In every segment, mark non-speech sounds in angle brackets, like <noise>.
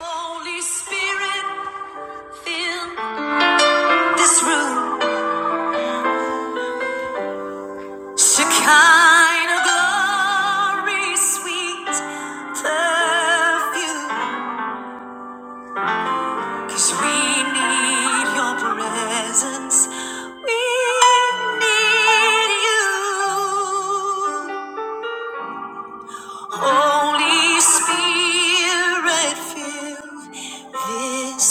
Holy Spirit, fill this room. Shekinah glory, sweet perfume. 'Cause we need your presence. We need you. Holy Spirit, fill this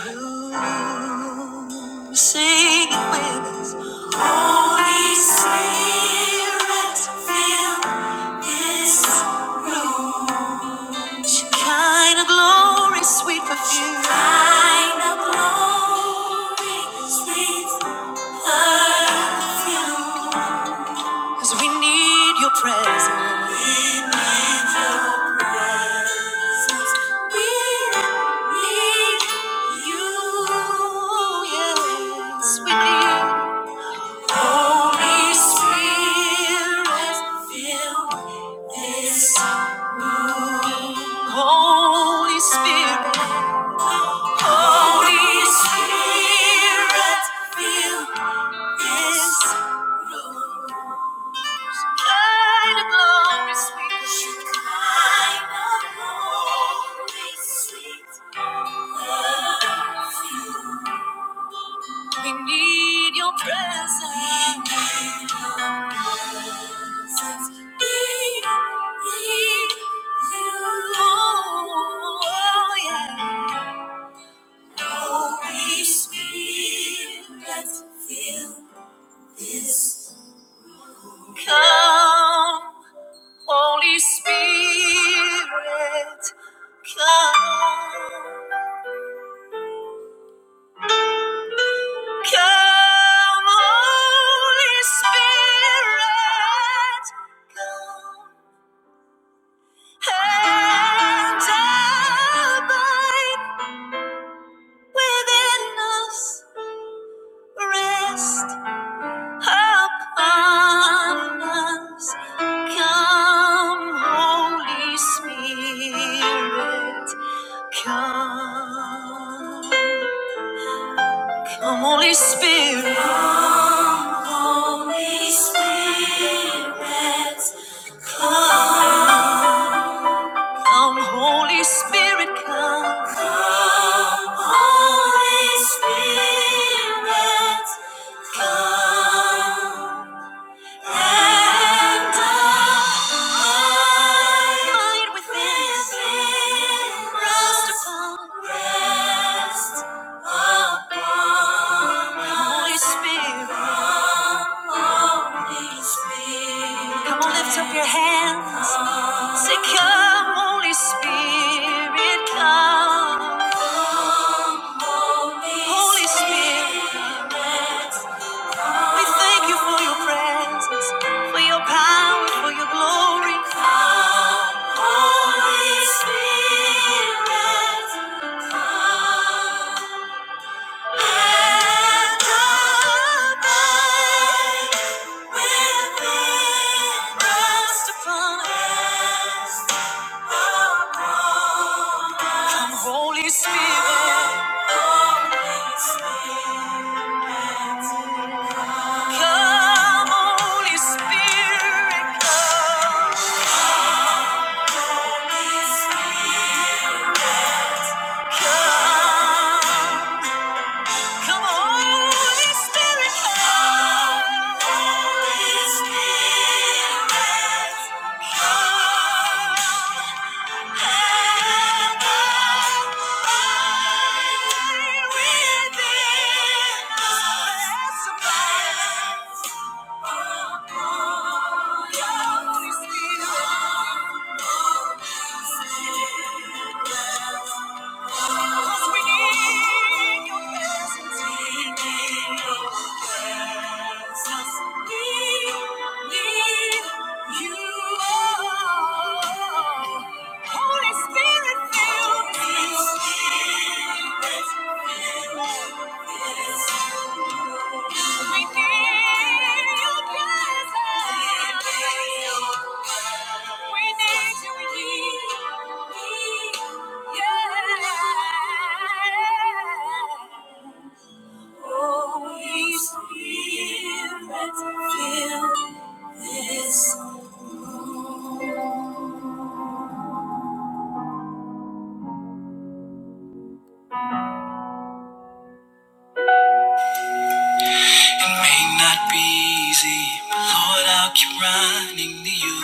room. Sing it with us. Holy Spirit, fill this room. Shekinah glory, sweet perfume. Shekinah glory, sweet perfume. 'Cause we need your presence. Holy Spirit, Holy Spirit, fill this room. Kind of glory, sweet kind of glory, sweet. We need your presence. We need you. Oh, yeah. Holy Spirit, fill this. Come, Holy Spirit, come. Come, Holy Spirit, come and abide within us. Rest upon us. Come, Holy Spirit, come. Come, Holy Spirit. Come, Holy Spirit. Come. Come, Holy Spirit, come. Come, Holy Spirit, come. Come on, lift up your hands. Say, Come, Holy Spirit, come. Holy Spirit. We thank you for your presence, for your power, for your glory. Come, Holy Spirit, come and abide within us. Rest upon us. Come, Holy Spirit, come, Holy Spirit, come, come. Come on, Holy Spirit. Come, Holy Spirit. Come and abide within us. Let's abide. Holy Spirit. we need your presence. need your presence. We need you. Holy Spirit, fill this. We need your presence. We need you here. Yeah. Holy Spirit, fill this. It may not be easy, but Lord, I'll keep running to you.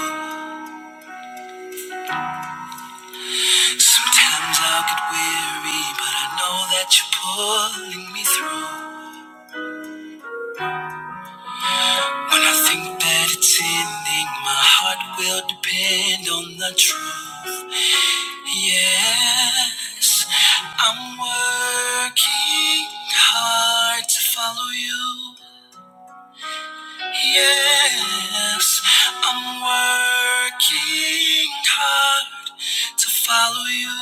Sometimes I'll get weary, but I know that you're pulling me through. When I think that it's ending, my heart will depend on the truth. Yes, I'm working hard to follow you. Yes, I'm working hard to follow you.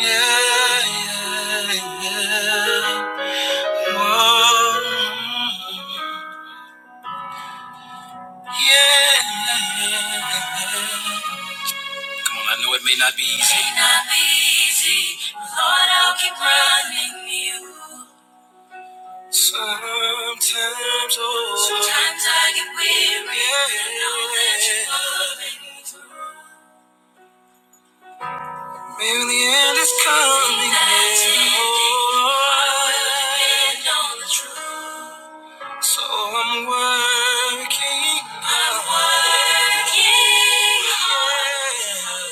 Yeah, yeah. Whoa. yeah. Come on, I know it may not be easy. May not be easy. but Lord, I'll keep running you. Sometimes, oh. Sometimes I get weary. Yeah. I know that you're loving me through. Maybe the end is coming. That's yeah. ending. I will depend on the truth. So I'm working. I'm working. hard.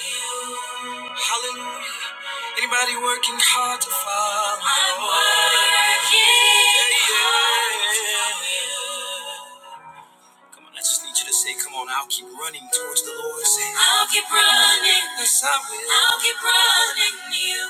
Hallelujah. Anybody working hard to follow? I'm working yeah, yeah. hard to follow. you. Come on, I just need you to say, come on, I'll keep running towards the Lord. Say, I'll keep running. Yes, I will. I'll keep running you.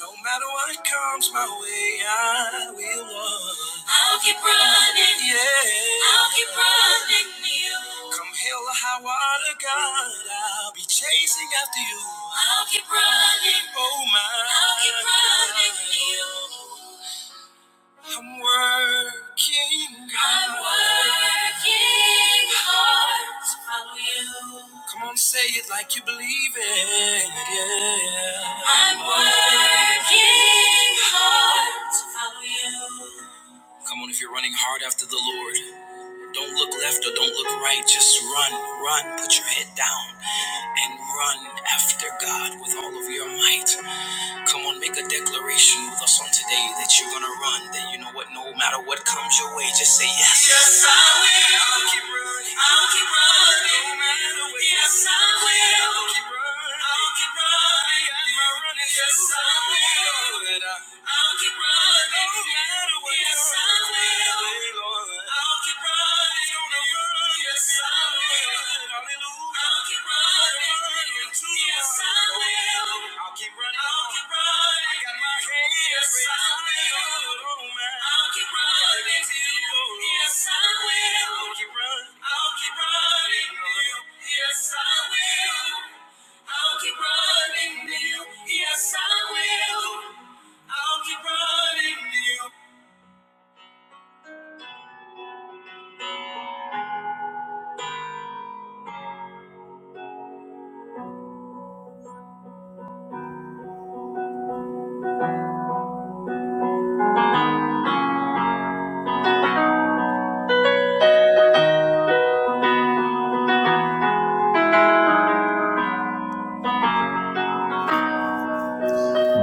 No matter what comes my way, I will run. I'll keep running. Yeah. I'll keep running you. Come hell or high water, God, I'll be chasing after you. I'll keep running. Oh, my. I'll keep running you. I'm working hard. I'm working hard to follow you. Come on, say it like you believe it. Yeah. I'm working hard to follow you. Come on, if you're running hard after the Lord, don't look left or don't look right. Just run, run. Put your head down and run after God with all of your might. Come on, make a declaration with us on today that you're gonna run. That you know what, no matter what comes your way, just say yes. Yes, I will. I'll keep running. I'll keep running. No matter what. Yes, I will. I'll keep running. I'll keep running. I got running. Yes, I will. I- will keep running. No matter what. Yes, I will. Hey, I'll keep running. Gonna run. Yes, I will.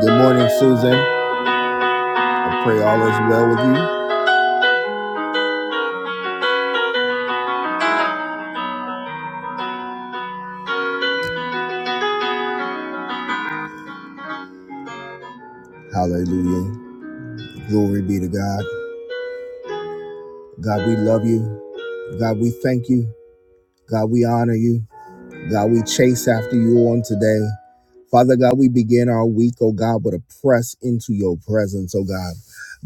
Good morning, Susan. I pray all is well with you. Hallelujah. Glory be to God. God, we love you. God, we thank you. God, we honor you. God, we chase after you on today. Father God, we begin our week, oh God, with a press into your presence, oh God.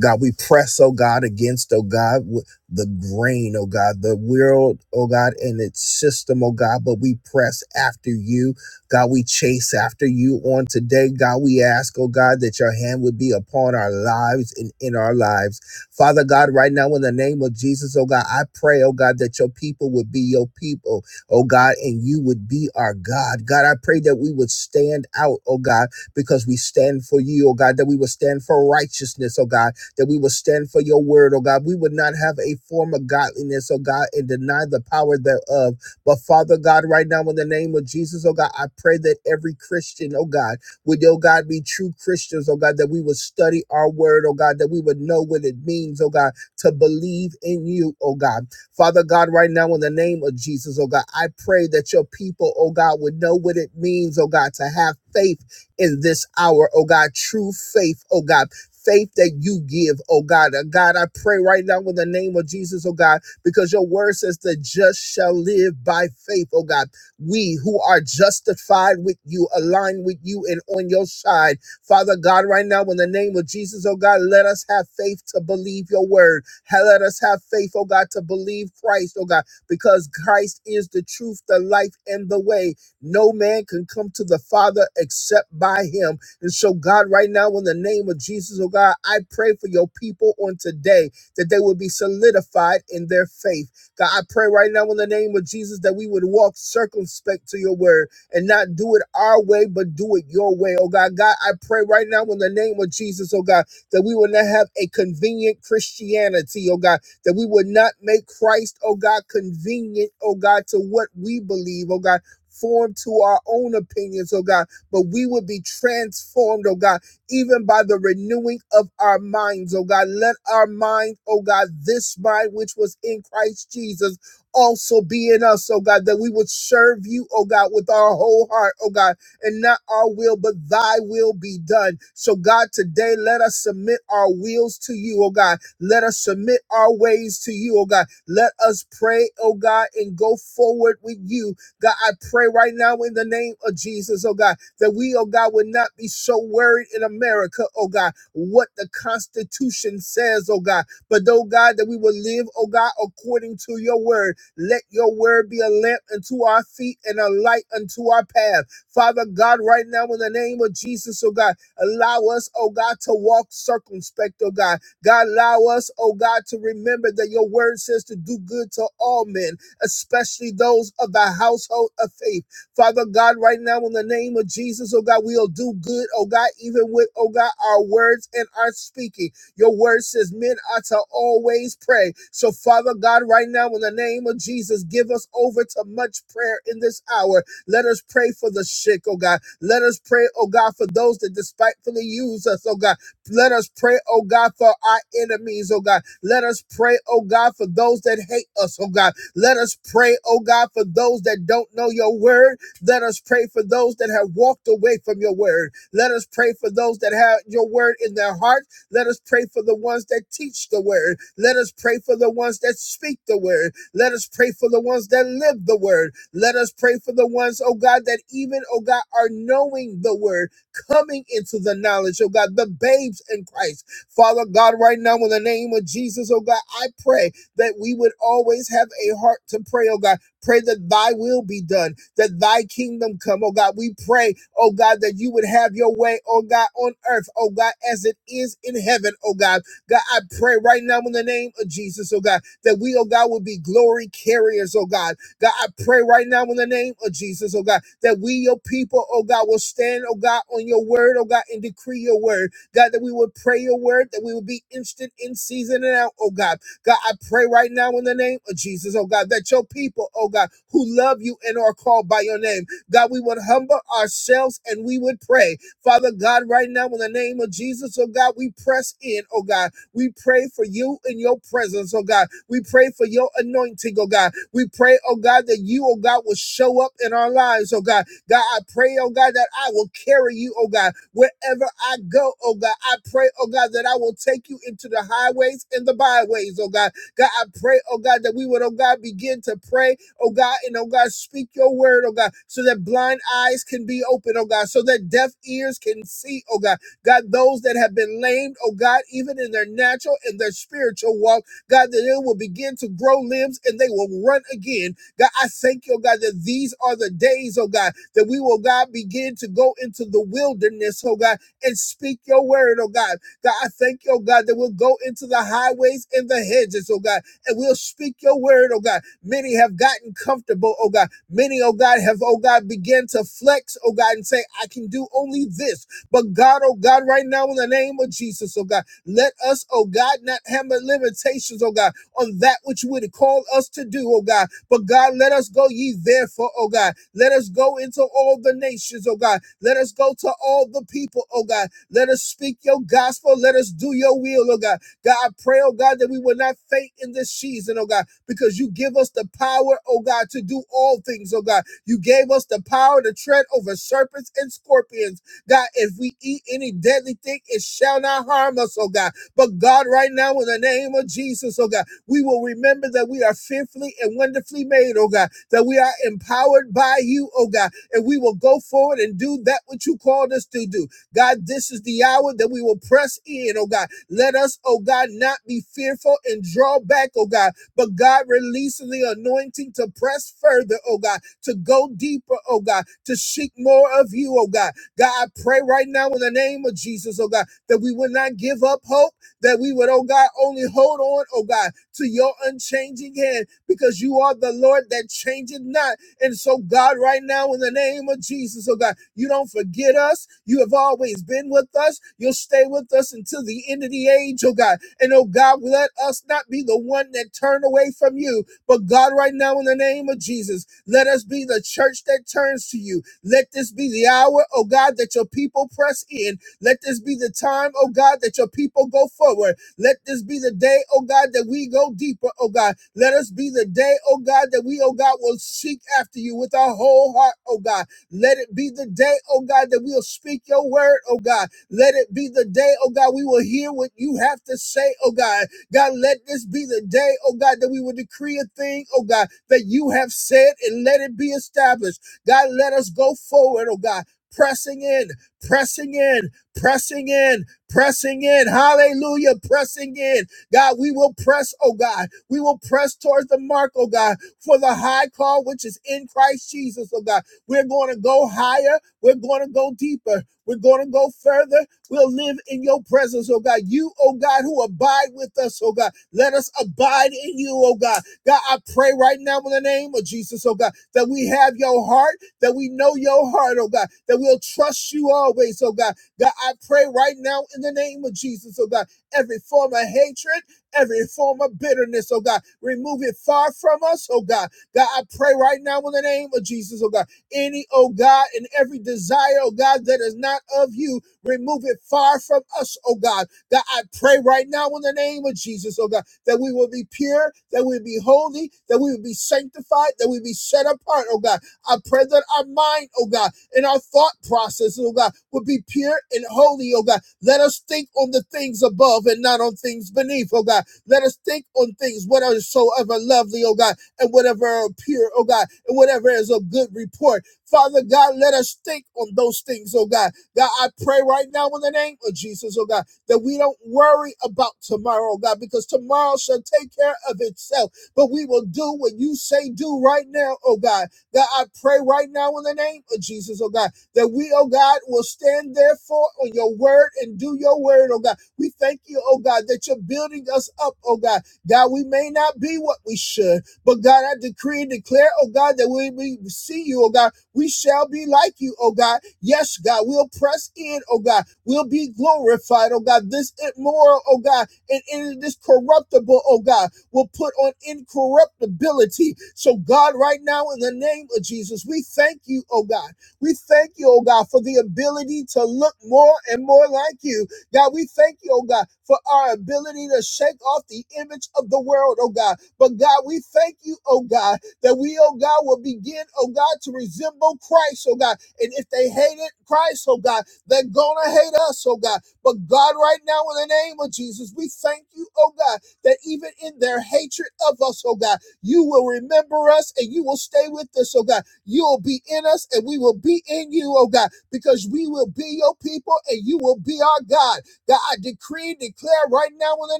God, we press, oh God, against, oh God, w- the grain, oh God, the world, oh God, and its system, oh God, but we press after you. God, we chase after you on today. God, we ask, oh God, that your hand would be upon our lives and in our lives. Father God, right now, in the name of Jesus, oh God, I pray, oh God, that your people would be your people oh God, and you would be our God. God, I pray that we would stand out, oh God, because we stand for you, oh God, that we would stand for righteousness, oh God, that we would stand for your word, oh God. We would not have a form of godliness, oh God, and deny the power thereof. But Father God, right now, in the name of Jesus, oh God, I pray that every Christian, oh God, would, oh God, be true Christians, oh God, that we would study our word, oh God, that we would know what it means, oh God, to believe in you, oh God Father God, right now in the name of Jesus, oh God, I pray that your people, oh God, would know what it means, oh God, to have faith in this hour, oh God, true faith, oh God. Faith that you give, oh God. Uh, God, I pray right now in the name of Jesus, oh God, because your word says the just shall live by faith, oh God. We who are justified with you, align with you, and on your side. Father God, right now, in the name of Jesus, oh God, let us have faith to believe your word. Let us have faith, oh God, to believe Christ, oh God, because Christ is the truth, the life, and the way. No man can come to the Father except by him. And so, God, right now, in the name of Jesus, oh God, I pray for your people on today that they will be solidified in their faith. God, I pray right now in the name of Jesus that we would walk circumspect to your word and not do it our way, but do it your way. Oh God, God, I pray right now in the name of Jesus, oh God, that we will not have a convenient Christianity, oh God, that we would not make Christ, oh God, convenient, oh God, to what we believe, oh God. Formed to our own opinions, oh God, but we would be transformed, oh God, even by the renewing of our minds, oh God. Let our mind, oh God, this mind which was in Christ Jesus also be in us, oh God, that we would serve you, oh God, with our whole heart, oh God, and not our will, but thy will be done. So, God, today let us submit our wills to you, oh God. Let us submit our ways to you, oh God. Let us pray, oh God, and go forward with you. God, I pray right now in the name of Jesus, oh God, that we, oh God, would not be so worried in America, oh God, what the Constitution says, oh God, but oh God, that we would live, oh God, according to your word let your word be a lamp unto our feet and a light unto our path. Father God, right now in the name of Jesus, oh God, allow us, oh God, to walk circumspect, oh God. God, allow us, oh God, to remember that your word says to do good to all men, especially those of the household of faith. Father God, right now in the name of Jesus, oh God, we'll do good, oh God, even with, oh God, our words and our speaking. Your word says men are to always pray. So, Father God, right now, in the name of Jesus, give us over to much prayer in this hour. Let us pray for the sick, oh God. Let us pray, oh God, for those that despitefully use us, oh God. Let us pray, oh God, for our enemies, oh God. Let us pray, oh God, for those that hate us, oh God. Let us pray, oh God, for those that don't know your word. Let us pray for those that have walked away from your word. Let us pray for those that have your word in their heart. Let us pray for the ones that teach the word. Let us pray for the ones that speak the word. Let us pray for the ones that live the word. Let us pray for the ones, oh God, that even, oh God, are knowing the word, coming into the knowledge, oh God, the babes in Christ. Father God, right now, in the name of Jesus, oh God, I pray that we would always have a heart to pray, oh God. Pray that thy will be done that thy kingdom come. Oh God, we pray, oh God, that you would have your way, oh God, on earth, oh God, as it is in heaven, oh God. God, I pray right now in the name of Jesus, oh God, that we, oh God, would be glory carriers, oh God. God, I pray right now in the name of Jesus, oh God, that we, your people, oh God, will stand, oh God, on your word, oh God, and decree your word. God, that we would pray your word, that we would be instant in season and out, oh God. God, I pray right now in the name of Jesus, oh God, that your people, oh God, who love you and are called by your name, God, we would humble ourselves and we would pray. Father God, right now in the name of Jesus, oh God, we press in, oh God. We pray for you in your presence, oh God. We pray for your anointing, oh God. We pray, oh God, that you, oh God, will show up in our lives, oh God God, I pray, oh God, that I will carry you, oh God, wherever I go, oh God. I pray, oh God, that I will take you into the highways and the byways, oh God. God, I pray, oh God, that we would, oh God, begin to pray, oh God, and oh God, speak your word, oh God, so that blind eyes can be open, oh God, so that deaf ears can see, oh God. God, those that have been lamed, oh God, even in their natural and their spiritual walk, God, that they will begin to grow limbs and they will run again God, I thank you, oh God, that these are the days, oh God, that we will, God, begin to go into the wilderness, oh God, and speak your word, oh God. God, I thank you, oh God, that we'll go into the highways and the hedges, oh God, and we'll speak your word, oh God. Many have gotten comfortable, oh God. Many, oh God, have, oh God, began to flex, oh God, and say, I can do only this. But God, oh God, right now, in the name of Jesus, oh God, let us, oh God, not have limitations, oh God, of that which you would call us to do, oh God. But God, let us go ye therefore, oh God. Let us go into all the nations, oh God. Let us go to all the people, oh God. Let us speak your gospel. Let us do your will, oh God. God, I pray, oh God, that we will not faint in this season, oh God, because you give us the power, oh God, to do all things, oh God. You gave us the power to tread over serpents and scorpions. God, if we eat any deadly thing, it shall not harm us, oh God. But God, right now, in the name of Jesus, oh God. We will remember that we are fearfully and wonderfully made, oh God, that we are empowered by you, oh God, and we will go forward and do that which you called us to do. God, this is the hour that we will press in, oh God. Let us, oh God, not be fearful and draw back, oh God, but God, releasing the anointing to press further, oh God, to go deeper, oh God, to seek more of you, oh God. God, I pray right now in the name of Jesus, oh God, that we will not give up hope that we would, oh God, only hold on, oh God, to your unchanging hand because you are the Lord that changeth not. And so, God, right now, in the name of Jesus, oh God, you don't forget us. You have always been with us. You'll stay with us until the end of the age, oh God. And oh God, let us not be the one that turn away from you. But God, right now, in the name of Jesus, let us be the church that turns to you. Let this be the hour, oh God, that your people press in. Let this be the time, oh God, that your people go forward. Let this be the day, oh God, that we go deeper, oh God. Let us be the day, oh God, that we, oh God, will seek after you with our whole heart, oh God. Let it be the day, oh God, that we'll speak your word, oh God. Let it be the day, oh God, we will hear what you have to say, oh God. God, let this be the day, oh God, that we will decree a thing, oh God, that you have said and let it be established. God, let us go forward, oh God, pressing in, pressing in pressing in, pressing in. Hallelujah, pressing in. God, we will press, oh God. We will press towards the mark, oh God, for the high call which is in Christ Jesus, oh God. We're going to go higher. We're going to go deeper. We're going to go further. We'll live in your presence, oh God. You, oh God, who abide with us, oh God. Let us abide in you, oh God. God, I pray right now in the name of Jesus, oh God, that we have your heart, that we know your heart, oh God, that we'll trust you always, oh God, God, I pray right now in the name of Jesus, oh God, every form of hatred, every form of bitterness, oh God, remove it far from us, oh God. God, I pray right now in the name of Jesus, oh God, any, oh God, and every desire, oh God, that is not of you, remove it far from us, oh God. God, I pray right now in the name of Jesus, oh God, that we will be pure, that we will be holy, that we will be sanctified, that we will be set apart, oh God I pray that our mind, oh God, and our thought processes, oh God, would be pure and holy, oh God. Let us think on the things above and not on things beneath, oh God. Let us think on things what are so ever lovely, oh God, and whatever are pure, oh God, and whatever is of good report. Father God, let us think on those things, oh God. God, I pray right now in the name of Jesus, oh God, that we don't worry about tomorrow, oh God, because tomorrow shall take care of itself. But we will do what you say do right now, oh God. God, I pray right now in the name of Jesus, oh God, that we, oh God, will stand therefore on your word and do your word, oh God. We thank you, oh God, that you're building us up, oh God. God, we may not be what we should, but God, I decree and declare, oh God, that when we see you, oh God, we shall be like you, oh God. Yes, God, we'll press in, oh God. We'll be glorified, oh God. This immoral, oh God, and in this corruptible, oh God will put on incorruptibility. So, God, right now, in the name of Jesus, we thank you, oh God. We thank you, oh God, for the ability to look more and more like you. God, we thank you, oh God, for our ability to shake off the image of the world, oh God. But God, we thank you, oh God, that we, oh God, will begin, oh God, to resemble Christ, oh God. And if they hated Christ, oh God, they're gonna hate us, oh God. But God, right now, in the name of Jesus, we thank you, oh God that even in their hatred of us, oh God, you will remember us and you will stay with us, oh God. You'll be in us and we will be in you, oh God, because we will be your people and you will be our God. God, I decree and declare right now in the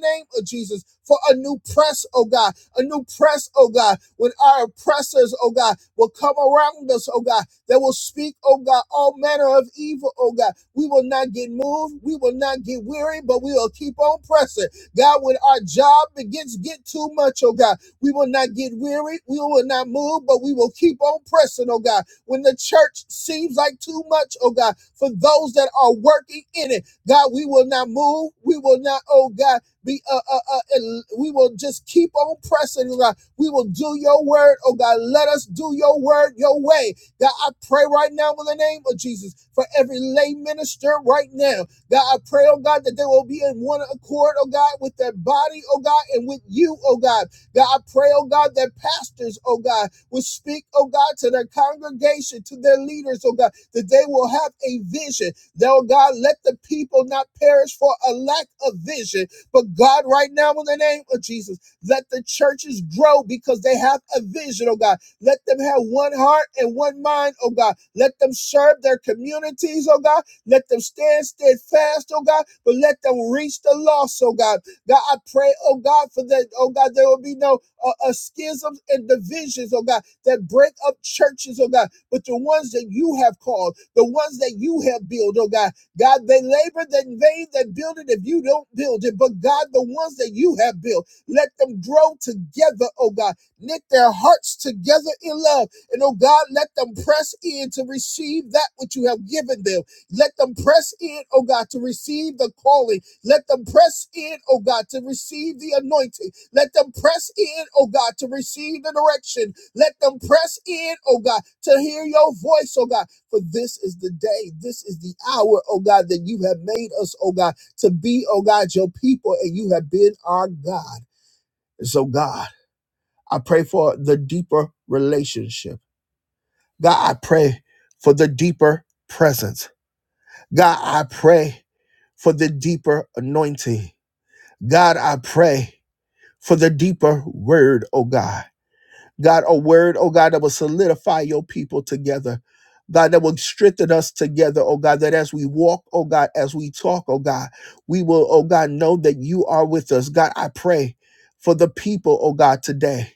name of Jesus for a new press, oh God, a new press, oh God, when our oppressors, oh God, will come around us, oh God, that will speak, oh God, all manner of evil, oh God. We will not get moved, we will not get weary, but we will keep on pressing God, when our job begins to get too much, oh God, we will not get weary, we will not move, but we will keep on pressing, oh God. When the church seems like too much, oh God, for those that are working in it, God, we will not move, we will not, oh God, be uh, uh, uh we will just keep on pressing, oh God. We will do your word, oh God. Let us do your word your way. God, I pray right now in the name of Jesus for every lay minister right now God, I pray, oh God, that they will be in one accord, oh God, with their body, oh God, and with you, oh God. God, I pray, oh God, that pastors, oh God, will speak, oh God, to their congregation, to their leaders, oh God, that they will have a vision. That, oh God, let the people not perish for a lack of vision. But God, right now, in the name of Jesus, let the churches grow because they have a vision, oh God. Let them have one heart and one mind, oh God. Let them serve their communities, oh God let them stand steadfast, oh God, but let them reach the lost, oh God. God, I pray, oh God, for that, oh God, there will be no uh, uh, schisms and divisions, oh God, that break up churches, oh God, but the ones that you have called, the ones that you have built, oh God, God, they labored in vain that build it if you don't build it, but God, the ones that you have built, let them grow together, oh God, knit their hearts together in love, and oh God, let them press in to receive that which you have given them. Let them press in, oh God, to receive the calling. Let them press in, oh God, to receive the anointing. Let them press in, oh God, to receive the direction. Let them press in, oh God, to hear your voice, oh God. For this is the day, this is the hour, oh God, that you have made us, oh God, to be, oh God, your people, and you have been our God. And so, God, I pray for the deeper relationship. God, I pray for the deeper presence. God, I pray for the deeper anointing. God, I pray for the deeper word, oh God. God, a word, oh God, that will solidify your people together. God, that will strengthen us together, oh God, that as we walk, oh God, as we talk, oh God, we will, oh God, know that you are with us. God, I pray for the people, oh God, today.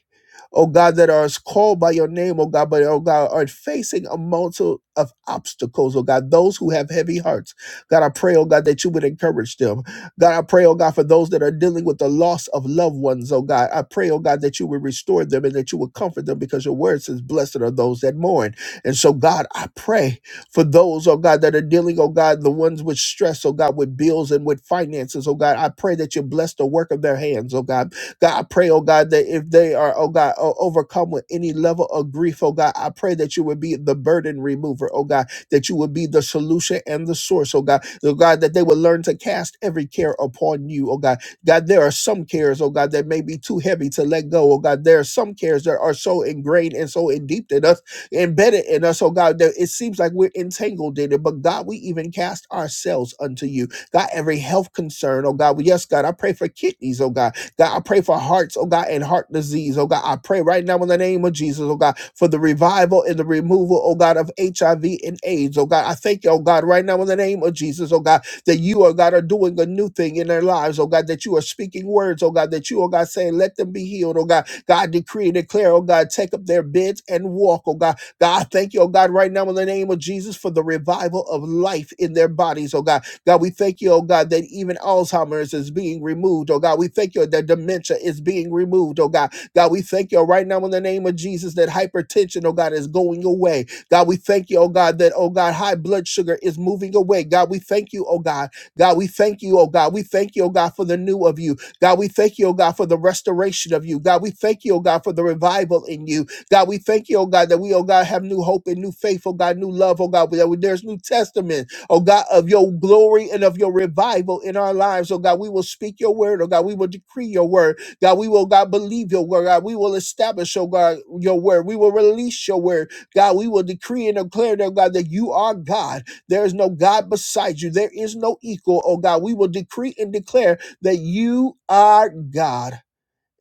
Oh God, that are called by your name, oh God, but oh God, are facing a multitude of obstacles, oh God, those who have heavy hearts. God, I pray, oh God, that you would encourage them. God, I pray, oh God, for those that are dealing with the loss of loved ones, oh God. I pray, oh God, that you would restore them and that you would comfort them because your word says, Blessed are those that mourn. And so, God, I pray for those, oh God, that are dealing, oh God, the ones with stress, oh God, with bills and with finances, oh God. I pray that you bless the work of their hands, oh God. God, I pray, oh God, that if they are, oh God, o- overcome with any level of grief, oh God, I pray that you would be the burden remover, oh God that you would be the solution and the source, oh God. Oh God, that they would learn to cast every care upon you, oh God. God, there are some cares, oh God, that may be too heavy to let go, oh God. There are some cares that are so ingrained and so endeared in us, embedded in us, oh God, that it seems like we're entangled in it. But God, we even cast ourselves unto you. God, every health concern, oh God, yes, God, I pray for kidneys, oh God. God, I pray for hearts, oh God, and heart disease. Oh God, I pray right now in the name of Jesus, oh God, for the revival and the removal, oh God, of HIV and AIDS. Oh God, I thank you, oh God, right now in the name of Jesus, oh God, that you, oh God, are doing a new thing in their lives. Oh God, that you are speaking words, oh God, that you, oh God, saying, let them be healed. Oh God, God, decree and declare, oh God, take up their beds and walk, oh God. God, I thank you, oh God, right now in the name of Jesus for the revival of life in their bodies, oh God. God, we thank you, oh God, that even Alzheimer's is being removed, oh God. We thank you that dementia is being removed, oh God. God, we thank you right now in the name of Jesus that hypertension, oh God, is going away. God, we thank you, oh God, that, oh God, high blood sugar is moving away. God, we thank you, oh God. God, we thank you, oh God. We thank you, oh God, for the new of you. God, we thank you, oh God, for the restoration of you. God, we thank you, oh God, for the revival in you. God, we thank you, oh God, that we, oh God, have new hope and new faith, oh God, new love, oh God, that there's new testaments oh God, of your glory and of your revival in our lives. Oh God, we will speak your word. Oh God, we will decree your word. God, we will, God, believe your word. God, we will establish, oh God, your word. We will release your word. God, we will decree and declare, oh God, that you are God. There is no God beside you. There is no equal, oh God. We will decree and declare that you are God.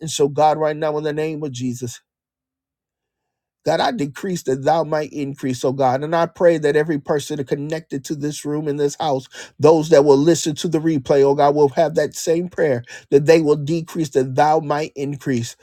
And so, God, right now, in the name of Jesus that I decrease that thou might increase, oh God. And I pray that every person connected to this room in this house, those that will listen to the replay, oh God, will have that same prayer that they will decrease that thou might increase.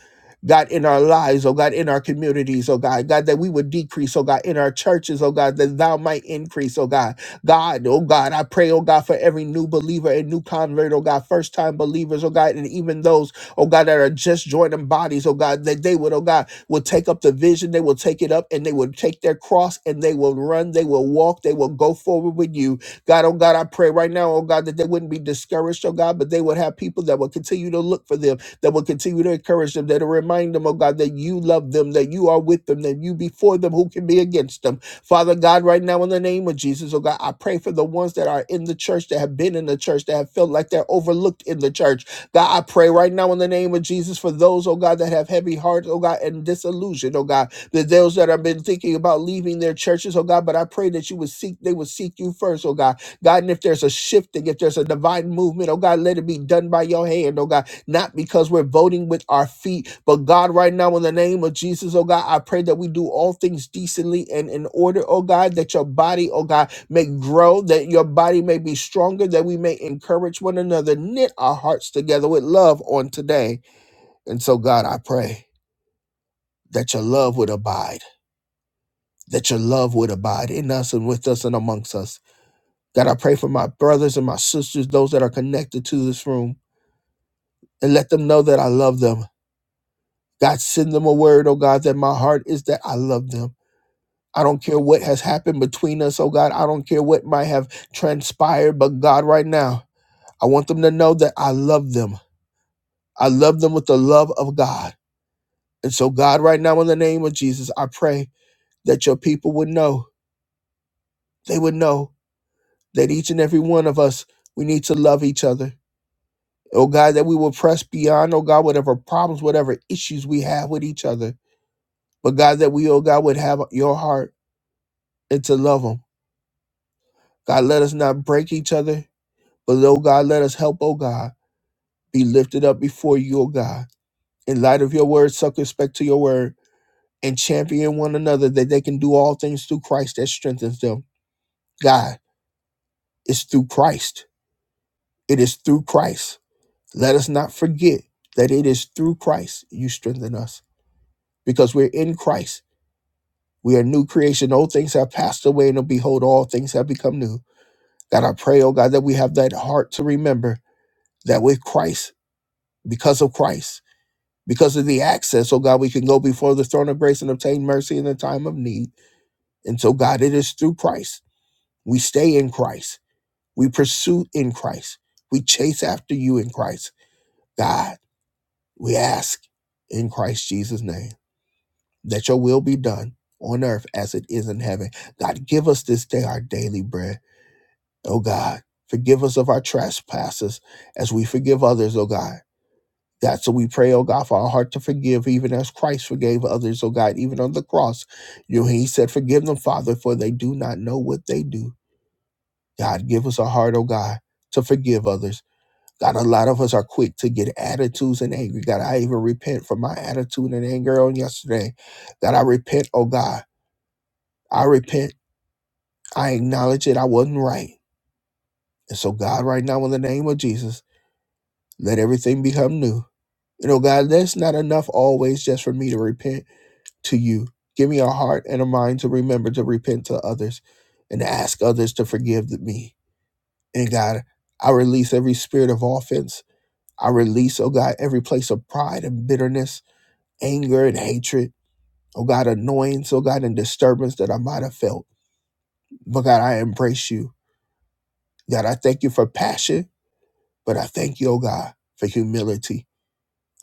God, in our lives, oh God, in our communities, oh God, God, that we would decrease, oh God, in our churches, oh God, that thou might increase, oh God. God, oh God, I pray, oh God, for every new believer and new convert, oh God, first time believers, oh God, and even those oh God, that are just joining bodies, oh God, that they would, oh God, will take up the vision, they will take it up and they will take their cross and they will run, they will walk, they will go forward with you. God, oh God, I pray right now, oh God, that they wouldn't be discouraged, oh God, but they would have people that will continue to look for them, that will continue to encourage them, that will remind them, oh God, that you love them, that you are with them, that you before them, who can be against them. Father God, right now in the name of Jesus, oh God, I pray for the ones that are in the church, that have been in the church, that have felt like they're overlooked in the church. God, I pray right now in the name of Jesus for those, oh God, that have heavy hearts, oh God, and disillusioned, oh God, that those that have been thinking about leaving their churches, oh God, but I pray that you would seek, they would seek you first, oh God. God, and if there's a shifting, if there's a divine movement, oh God, let it be done by your hand, oh God not because we're voting with our feet, but God, right now, in the name of Jesus, oh God, I pray that we do all things decently and in order, oh God, that your body, oh God, may grow, that your body may be stronger, that we may encourage one another, knit our hearts together with love on today. And so, God, I pray that your love would abide, that your love would abide in us and with us and amongst us. God, I pray for my brothers and my sisters, those that are connected to this room, and let them know that I love them. God, send them a word, oh God, that my heart is that I love them. I don't care what has happened between us, oh God. I don't care what might have transpired, but God, right now, I want them to know that I love them. I love them with the love of God. And so, God, right now, in the name of Jesus, I pray that your people would know, they would know that each and every one of us, we need to love each other. Oh God, that we will press beyond, oh God, whatever problems, whatever issues we have with each other. But God, that we, oh God, would have your heart and to love them God, let us not break each other, but oh God, let us help, oh God, be lifted up before you, oh God. In light of your word, circumspect to your word, and champion one another that they can do all things through Christ that strengthens them. God, it's through Christ. It is through Christ. Let us not forget that it is through Christ you strengthen us because we're in Christ. We are new creation. Old things have passed away, and behold, all things have become new. God, I pray, oh God, that we have that heart to remember that with Christ, because of Christ. Because of the access, oh God, we can go before the throne of grace and obtain mercy in the time of need. And so, God, it is through Christ. We stay in Christ. We pursue in Christ. We chase after you in Christ. God, we ask in Christ Jesus' name that your will be done on earth as it is in heaven. God, give us this day our daily bread. Oh God, forgive us of our trespasses as we forgive others, oh God. God, so we pray, oh God, for our heart to forgive, even as Christ forgave others, oh God, even on the cross. You know, He said, Forgive them, Father, for they do not know what they do. God, give us a heart, oh God, to forgive others. God, a lot of us are quick to get attitudes and angry. God, I even repent for my attitude and anger on yesterday. God, I repent, oh God. I repent. I acknowledge it. I wasn't right. And so, God, right now, in the name of Jesus, let everything become new. You know, God, that's not enough always just for me to repent. to you. Give me a heart and a mind to remember to repent to others and ask others to forgive me. And God, I release every spirit of offense. I release, oh God, every place of pride and bitterness, anger and hatred. Oh God, annoyance, oh God, and disturbance that I might have felt. But God, I embrace you. God, I thank you for passion, but I thank you, oh God, for humility.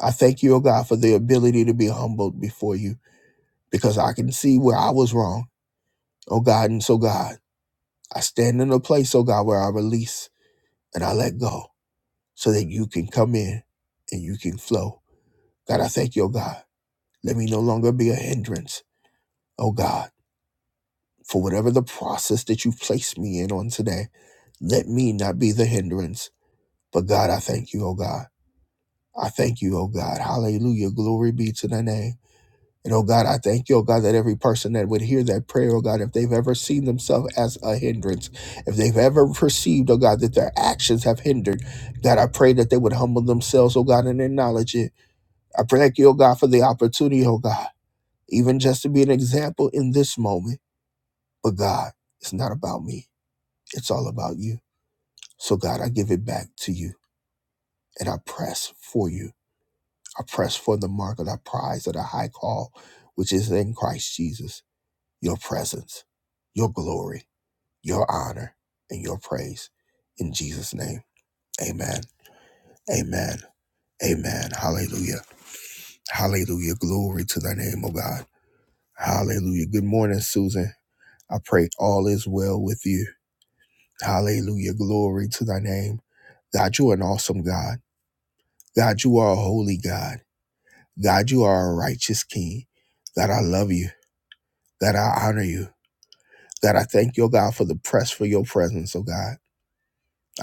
I thank you, oh God, for the ability to be humbled before you because I can see where I was wrong. Oh God, and so God. I stand in a place, oh God, where I release and I let go so that you can come in and you can flow. God, I thank you, oh God. Let me no longer be a hindrance, oh God, for whatever the process that you've placed me in on today. Let me not be the hindrance. But God, I thank you, oh God. I thank you, oh God. Hallelujah. Glory be to thy name. And oh God, I thank you, oh God, that every person that would hear that prayer, oh God, if they've ever seen themselves as a hindrance, if they've ever perceived, oh God, that their actions have hindered, God, I pray that they would humble themselves, oh God, and acknowledge it. I pray, thank you, oh God, for the opportunity, oh God, even just to be an example in this moment. But God, it's not about me, it's all about you. So God, I give it back to you and I press for you. I press for the mark of the prize of the high call, which is in Christ Jesus. your presence, your glory, your honor, and your praise. In Jesus' name, amen. Amen. Amen. Hallelujah. Hallelujah. Glory to thy name, O God. Hallelujah. Good morning, Susan. I pray all is well with you. Hallelujah. Glory to thy name. God, you are an awesome God. God, you are a holy God. God, you are a righteous King. God, I love you. God, I honor you. God, I thank you, oh God, for the press for your presence, oh God.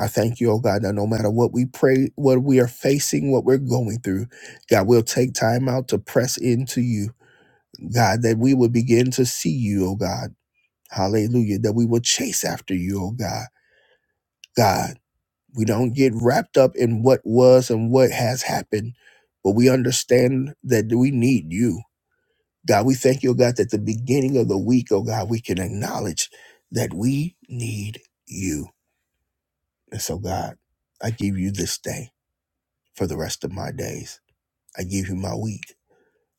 I thank you, oh God, that no matter what we pray, what we are facing, what we're going through, God, we'll take time out to press into you. God, that we will begin to see you, oh God. Hallelujah. That we will chase after you, oh God. God, we don't get wrapped up in what was and what has happened, but we understand that we need you. God, we thank you, oh God, that the beginning of the week, oh God, we can acknowledge that we need you. And so, God, I give you this day. for the rest of my days. I give you my week.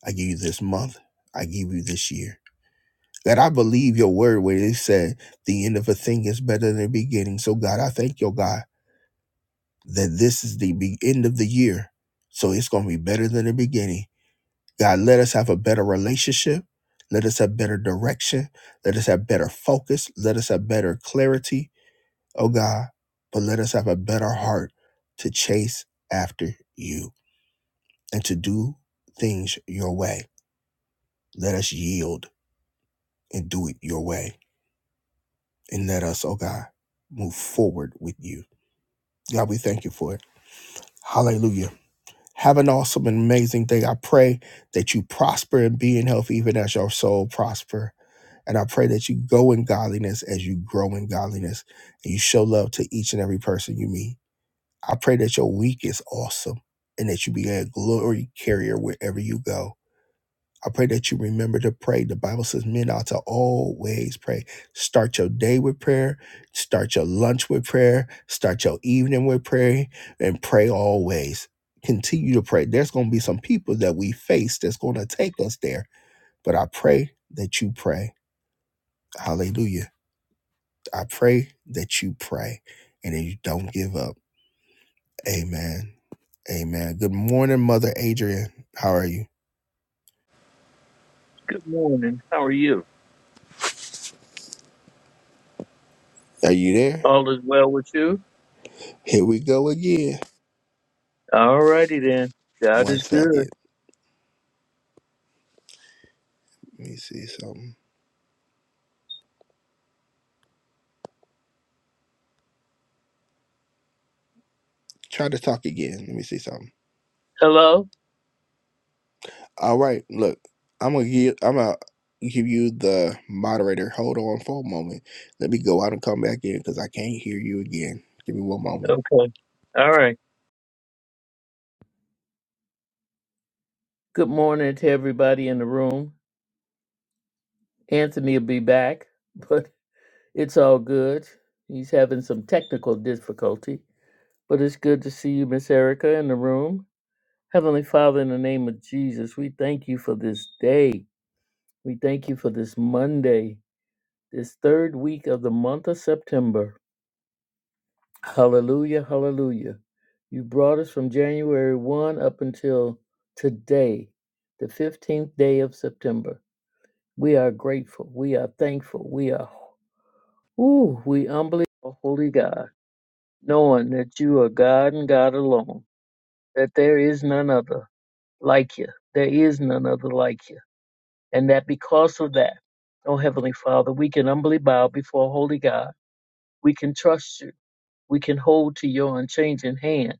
I give you this month. I give you this year. That I believe your word where it said the end of a thing is better than the beginning. So God, I thank your God that this is the be- end of the year. So it's going to be better than the beginning. God, let us have a better relationship. Let us have better direction. Let us have better focus. Let us have better clarity. Oh God, but let us have a better heart to chase after you and to do things your way. Let us yield and do it your way. And let us, oh God, move forward with you. God, we thank you for it. Hallelujah. Have an awesome and amazing day. I pray that you prosper and be in health, even as your soul prosper. And I pray that you go in godliness as you grow in godliness and you show love to each and every person you meet. I pray that your week is awesome and that you be a glory carrier wherever you go. I pray that you remember to pray. The Bible says men ought to always pray. Start your day with prayer, start your lunch with prayer, start your evening with prayer, and pray always. Continue to pray. There's going to be some people that we face that's going to take us there, but I pray that you pray. Hallelujah. I pray that you pray and that you don't give up. Amen. Amen. Good morning, Mother Adrian. How are you? Good morning. How are you? Are you there? All is well with you? Here we go again. All righty then. God One is good. second. Let me see something. Try to talk again. Let me see something. Hello? All right, look, I'm gonna give I'm gonna give you the moderator. Hold on for a moment. Let me go out and come back in because I can't hear you again. Give me one moment. Okay. All right. Good morning to everybody in the room. Anthony will be back, <laughs> but it's all good. He's having some technical difficulty, but it's good to see you, Miss Erica, in the room. Heavenly Father, in the name of Jesus, we thank you for this day. We thank you for this Monday, this third week of the month of September. Hallelujah, hallelujah. You brought us from January 1 up until today, the 15th day of September. We are grateful. We are thankful. We are, ooh, we humbly, are holy God, knowing that you are God and God alone, that there is none other like you. There is none other like you. And that because of that, oh Heavenly Father, we can humbly bow before Holy God. We can trust you. We can hold to your unchanging hand.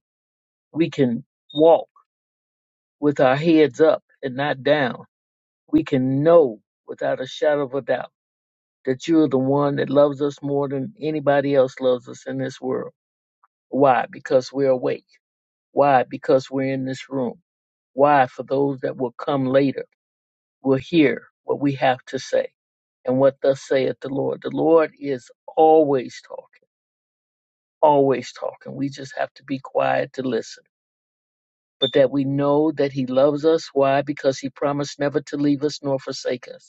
We can walk with our heads up and not down. We can know without a shadow of a doubt that you're the one that loves us more than anybody else loves us in this world. Why? Because we're awake. Why? Because we're in this room. Why? For those that will come later will hear what we have to say and what thus saith the Lord. The Lord is always talking, always talking. We just have to be quiet to listen. But that we know that He loves us. Why? Because He promised never to leave us nor forsake us.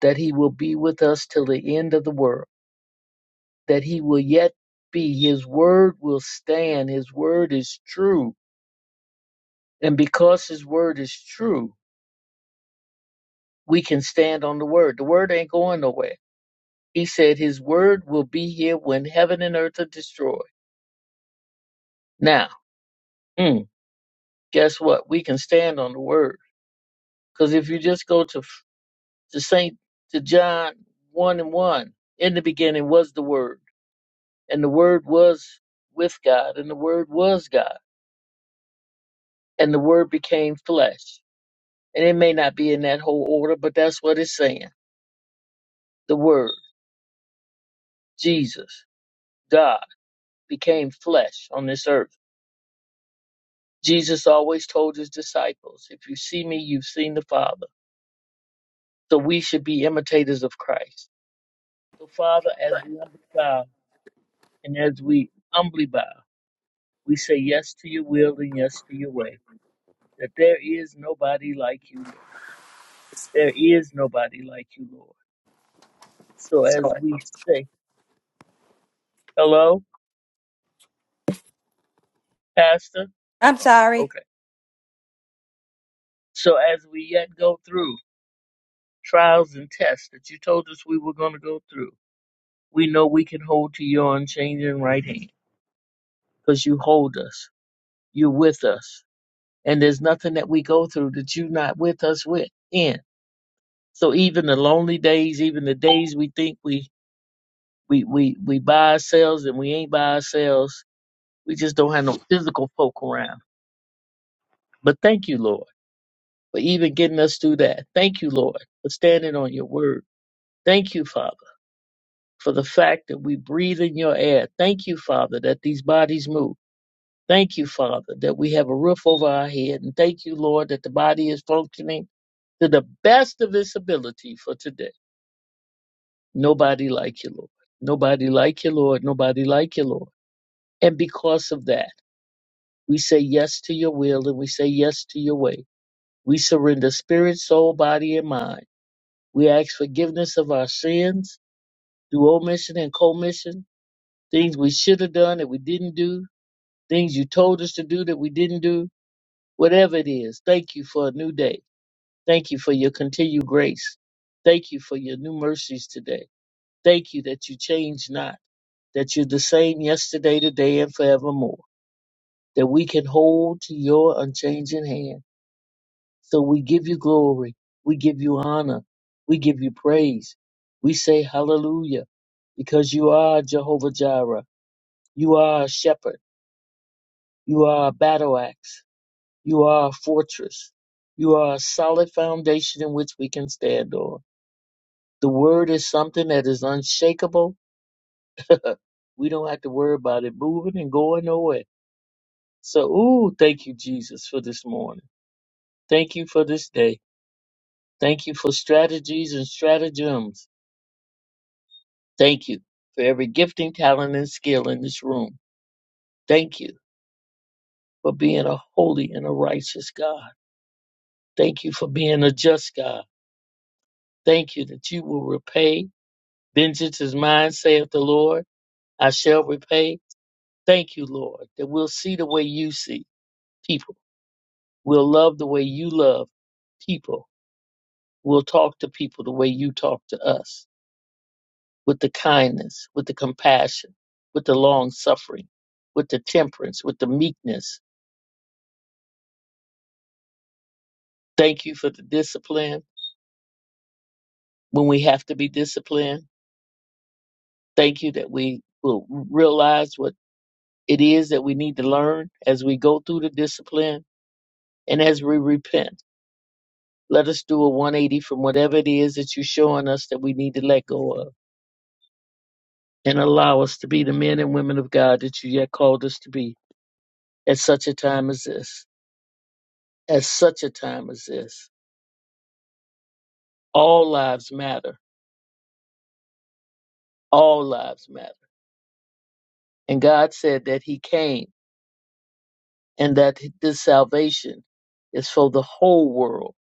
that he will be with us till the end of the world, that he will yet be. His word will stand. His word is true. And because his word is true, we can stand on the word. The word ain't going nowhere. He said his word will be here when heaven and earth are destroyed. Now, mm, guess what? We can stand on the word. Because if you just go to, to St. to John 1 and 1, in the beginning was the word, and the word was with God, and the word was God and the word became flesh. And it may not be in that whole order, but that's what it's saying. The word, Jesus, God, became flesh on this earth. Jesus always told his disciples, If you see me, you've seen the Father. So we should be imitators of Christ. So, Father, as we humbly bow and as we humbly bow, we say yes to your will and yes to your way, that there is nobody like you, Lord. There is nobody like you, Lord. So, as So we say, Hello? Pastor? I'm Oh, sorry. okay. So as we yet go through trials and tests that you told us we were going to go through, we know we can hold to your unchanging right hand because you hold us. You're with us. And there's nothing that we go through that you're not with us with in. So even the lonely days, even the days we think we we we we by ourselves and we ain't by ourselves, we just don't have no physical folk around. But thank you, Lord, for even getting us through that. Thank you, Lord, for standing on your word. Thank you, Father, for the fact that we breathe in your air. Thank you, Father, that these bodies move. Thank you, Father, that we have a roof over our head. And thank you, Lord, that the body is functioning to the best of its ability for today. Nobody like you, Lord. Nobody like you, Lord. Nobody like you, Lord. And because of that, we say yes to your will and we say yes to your way. We surrender spirit, soul, body, and mind. We ask forgiveness of our sins through omission and commission things we should have done that we didn't do, things you told us to do that we didn't do, whatever it is. Thank you for a new day. Thank you for your continued grace. Thank you for your new mercies today. Thank you that you change not, that you're the same yesterday, today, and forevermore, that we can hold to your unchanging hand. So we give you glory. We give you honor. We give you praise. We say hallelujah because you are Jehovah Jireh. You are a shepherd. You are a battle axe. You are a fortress. You are a solid foundation in which we can stand on. The word is something that is unshakable. <laughs> we don't have to worry about it moving and going nowhere. So, ooh, thank you, Jesus, for this morning. Thank you for this day. Thank you for strategies and stratagems. Thank you for every gifting, talent, and skill in this room. Thank you for being a holy and a righteous God. Thank you for being a just God. Thank you that you will repay Vengeance is mine, saith the Lord. I shall repay. Thank you, Lord, that we'll see the way you see people. We'll love the way you love people. We'll talk to people the way you talk to us with the kindness, with the compassion, with the long suffering, with the temperance, with the meekness. Thank you for the discipline when we have to be disciplined. Thank you that we will realize what it is that we need to learn as we go through the discipline and as we repent. Let us do a 180 from whatever it is that you're showing us that we need to let go of and allow us to be the men and women of God that you yet called us to be at such a time as this. At such a time as this. All lives matter. All lives matter. And God said that He came and that this salvation is for the whole world,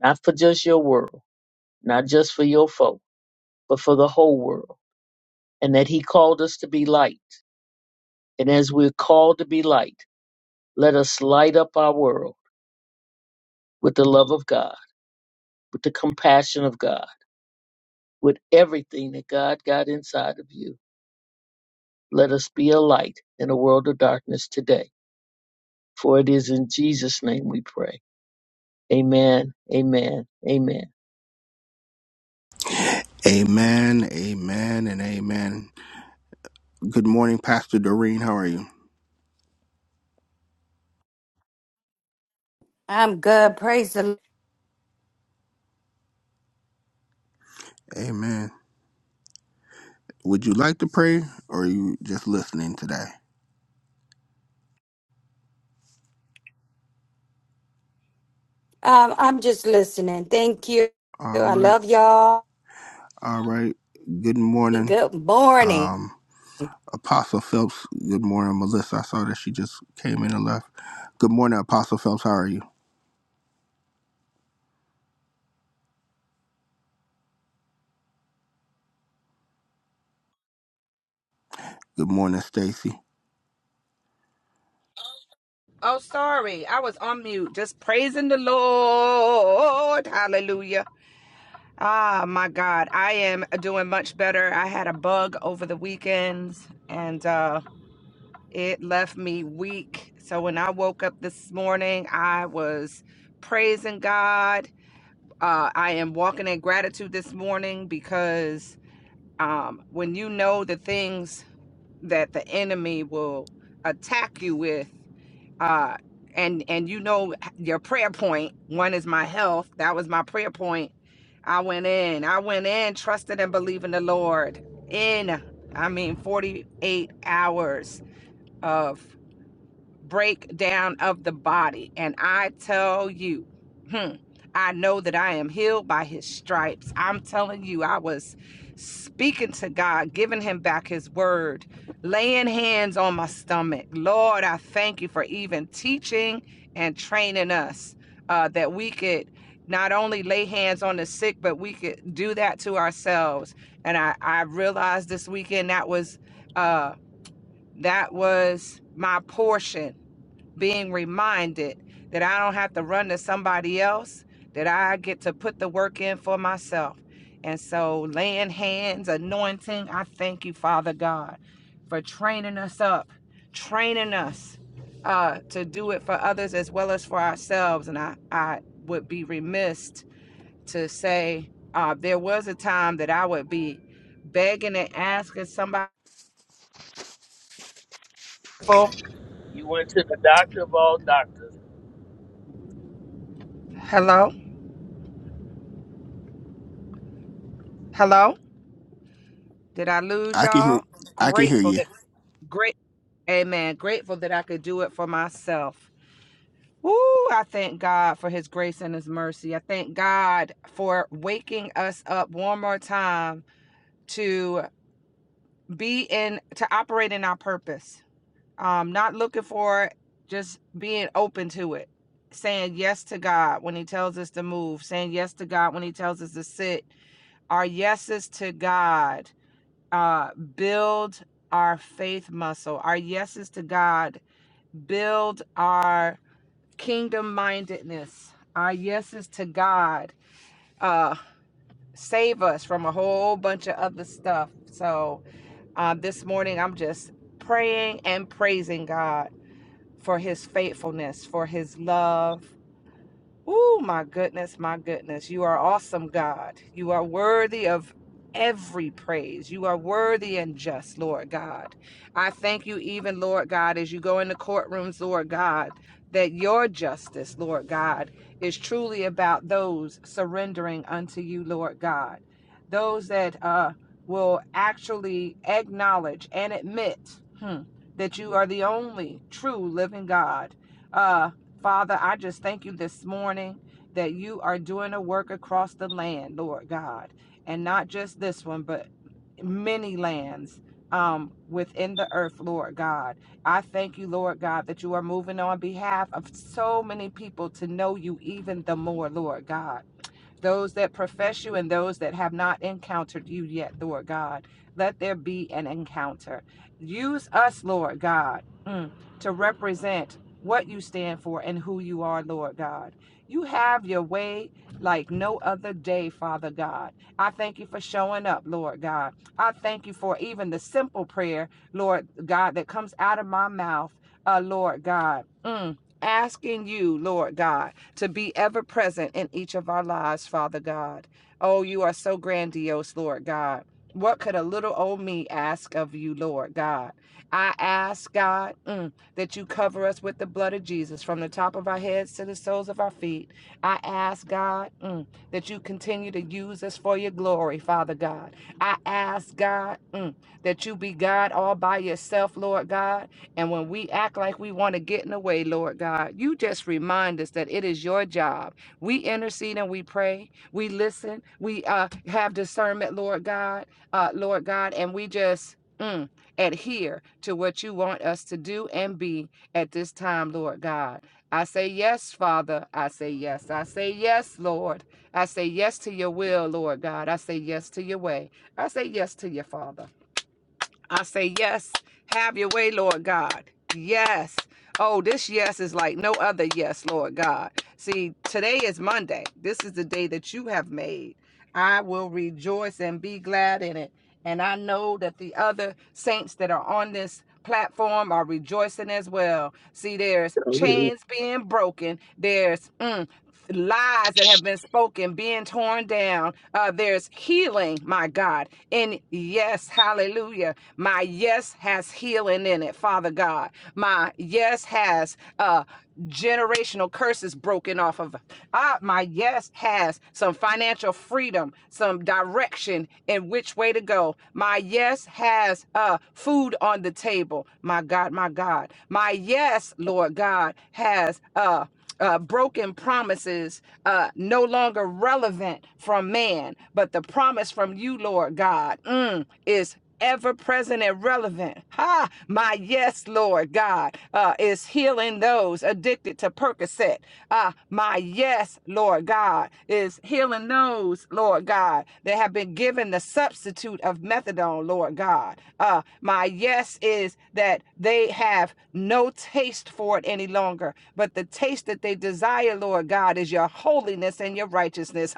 not for just your world, not just for your folk, but for the whole world. And that He called us to be light. And as we're called to be light, Let us light up our world with the love of God, with the compassion of God, with everything that God got inside of you. Let us be a light in a world of darkness today. For it is in Jesus' name we pray. Amen. Amen. Amen. Amen, amen, and amen. Good morning, Pastor Doreen. How are you? I'm good. Praise the Lord. Amen. Would you like to pray or are you just listening today? Um, I'm just listening. Thank you. All I right, love y'all. all right. Good morning. Good morning. Um. Apostle Phelps. Good morning, Melissa. I saw that she just came in and left. Good morning, Apostle Phelps. How are you? Good morning, Stacy. Oh, sorry. I was on mute, just praising the Lord. Hallelujah. Ah, my God. I am doing much better. I had a bug over the weekend, and uh, it left me weak. So when I woke up this morning, I was praising God. Uh, I am walking in gratitude this morning because um, when you know the things that the enemy will attack you with, uh and and you know your prayer point one is my health that was my prayer point i went in i went in trusted and believing the lord in i mean 48 hours of breakdown of the body. And I tell you, hmm, I know that I am healed by his stripes. I'm telling you, I was speaking to God, giving him back his word, laying hands on my stomach. Lord, I thank you for even teaching and training us uh, that we could not only lay hands on the sick, but we could do that to ourselves. And I, I realized this weekend that was uh, that was my portion being reminded that I don't have to run to somebody else, that I get to put the work in for myself. And so, laying hands, anointing, I thank you, Father God, for training us up, training us uh, to do it for others as well as for ourselves. And I, I would be remiss to say uh, there was a time that I would be begging and asking somebody for, You went to the doctor of all doctors. hello, hello, did I lose I can hear. y'all? I can hear Grateful. you. Great, amen. Grateful that I could do it for myself. Ooh! I thank God for his grace and his mercy. I thank God for waking us up one more time to be in, to operate in our purpose. Um, not looking for it, just being open to it. Saying yes to God when he tells us to move, saying yes to God when he tells us to sit. Our yeses to God uh, build our faith muscle. Our yeses to God build our kingdom mindedness, our yeses to God, uh, save us from a whole bunch of other stuff. So uh, this morning, I'm just praying and praising God for his faithfulness, for his love, Oh, my goodness, my goodness. You are awesome, God. You are worthy of every praise. You are worthy and just, Lord God. I thank you, even, Lord God, as you go in the courtrooms, Lord God, that your justice, Lord God, is truly about those surrendering unto you, Lord God. Those that uh, will actually acknowledge and admit hmm, that you are the only true living God. Uh, Father, I just thank you this morning that you are doing a work across the land, Lord God, and not just this one, but many lands um, within the earth, Lord God. I thank you, Lord God, that you are moving on behalf of so many people to know you even the more, Lord God those that profess you and those that have not encountered you yet, Lord God. Let there be an encounter. Use us, Lord God, mm, to represent what you stand for and who you are, Lord God. You have your way like no other day, Father God. I thank you for showing up, Lord God. I thank you for even the simple prayer, Lord God, that comes out of my mouth, uh, Lord God. Mm, asking you, Lord God to be ever present in each of our lives, Father God. Oh, you are so grandiose, Lord God. What could a little old me ask of you, Lord God? I ask, God, mm, that you cover us with the blood of Jesus from the top of our heads to the soles of our feet. I ask, God, mm, that you continue to use us for your glory, Father God. I ask, God, mm, that you be God all by yourself, Lord God. And when we act like we want to get in the way, Lord God, you just remind us that it is your job. We intercede and we pray. We listen. We uh, have discernment, Lord God, uh, Lord God, and we just mm, adhere to what you want us to do and be at this time, Lord God. I say yes, Father. I say yes. I say yes, Lord. I say yes to your will, Lord God. I say yes to your way. I say yes to your Father. I say, Yes, have your way, Lord God. Yes. Oh, this yes is like no other yes, Lord God. See, today is Monday. This is the day that you have made. I will rejoice and be glad in it. And I know that the other saints that are on this platform are rejoicing as well. See, there's chains being broken, there's mm, lies that have been spoken being torn down, uh, there's healing, my God. And yes, hallelujah. My yes has healing in it, Father God. My yes has uh, generational curses broken off of. it. Ah, my yes has some financial freedom freedom, some direction in which way to go. My yes has uh, food on the table. My God, my God. My yes, Lord God, has uh, uh, broken promises uh, no longer relevant from man, but the promise from you, Lord God, mm, is ever present and relevant. Ha! My yes, Lord God, uh, is healing those addicted to Percocet. Ah, my yes, Lord God, is healing those, Lord God, that have been given the substitute of methadone, Lord God. Uh, my yes is that they have no taste for it any longer, but the taste that they desire, Lord God, is your holiness and your righteousness.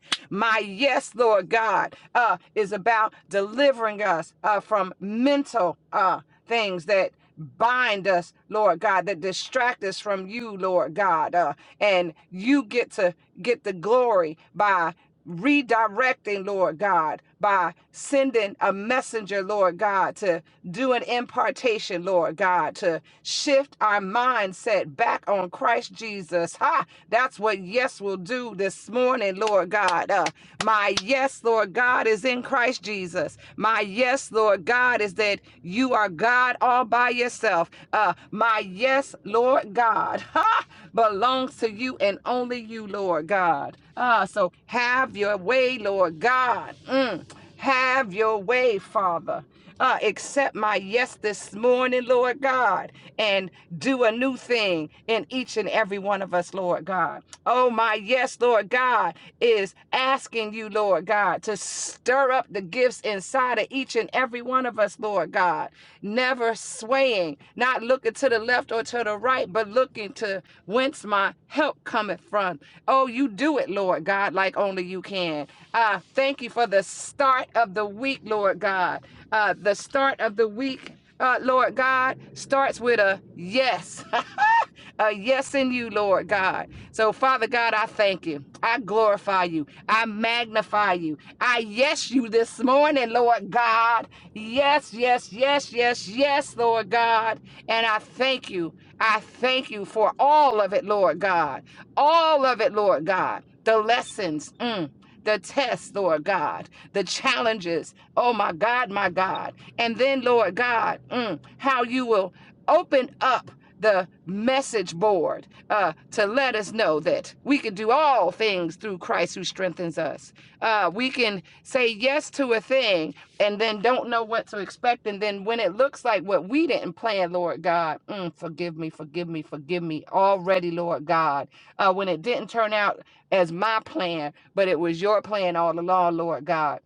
<laughs> My yes, Lord God, uh, is about delivering us uh, from mental uh, things that bind us, Lord God, that distract us from you, Lord God. Uh, and you get to get the glory by redirecting, Lord God by sending a messenger, Lord God, to do an impartation, Lord God, to shift our mindset back on Christ Jesus. Ha! That's what yes will do this morning, Lord God. Uh, my yes, Lord God, is in Christ Jesus. My yes, Lord God, is that you are God all by yourself. Uh, my yes, Lord God, <laughs> ha! belongs to you and only you, Lord God. Ah, so have your way, Lord God. God. Mm. Have your way, Father. Uh, accept my yes this morning, Lord God, and do a new thing in each and every one of us, Lord God. Oh, my yes, Lord God, is asking you, Lord God, to stir up the gifts inside of each and every one of us, Lord God. Never swaying, not looking to the left or to the right, but looking to whence my help cometh from. Oh, you do it, Lord God, like only you can. I thank you for the start of the week, Lord God. Uh, the start of the week, uh, Lord God, starts with a yes. <laughs> a yes in you, Lord God. So, Father God, I thank you. I glorify you. I magnify you. I yes you this morning, Lord God. Yes, yes, yes, yes, yes, Lord God. And I thank you. I thank you for all of it, Lord God. All of it, Lord God. The lessons. mm, the tests, Lord God, the challenges. Oh, my God, my God. And then, Lord God, mm, how you will open up the message board uh, to let us know that we can do all things through Christ who strengthens us. Uh, we can say yes to a thing and then don't know what to expect. And then when it looks like what we didn't plan, Lord God, mm, forgive me, forgive me, forgive me already, Lord God. Uh, when it didn't turn out as my plan, but it was your plan all along, Lord God.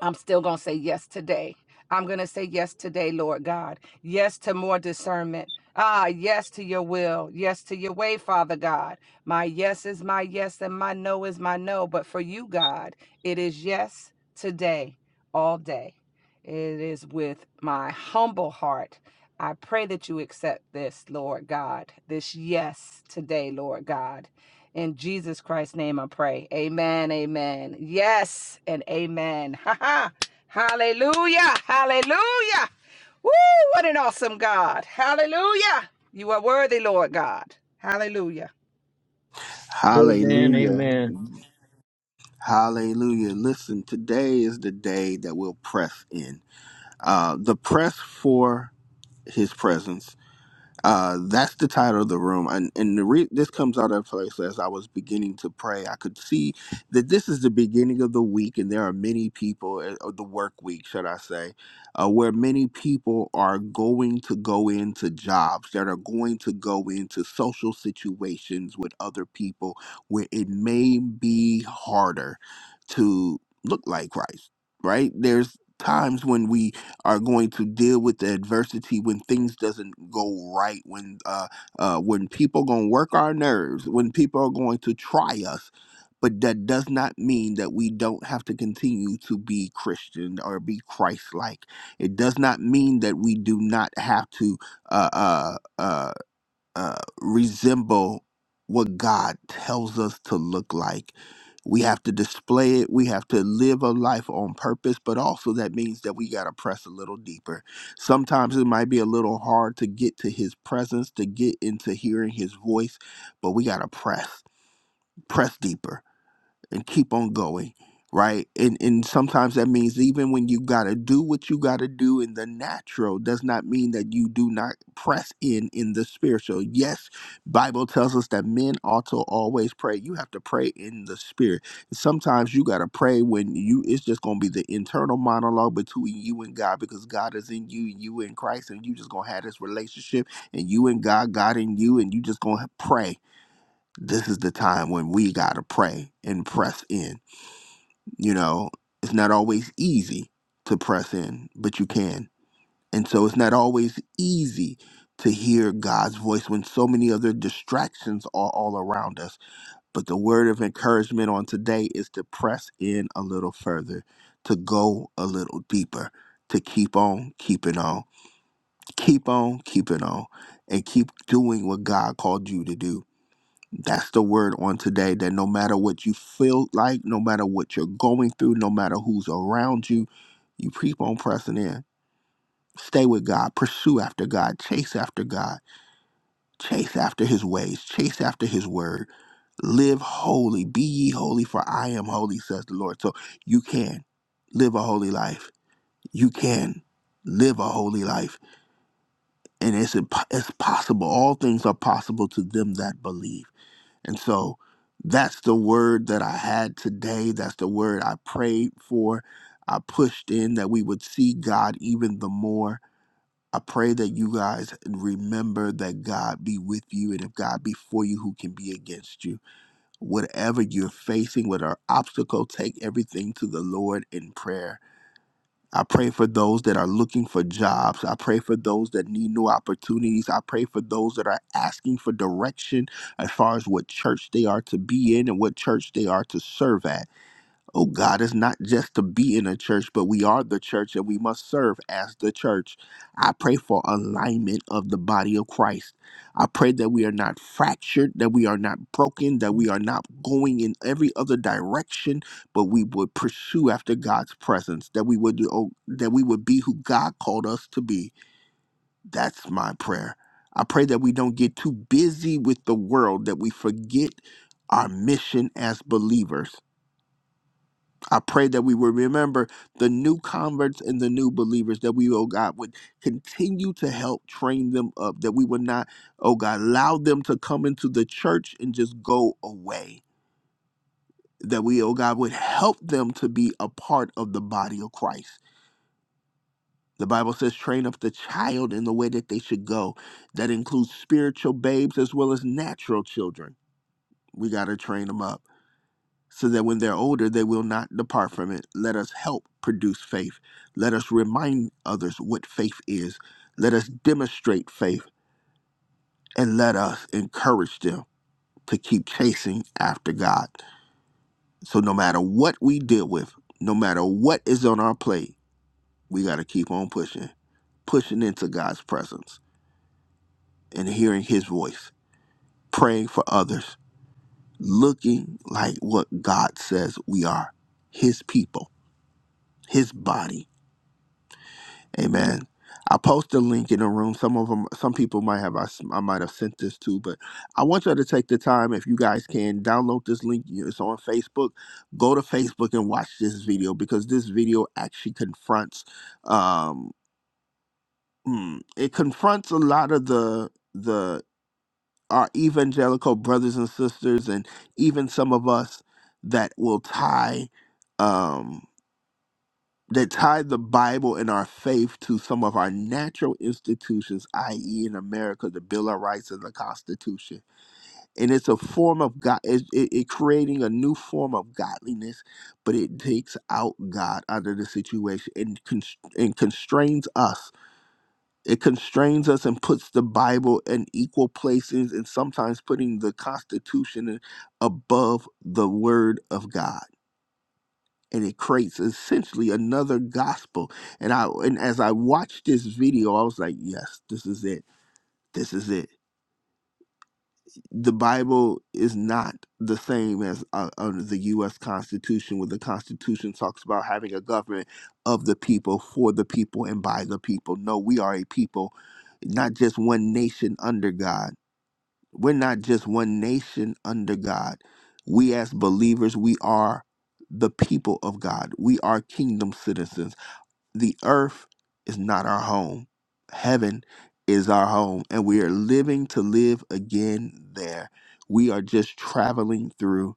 I'm still going to say yes today. I'm going to say yes today, Lord God. Yes to more discernment. Ah, yes to your will. Yes to your way, Father God. My yes is my yes and my no is my no. But for you, God, it is yes today, all day. It is with my humble heart I pray that you accept this, Lord God, this yes today, Lord God. In Jesus Christ's name I pray. Amen, amen. Yes and amen. <laughs> Ha ha. Hallelujah. Hallelujah. Woo, what an awesome God. Hallelujah. You are worthy, Lord God. Hallelujah. Amen. Hallelujah. Amen. Hallelujah. Listen, today is the day that we'll press in. Uh, the press for His presence Uh, that's the title of the room, and and the re- this comes out of a place as I was beginning to pray. I could see that this is the beginning of the week, and there are many people, uh, or the work week, should I say, uh, where many people are going to go into jobs that are going to go into social situations with other people where it may be harder to look like Christ. Right? There's times when we are going to deal with the adversity when things doesn't go right when uh, uh, when people going to work our nerves when people are going to try us but that does not mean that we don't have to continue to be christian or be christ-like it does not mean that we do not have to uh, uh, uh uh, resemble what God tells us to look like. We have to display it. We have to live a life on purpose, but also that means that we got to press a little deeper. Sometimes it might be a little hard to get to his presence, to get into hearing his voice, but we got to press, press deeper and keep on going right and and sometimes that means even when you got to do what you got to do in the natural does not mean that you do not press in in the spiritual yes bible tells us that men ought to always pray you have to pray in the spirit sometimes you got to pray when you it's just going to be the internal monologue between you and god because god is in you you in christ and you just going to have this relationship and you and god god in you and you just going to pray this is the time when we got to pray and press in. You know, it's not always easy to press in, but you can. And so it's not always easy to hear God's voice when so many other distractions are all around us. But the word of encouragement on today is to press in a little further, to go a little deeper, to keep on keeping on, keep on keeping on, and keep doing what God called you to do that's the word on today that no matter what you feel like, no matter what you're going through, no matter who's around you, you keep on pressing in. Stay with God, pursue after God, chase after God, chase after his ways, chase after his word. Live holy, be ye holy, for I am holy, says the Lord. So you can live a holy life. You can live a holy life. And it's, imp- it's possible. All things are possible to them that believe. And so that's the word that I had today. That's the word I prayed for. I pushed in that we would see God even the more. I pray that you guys remember that God be with you, and if God be for you, who can be against you? Whatever you're facing, whatever obstacle, take everything to the Lord in prayer I pray for those that are looking for jobs. I pray for those that need new opportunities. I pray for those that are asking for direction as far as what church they are to be in and what church they are to serve at. Oh God, it's not just to be in a church, but we are the church and we must serve as the church. I pray for alignment of the body of Christ. I pray that we are not fractured, that we are not broken, that we are not going in every other direction, but we would pursue after God's presence, that we would do, oh, that we would be who God called us to be. That's my prayer. I pray that we don't get too busy with the world, that we forget our mission as believers I pray that we will remember the new converts and the new believers, that we, oh God, would continue to help train them up, that we would not, oh God, allow them to come into the church and just go away. That we, oh God, would help them to be a part of the body of Christ. The Bible says, train up the child in the way that they should go. That includes spiritual babes as well as natural children. We got to train them up. so that when they're older, they will not depart from it. Let us help produce faith. Let us remind others what faith is. Let us demonstrate faith and let us encourage them to keep chasing after God. So, no matter what we deal with, no matter what is on our plate, we got to keep on pushing, pushing into God's presence and hearing His voice, praying for others, looking like what God says we are His people, His body Amen. I post a link in the room. Some of them, some people might have. I, s- I might have sent this to, but I want y'all to take the time, if you guys can, download this link. You- It's on Facebook. Go to Facebook and watch this video because this video actually confronts. Um, mm, it confronts a lot of the the our evangelical brothers and sisters, and even some of us that will tie. Um, that tied the Bible and our faith to some of our natural institutions, i.e., in America, the Bill of Rights and the Constitution. And it's a form of God, it, it, it creating a new form of godliness, but it takes out God out of the situation and, const- and constrains us. It constrains us and puts the Bible in equal places and sometimes putting the Constitution above the Word of God and it creates essentially another gospel. And I and as I watched this video, I was like, yes, this is it. This is it. The Bible is not the same as uh, under the U.S. Constitution, where the Constitution talks about having a government of the people, for the people, and by the people. No, we are a people, not just one nation under God. We're not just one nation under God. We as believers, we are the people of God. We are kingdom citizens the earth is not our home. Heaven is our home, and we are living to live again there. We are just traveling through.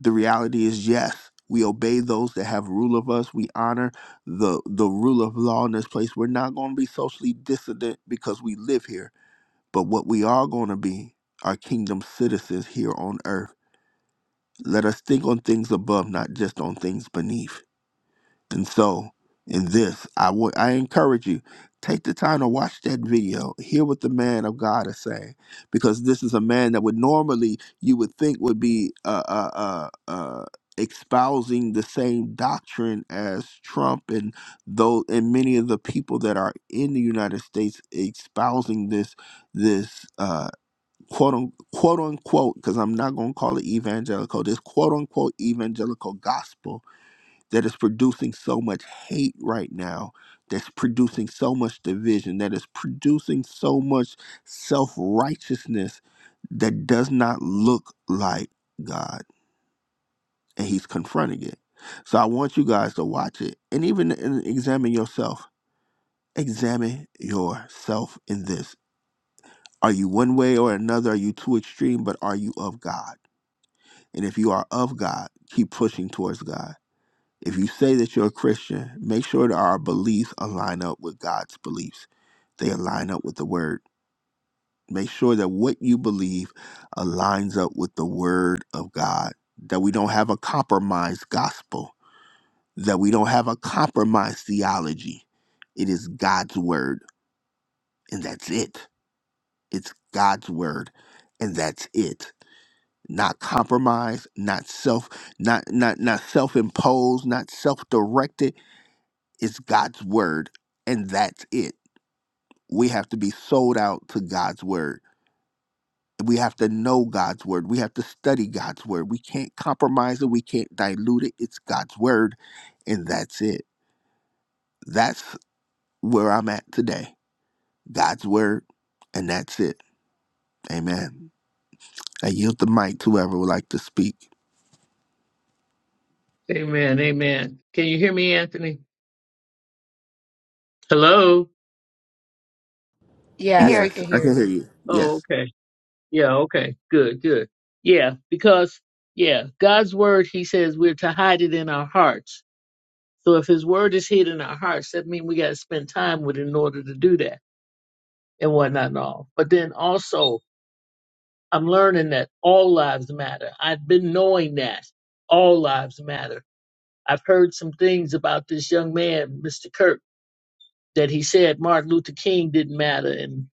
The reality is, yes, we obey those that have rule of us. We honor the the rule of law in this place. We're not going to be socially dissident because we live here. But what we are going to be are kingdom citizens here on earth. Let us think on things above, not just on things beneath. And so, in this, I would I encourage you take the time to watch that video, hear what the man of God is saying, because this is a man that would normally you would think would be uh, uh, uh, uh, espousing the same doctrine as Trump and though and many of the people that are in the United States espousing this this uh, quote un, quote unquote because I'm not going to call it evangelical this quote unquote evangelical gospel that is producing so much hate right now, that's producing so much division, that is producing so much self righteousness that does not look like God. And He's confronting it. So I want you guys to watch it and even and examine yourself. Examine yourself in this. Are you one way or another? Are you too extreme? But are you of God? And if you are of God, keep pushing towards God If you say that you're a Christian, make sure that our beliefs align up with God's beliefs. They align up with the word. Make sure that what you believe aligns up with the word of God, that we don't have a compromised gospel, that we don't have a compromised theology. It is God's word, and that's it. It's God's word, and that's it. Not compromised, not self, not not not self-imposed, not self-directed It's God's word, and that's it. We have to be sold out to God's word. We have to know God's word. We have to study God's word. We can't compromise it. We can't dilute it. It's God's word, and that's it. That's where I'm at today. God's word, and that's it. Amen. I yield the mic to whoever would like to speak. Amen. Amen. Can you hear me, Anthony? Hello? Here Yes, we Yes, can I hear can you. hear you. Oh, Yes. okay. Yeah, okay. Good, good. Yeah, because yeah, God's word he says we're to hide it in our hearts. So if his word is hid in our hearts, that means we gotta spend time with it in order to do that and whatnot and all. But then also I'm learning that all lives matter. I've been knowing that. All lives matter. I've heard some things about this young man, Mr. Kirk, that he said Martin Luther King didn't matter and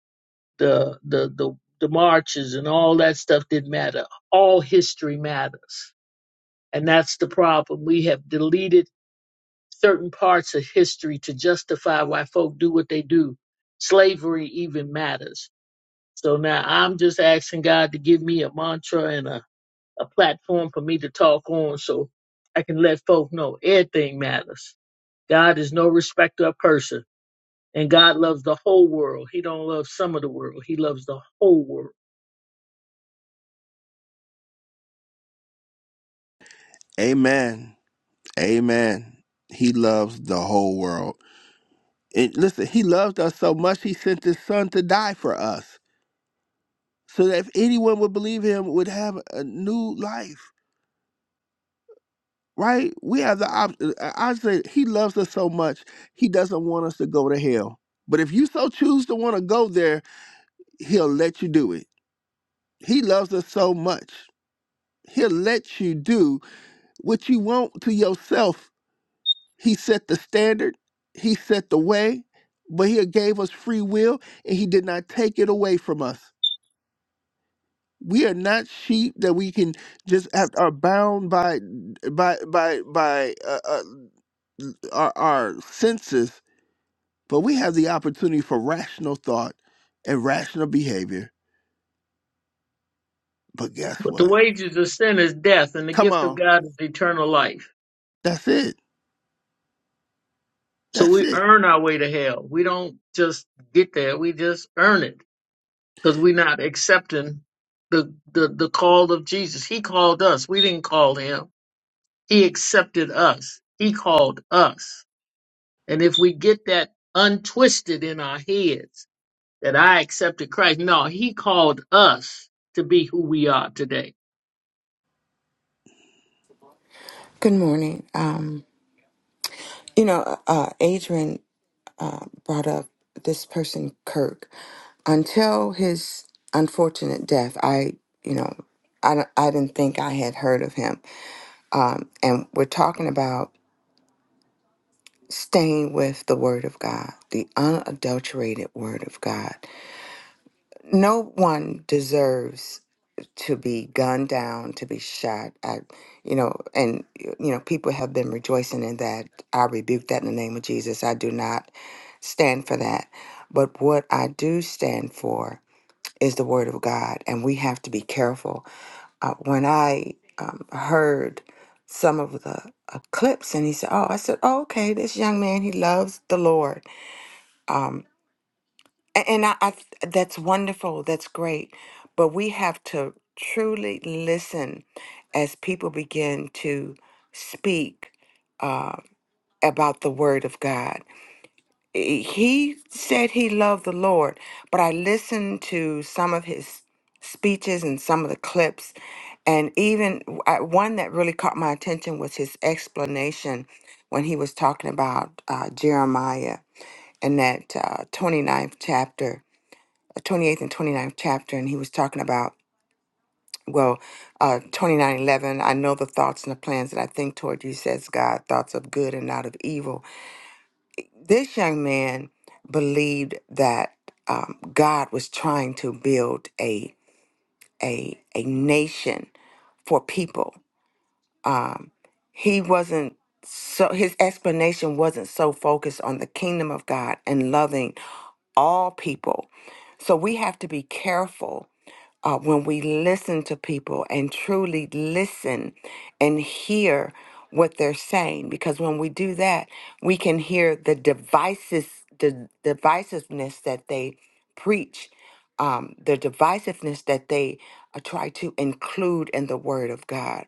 the the the, the marches and all that stuff didn't matter all history matters. And that's the problem. We have deleted certain parts of history to justify why folk do what they do. Slavery even matters. So now I'm just asking God to give me a mantra and a, a platform for me to talk on so I can let folk know everything matters. God is no respecter of person. And God loves the whole world. He don't love some of the world. He loves the whole world. Amen. Amen. He loves the whole world. And listen, he loved us so much he sent his son to die for us. So that if anyone would believe him would have a new life. Right? We have the option. I say he loves us so much, he doesn't want us to go to hell. But if you so choose to want to go there, he'll let you do it. He loves us so much. He'll let you do what you want to yourself. He set the standard, he set the way, but he gave us free will and he did not take it away from us. We are not sheep that we can just have, are bound by by by by uh, uh, our, our senses, but we have the opportunity for rational thought and rational behavior. But guess But the what? wages of sin is death, and the Come gift of on, God is eternal life. that's it. So That's we it. earn our way to hell. We don't just get there. We just earn it because we're not accepting the, the, the call of Jesus. He called us. We didn't call him. He accepted us. He called us. And if we get that untwisted in our heads that I accepted Christ, no, he called us to be who we are today. Good morning. Um, you know, uh, uh, Adrian uh, brought up this person, Kirk. Until his unfortunate death, I, you know, I, don't- I didn't think I had heard of him. Um, and we're talking about staying with the Word of God, the unadulterated Word of God. no one deserves to be gunned down, to be shot. I, you know, and you know, people have been rejoicing in that. I rebuke that in the name of Jesus. I do not stand for that. But what I do stand for is the Word of God, and we have to be careful. Uh, when I um, heard some of the uh, clips, and he said, "Oh," I said, "Oh, okay, this young man, he loves the Lord." Um, a- And I, I th- that's wonderful. That's great. But we have to truly listen as people begin to speak uh, about the Word of God. I- He said he loved the Lord, but I listened to some of his speeches and some of the clips, and even w- I- one that really caught my attention was his explanation when he was talking about uh, Jeremiah in that uh, ninth chapter 28th and 29th chapter, and he was talking about, well, uh, 29 eleven, I know the thoughts and the plans that I think toward you, says God, thoughts of good and not of evil. This young man believed that um, God was trying to build a, a, a nation for people. He wasn't so, his explanation wasn't so focused on the kingdom of God and loving all people. So we have to be careful uh, when we listen to people and truly listen and hear what they're saying because when we do that we can hear the devices the divisiveness that they preach um, the divisiveness that they uh, try to include in the word of god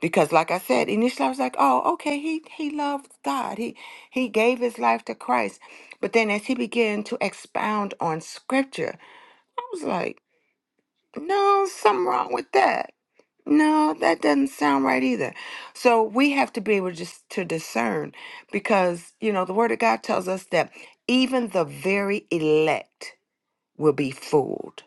because like I said, initially I was like, oh, okay, he he loved God. He he gave his life to Christ. But then as he began to expound on scripture, I was like, no, something wrong with that. No, that doesn't sound right either. So we have to be able just to discern because, you know, the word of God tells us that even the very elect will be fooled.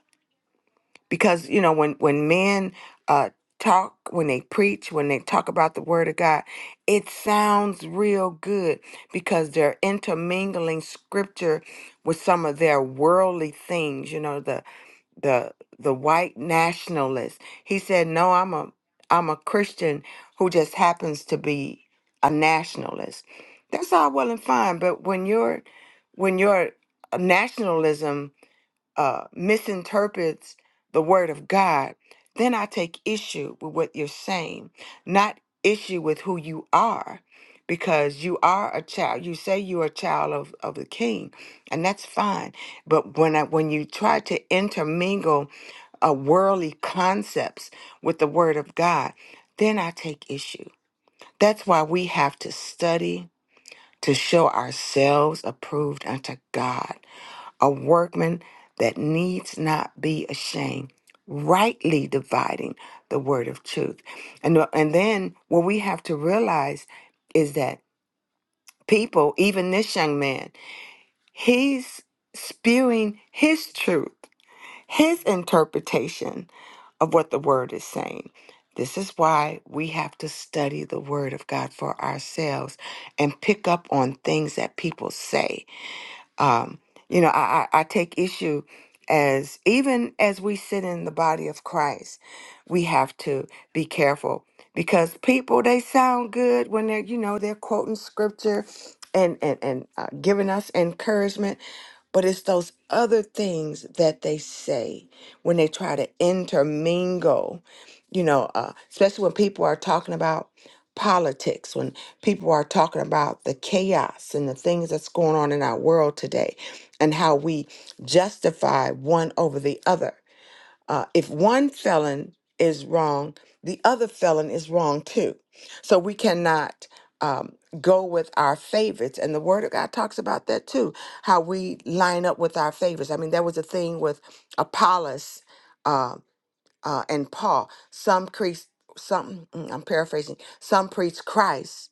Because, you know, when when men uh talk, when they preach, when they talk about the word of God, it sounds real good because they're intermingling scripture with some of their worldly things, you know, the the the white nationalist. He said, "No, I'm a I'm a Christian who just happens to be a nationalist." That's all well and fine, but when your when your nationalism uh, misinterprets the word of God, then I take issue with what you're saying, not issue with who you are, because you are a child. You say you're a child of, of the king, and that's fine. But when I, when you try to intermingle uh, worldly concepts with the word of God, then I take issue. That's why we have to study to show ourselves approved unto God a workman that needs not be ashamed, rightly dividing the word of truth. And, and then what we have to realize is that people, even this young man, he's spewing his truth, his interpretation of what the word is saying. This is why we have to study the word of God for ourselves and pick up on things that people say um, you know, I, I, I take issue as even as we sit in the body of Christ, we have to be careful because people they sound good when they're you know they're quoting scripture and and and uh, giving us encouragement, but it's those other things that they say when they try to intermingle. You know, uh, especially when people are talking about politics, people are talking about the chaos and the things that's going on in our world today and how we justify one over the other. Uh, if one felon is wrong, the other felon is wrong too. So we cannot um, go with our favorites. And the Word of God talks about that too, how we line up with our favorites. I mean, there was a thing with Apollos uh, uh, and Paul. Some priest, some, mm, I'm paraphrasing, some preach Christ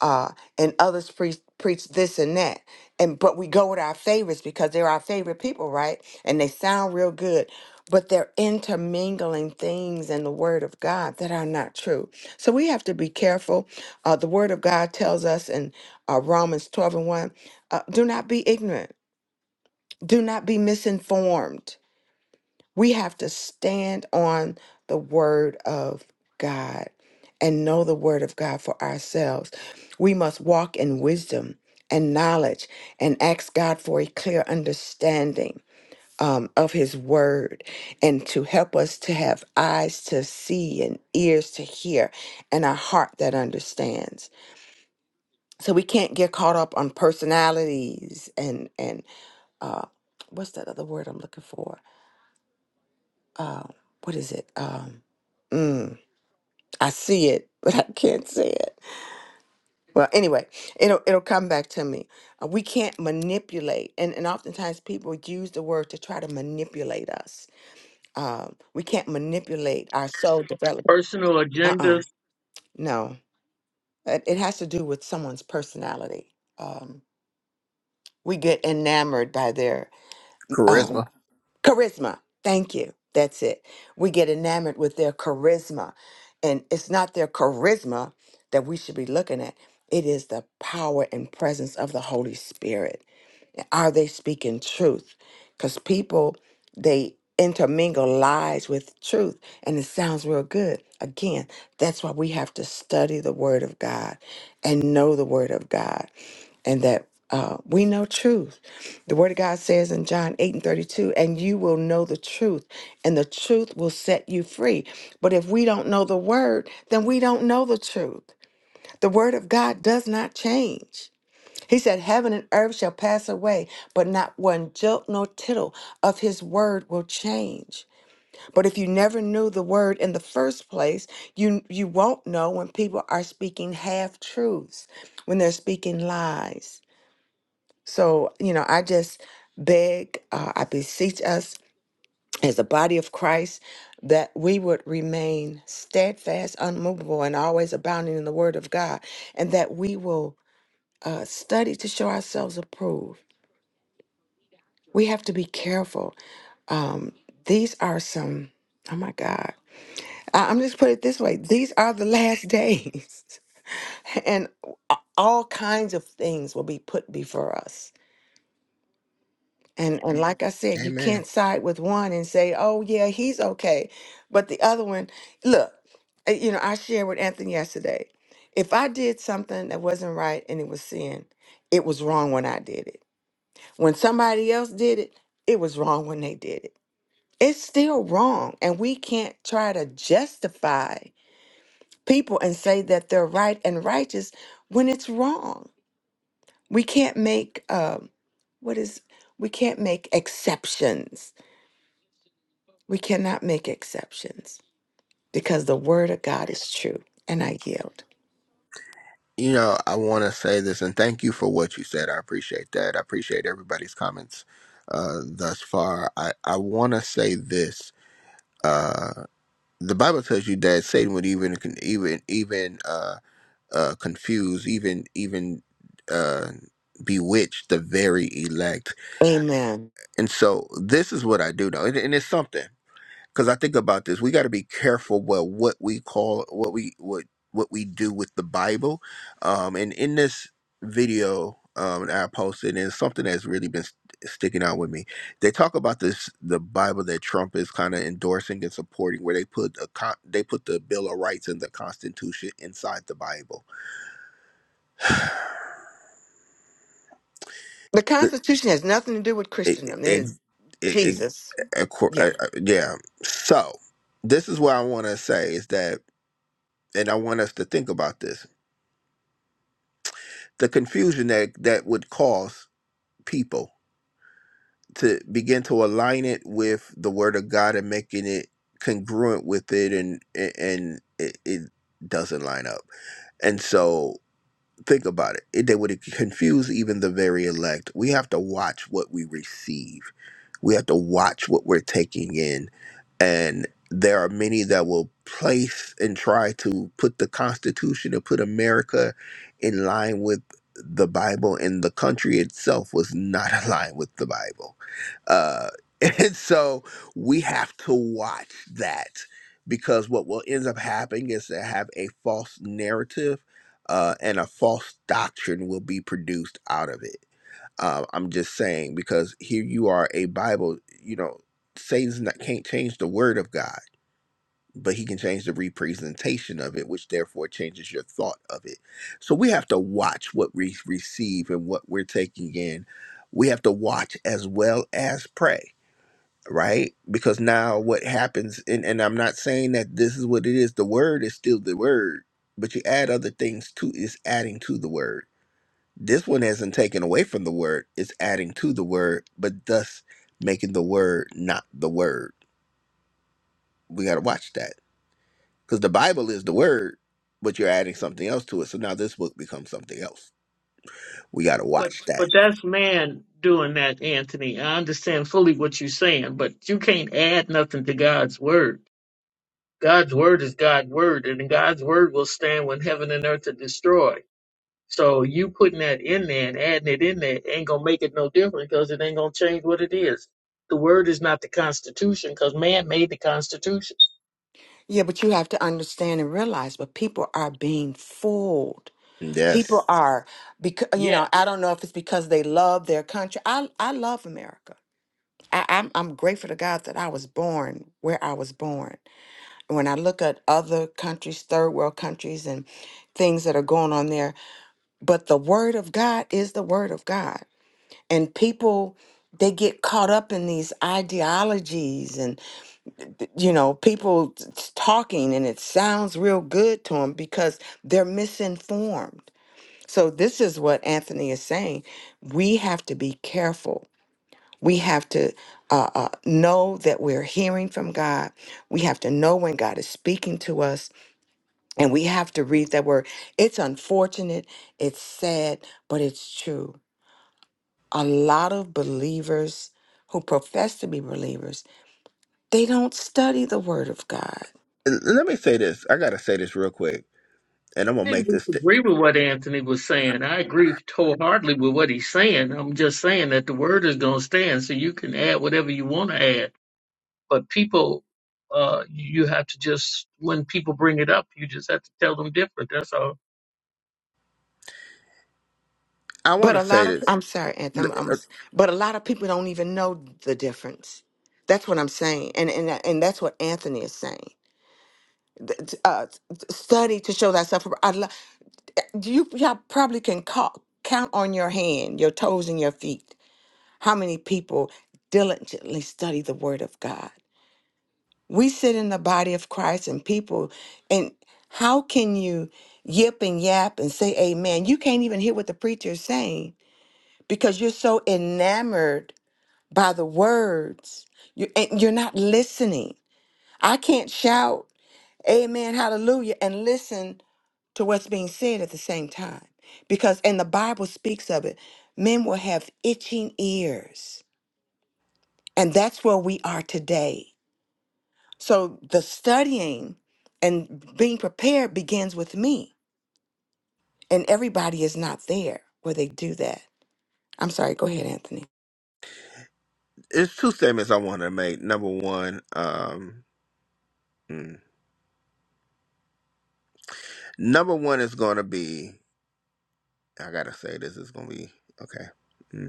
uh, and others preach preach this and that. And but we go with our favorites because they're our favorite people, right? And they sound real good, but they're intermingling things in the Word of God that are not true. So we have to be careful. Uh, the Word of God tells us in uh, Romans twelve and one, uh, do not be ignorant, do not be misinformed. We have to stand on the word of God and know the word of God for ourselves. We must walk in wisdom and knowledge and ask God for a clear understanding. um, of his word and to help us to have eyes to see and ears to hear and a heart that understands so we can't get caught up on personalities and and uh, what's that other word i'm looking for uh, what is it? Um, mm, I see it, <laughs> but I can't say it. Well, anyway, it'll it'll come back to me. Uh, we can't manipulate, and and oftentimes people use the word to try to manipulate us. Um, we can't manipulate our soul development. Personal Uh uh agendas no, it, it has to do with someone's personality. Um, we get enamored by their uh, Charisma. Charisma. Thank you. That's it. We get enamored with their charisma. And it's not their charisma that we should be looking at, it is the power and presence of the Holy Spirit. Are they speaking truth? Because people, they intermingle lies with truth, and it sounds real good. Again, that's why we have to study the Word of God and know the Word of God and that uh, we know truth. The Word of God says in John 8 and 32, and you will know the truth, and the truth will set you free. But if we don't know the Word, then we don't know the truth. The Word of God does not change. He said, Heaven and earth shall pass away, but not one jot nor tittle of His Word will change. But if you never knew the Word in the first place, you, you won't know when people are speaking half truths, when they're speaking lies so, you know, I just beg, uh, I beseech us as a body of Christ that we would remain steadfast, unmovable, and always abounding in the Word of God, and that we will uh, study to show ourselves approved. We have to be careful. Um, these are some, oh my God. I- I'm just put it this way these are the last days, <laughs> and all kinds of things will be put before us And and like I said, you Amen. can't side with one and say, "Oh yeah, he's okay," but the other one, look, uh, you know, I shared with Anthony yesterday. If I did something that wasn't right and it was sin, it was wrong when I did it. When somebody else did it, it was wrong when they did it. It's still wrong, and we can't try to justify people and say that they're right and righteous when it's wrong. We can't make um, what is we can't make exceptions We cannot make exceptions because the word of God is true. And I yield. You know, I want to say this and thank you for what you said. I appreciate that. I appreciate everybody's comments uh, thus far. I, I want to say this. the Bible tells you that Satan would even even even uh uh confuse even even uh bewitch the very elect. Amen. And so this is what I do though, and, and it's something because I think about this, we got to be careful what what we call what we what what we do with the Bible. Um, and in this video um, that I posted, and it's something that's really been st- sticking out with me. They talk about this the Bible that Trump is kind of endorsing and supporting, where they put a con- they put the Bill of Rights and the Constitution inside the Bible. The Constitution has nothing to do with It, it, Christendom. It is it, it, it, Jesus. Yeah. it, yeah. So this is what I want to say is that, and I want us to think about this the confusion that that would cause people to begin to align it with the word of God and making it congruent with it and and it, it doesn't line up. And so think about it. it. They would confuse even the very elect. We have to watch what we receive we have to watch what we're taking in. And there are many that will place and try to put the Constitution and put America in line with the Bible, and the country itself was not <laughs> aligned with the Bible. Uh, <laughs> and so we have to watch that because what will end up happening is to have a false narrative uh, and a false doctrine will be produced out of it uh, I'm just saying because here you are a Bible, you know, Satan's not can't change the word of God, but he can change the representation of it, which therefore changes your thought of it. So we have to watch what we receive and what we're taking in. We have to watch as well as pray, right? Because now what happens, and, and I'm not saying that this is what it is, the word is still the word, but you add other things to it's adding to the word this one isn't taken away from the word, it's adding to the word, but thus making the word not the word. We got to watch that because the Bible is the word, but you're adding something else to it. So now this book becomes something else. We got to But watch that. but that's man doing that, Anthony. I understand fully what you're saying, but you can't add nothing to God's word. God's word is God's word, and God's word will stand when heaven and earth are destroyed. So you putting that in there and adding it in there ain't gonna make it no different because it ain't gonna change what it is. The word is not the Constitution because man made the Constitution. Yeah, but you have to understand and realize, but people are being fooled. People Yes. are, because you Yes. know, I don't know if it's because they love their country. I, I love America. I, I'm, I'm grateful to God that I was born where I was born. When I look at other countries, third world countries, and things that are going on there, But the word of God is the word of God. And people, they get caught up in these ideologies and, you know, people t- t- talking and it sounds real good to them because they're misinformed. So, this is what Anthony is saying. We have to be careful. We have to uh, uh, know that we're hearing from God. We have to know when God is speaking to us. And we have to read that word. It's unfortunate, it's sad, but it's true. a lot of believers who profess to be believers they don't study the word of god And let me say this. I got to say this real quick, and I'm going I to didn't make this. St- disagree with what Anthony was saying. I agree wholeheartedly with what he's saying. I'm just saying that the word is going to stand, so you can add whatever you want to add. But people, uh, you have to just when people bring it up, you just have to tell them different. That's all. I want but to a say lot of this. i'm sorry anthem I'm, but a lot of people don't even know the difference that's what i'm saying and and, and that's what anthony is saying Th- uh, study to show thyself appro- I lo- you y'all probably can call, count on your hand your toes and your feet how many people diligently study the word of god We sit in the body of Christ and people, and how can you yip and yap and say amen? You can't even hear what the preacher is saying because you're so enamored by the words. You, and you're not listening. I can't shout amen, hallelujah, and listen to what's being said at the same time because, and the Bible speaks of it, men will have itching ears. And that's where we are today. So the studying and being prepared begins with me, and everybody is not there where they do that. I'm sorry. Go ahead, Anthony. It's two statements I want to make. Number one, um, mm, number one is going to be, I got to say this is going to be, okay. mm.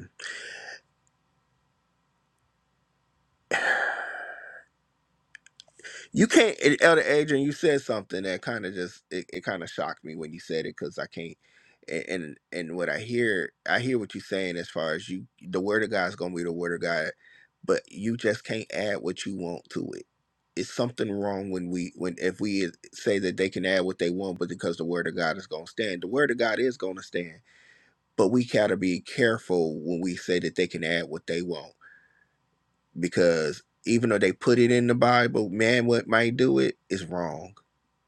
You can't, eh, Elder Adrian. You said something that kind of just it, it kind of shocked me when you said it because I can't. a- And and what I hear, I hear what you're saying as far as you, the word of God is gonna be the word of God, but you just can't add what you want to it. It's something wrong when we when if we uh, say that they can add what they want, but because the word of God is gonna stand, the word of God is gonna stand. But we gotta be careful when we say that they can add what they want because even though they put it in the Bible, man, what might do it is wrong.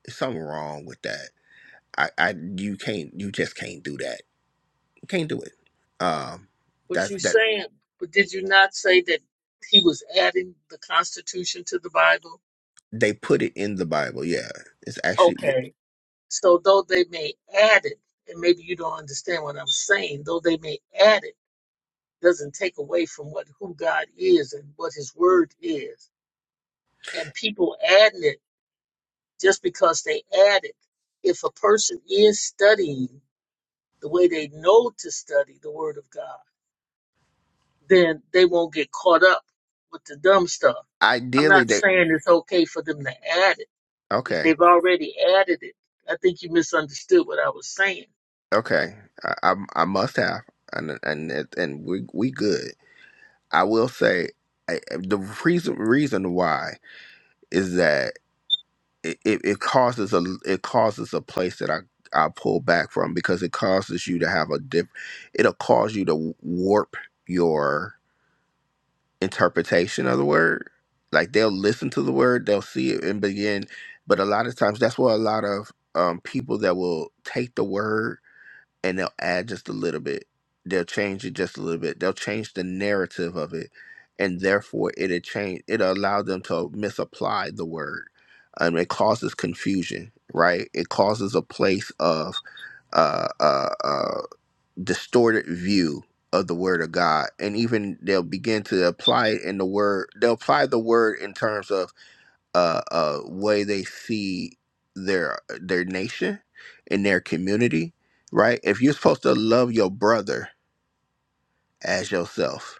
There's something wrong with that. I, I, you can't, you just can't do that. You can't do it. Um, What that's you that saying? But did you not say that he was adding the Constitution to the Bible? they put it in the Bible. Yeah, it's actually Okay. So though they may add it, and maybe you don't understand what I'm saying, though they may add it doesn't take away from what who God is and what His Word is. And people adding it just because they add it. If a person is studying the way they know to study the Word of God, then they won't get caught up with the dumb stuff. I'm ideally not they. saying it's okay for them to add it if Okay, they've already added it. I think you misunderstood what I was saying. okay. I, I, I must have, and and it- and we we good. I will say I, the reason reason why is that. it, it it causes a it causes a place that I I pull back from because it causes you to have a diff it'll cause you to warp your interpretation of the word. Like they'll listen to the word, they'll see it and begin, but a lot of times that's where a lot of um, people that will take the word and they'll add just a little bit. They'll change it just a little bit. They'll change the narrative of it, and therefore it'll change. It'll allow them to misapply the word, and it causes confusion. Right? It causes a place of uh, uh, uh, distorted view of the word of God, and even they'll begin to apply it in the word. They'll apply the word in terms of uh, uh, way they see their their nation and their community, right? If you're supposed to love your brother as yourself,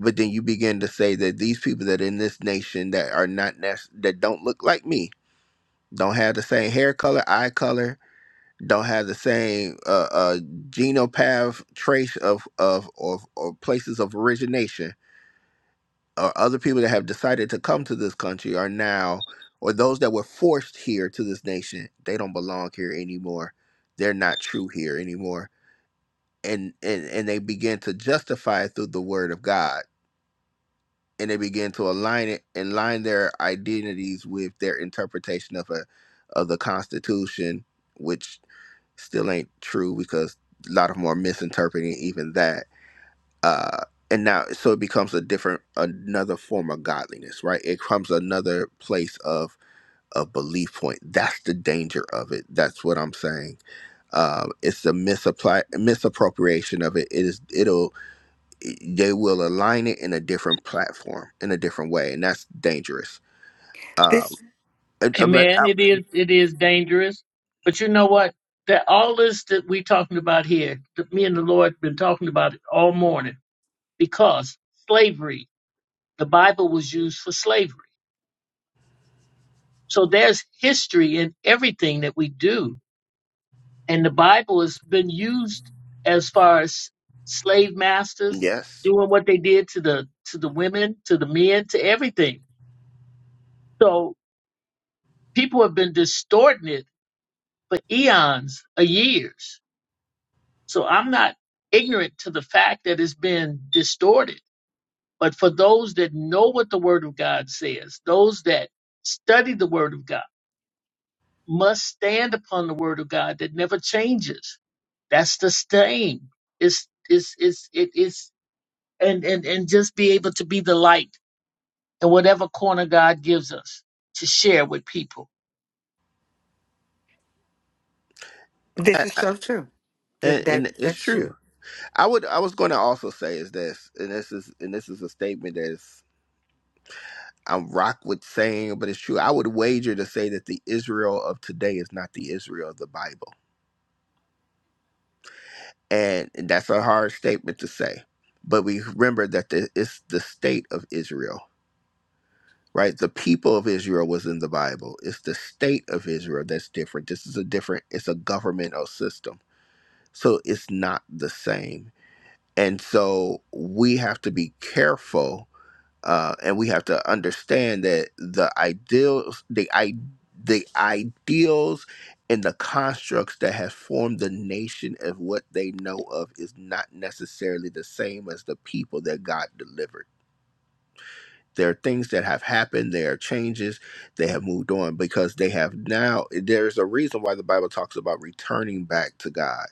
but then you begin to say that these people that in this nation that are not nec- that don't look like me, don't have the same hair color, eye color, don't have the same uh, uh, genopath trace of of of or places of origination or other people that have decided to come to this country are now, or those that were forced here to this nation, they don't belong here anymore. They're not true here anymore. And and, and they begin to justify it through the word of God. And they begin to align it and line their identities with their interpretation of a of the Constitution, which still ain't true because a lot of them are misinterpreting even that uh and now so it becomes a different another form of godliness right it comes another place of of belief point that's the danger of it that's what i'm saying um it's the misapply misappropriation of it it is it'll they will align it in a different platform in a different way and that's dangerous um This and- uh, but Amen. I- It is it is dangerous, but you know what? That all this that we talking about here, that me and the Lord been talking about it all morning, because slavery, the Bible was used for slavery. So there's history in everything that we do, and the Bible has been used as far as slave masters yes doing what they did to the to the women, to the men, to everything. So people have been distorting it for eons, of years So I'm not ignorant to the fact that it's been distorted. But for those that know what the Word of God says, those that study the Word of God must stand upon the Word of God that never changes. That's the same. It's it's it's it is and and and just be able to be the light in whatever corner God gives us to share with people. this I, is I, so true. That, and, that and it's that's true true. i would i was going to also say is this and this is and this is a statement that is. I rock with saying, but it's true. I would wager to say that the Israel of today is not the Israel of the Bible. And that's a hard statement to say. But we remember that the, it's the state of Israel, right? The people of Israel was in the Bible. It's the state of Israel that's different. This is a different, it's a governmental system. So it's not the same. And so we have to be careful uh, and we have to understand that the ideals, the i the ideals, and the constructs that have formed the nation of what they know of is not necessarily the same as the people that God delivered. There are things that have happened. There are changes. They have moved on because they have now. There is a reason why the Bible talks about returning back to God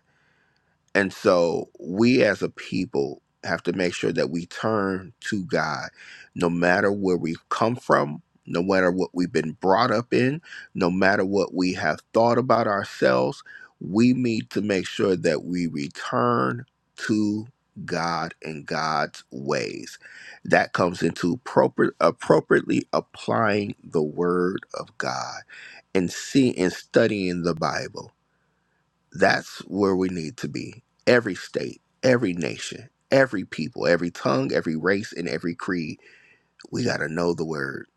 and so we as a people have to make sure that we turn to God no matter where we've come from, no matter what we've been brought up in, no matter what we have thought about ourselves, we need to make sure that we return to God and God's ways. That comes into appropriate, appropriately applying the word of God and see and studying the Bible. That's where we need to be. Every state, every nation, every people, every tongue, every race, and every creed. We got to know the word.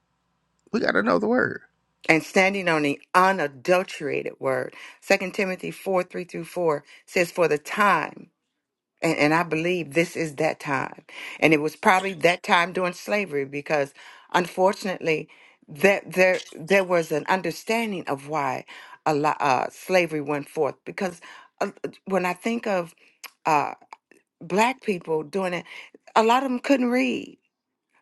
We got to know the word. And standing on the unadulterated word, Second Timothy four three through four says, "For the time." And, and I believe this is that time. And it was probably that time during slavery because unfortunately that there there was an understanding of why a lot, uh, slavery went forth because uh, when I think of uh, black people doing it, a lot of them couldn't read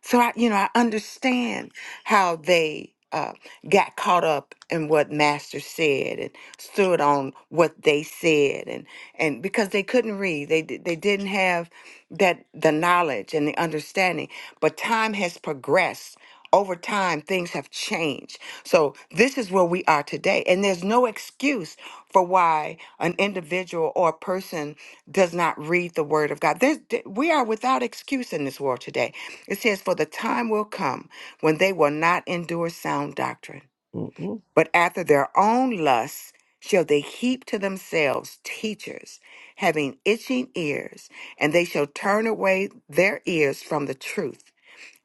so I, you know, I understand how they uh, got caught up in what Master said and stood on what they said, and and because they couldn't read, they di- they didn't have that the knowledge and the understanding. But time has progressed. Over time, things have changed. So this is where we are today, and there's no excuse for why an individual or a person does not read the Word of God. There's, we are without excuse in this world today it says, For the time will come when they will not endure sound doctrine, Mm-mm. but after their own lusts shall they heap to themselves teachers having itching ears, and they shall turn away their ears from the truth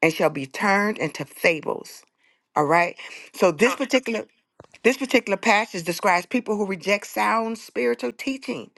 and shall be turned into fables. All right. So this particular this particular passage describes people who reject sound spiritual teaching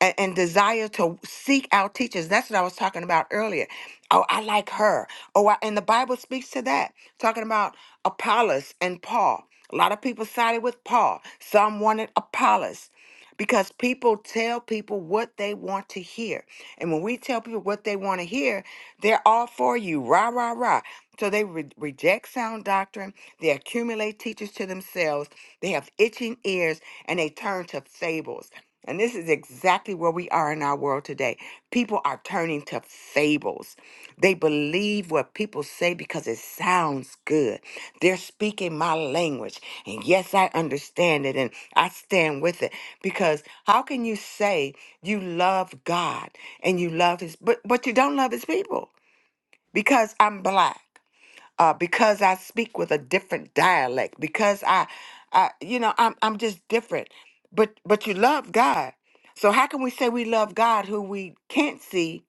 and, and desire to seek out teachers. That's what I was talking about earlier. Oh, I like her. Oh, I, and the Bible speaks to that, talking about Apollos and Paul. A lot of people sided with Paul. Some wanted Apollos because people tell people what they want to hear. And when we tell people what they want to hear, they're all for you. Rah, rah, rah. So they re- reject sound doctrine. They accumulate teachers to themselves. They have itching ears and they turn to fables. And this is exactly where we are in our world today. People are turning to fables. They believe what people say because it sounds good. They're speaking my language. And yes, I understand it and I stand with it. Because how can you say you love God and you love his but but you don't love his people? Because I'm black uh, because I speak with a different dialect, because I, I, you know, I'm I'm just different. But but you love God, so how can we say we love God who we can't see,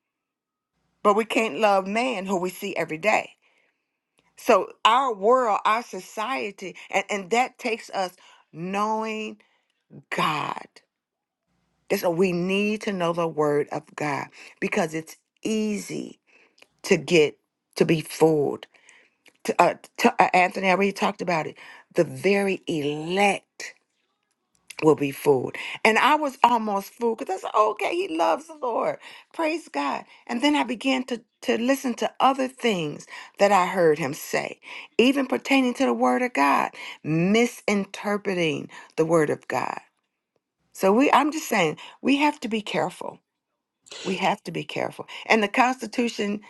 but we can't love man who we see every day? So our world, our society, and and that takes us knowing God. That's what we need to know the Word of God because it's easy to get to be fooled T- uh, t- uh, Anthony, I already talked about it. The very elect will be fooled. And I was almost fooled because I said, okay, he loves the Lord. Praise God. And then I began to, to listen to other things that I heard him say, even pertaining to the word of God, misinterpreting the word of God. So we I'm just saying we have to be careful. We have to be careful. And the Constitution,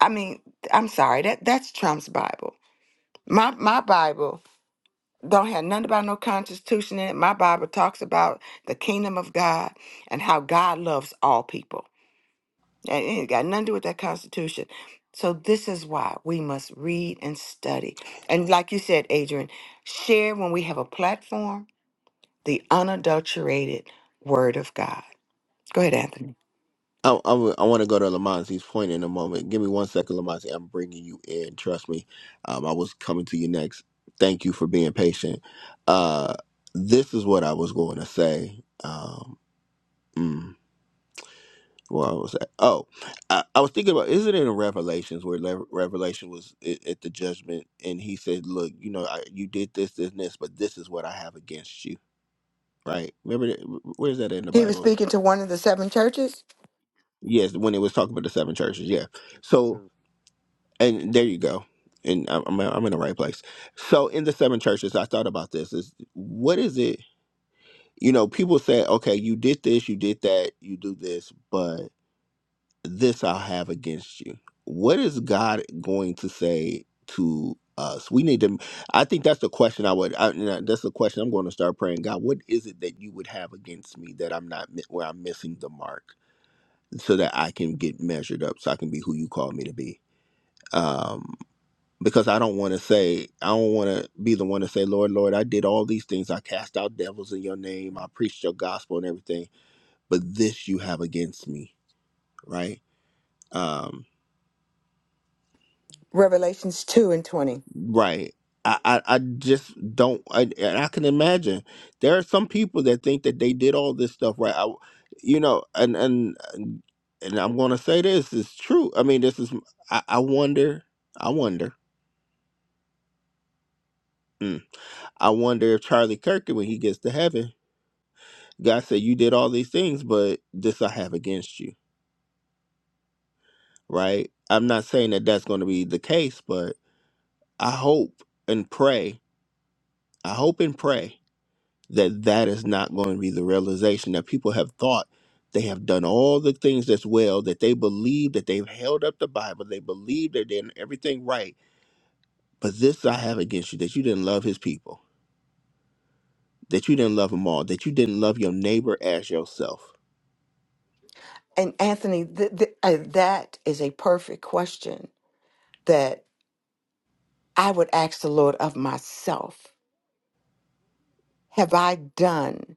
I mean, I'm sorry, that that's Trump's Bible. My my Bible don't have nothing about no constitution in it. My Bible talks about the kingdom of God and how God loves all people. And it ain't got nothing to do with that constitution. So this is why we must read and study. And like you said, Adrian, share when we have a platform the unadulterated word of God. Go ahead, Anthony. I, I, want to go to Lamonzi's point in a moment. Give me one second, Lamonzi. I'm bringing you in. Trust me. Um, I was coming to you next. Thank you for being patient. Uh, this is what I was going to say. Um, mm. What was that? Oh, I, I was thinking about isn't it in Revelations where Le- Revelation was at, at the judgment and he said, "Look, you know, I, you did this, this, and this, but this is what I have against you." Right? Remember that? wh- Where's that in the He was Bible? speaking to one of the seven churches. Yes, when it was talking about the seven churches. Yeah. So, and there you go. And I'm I'm I'm in the right place. So, in the seven churches, I thought about this: is what is it? You know, people say, "Okay, you did this, you did that, you do this," but..." this I'll have against you. What is God going to say to us? We need to. I think that's the question I would. I, you know, that's the question I'm going to start praying. God, what is it that you would have against me that I'm not mi- where I'm missing the mark, so that I can get measured up, so I can be who you called me to be. Um, because I don't want to say, I don't want to be the one to say, Lord, Lord, I did all these things. I cast out devils in your name. I preached your gospel and everything. But this you have against me, right? Um, Revelations 2 and 20. Right. I, I, I just don't I, and I can imagine there are some people that think that they did all this stuff right I, you know and and and and I'm going to say this is true I mean this is I, I wonder I wonder mm, I wonder if Charlie Kirk when he gets to heaven God said you did all these things but this I have against you right I'm not saying that that's going to be the case but I hope and pray I hope and pray that that is not going to be the realization that people have thought they have done all the things that's well that they believe that they've held up the bible they believe they're doing everything right but this i have against you that you didn't love his people that you didn't love them all that you didn't love your neighbor as yourself And Anthony, th- th- uh, that is a perfect question that I would ask the Lord of myself. Have I done?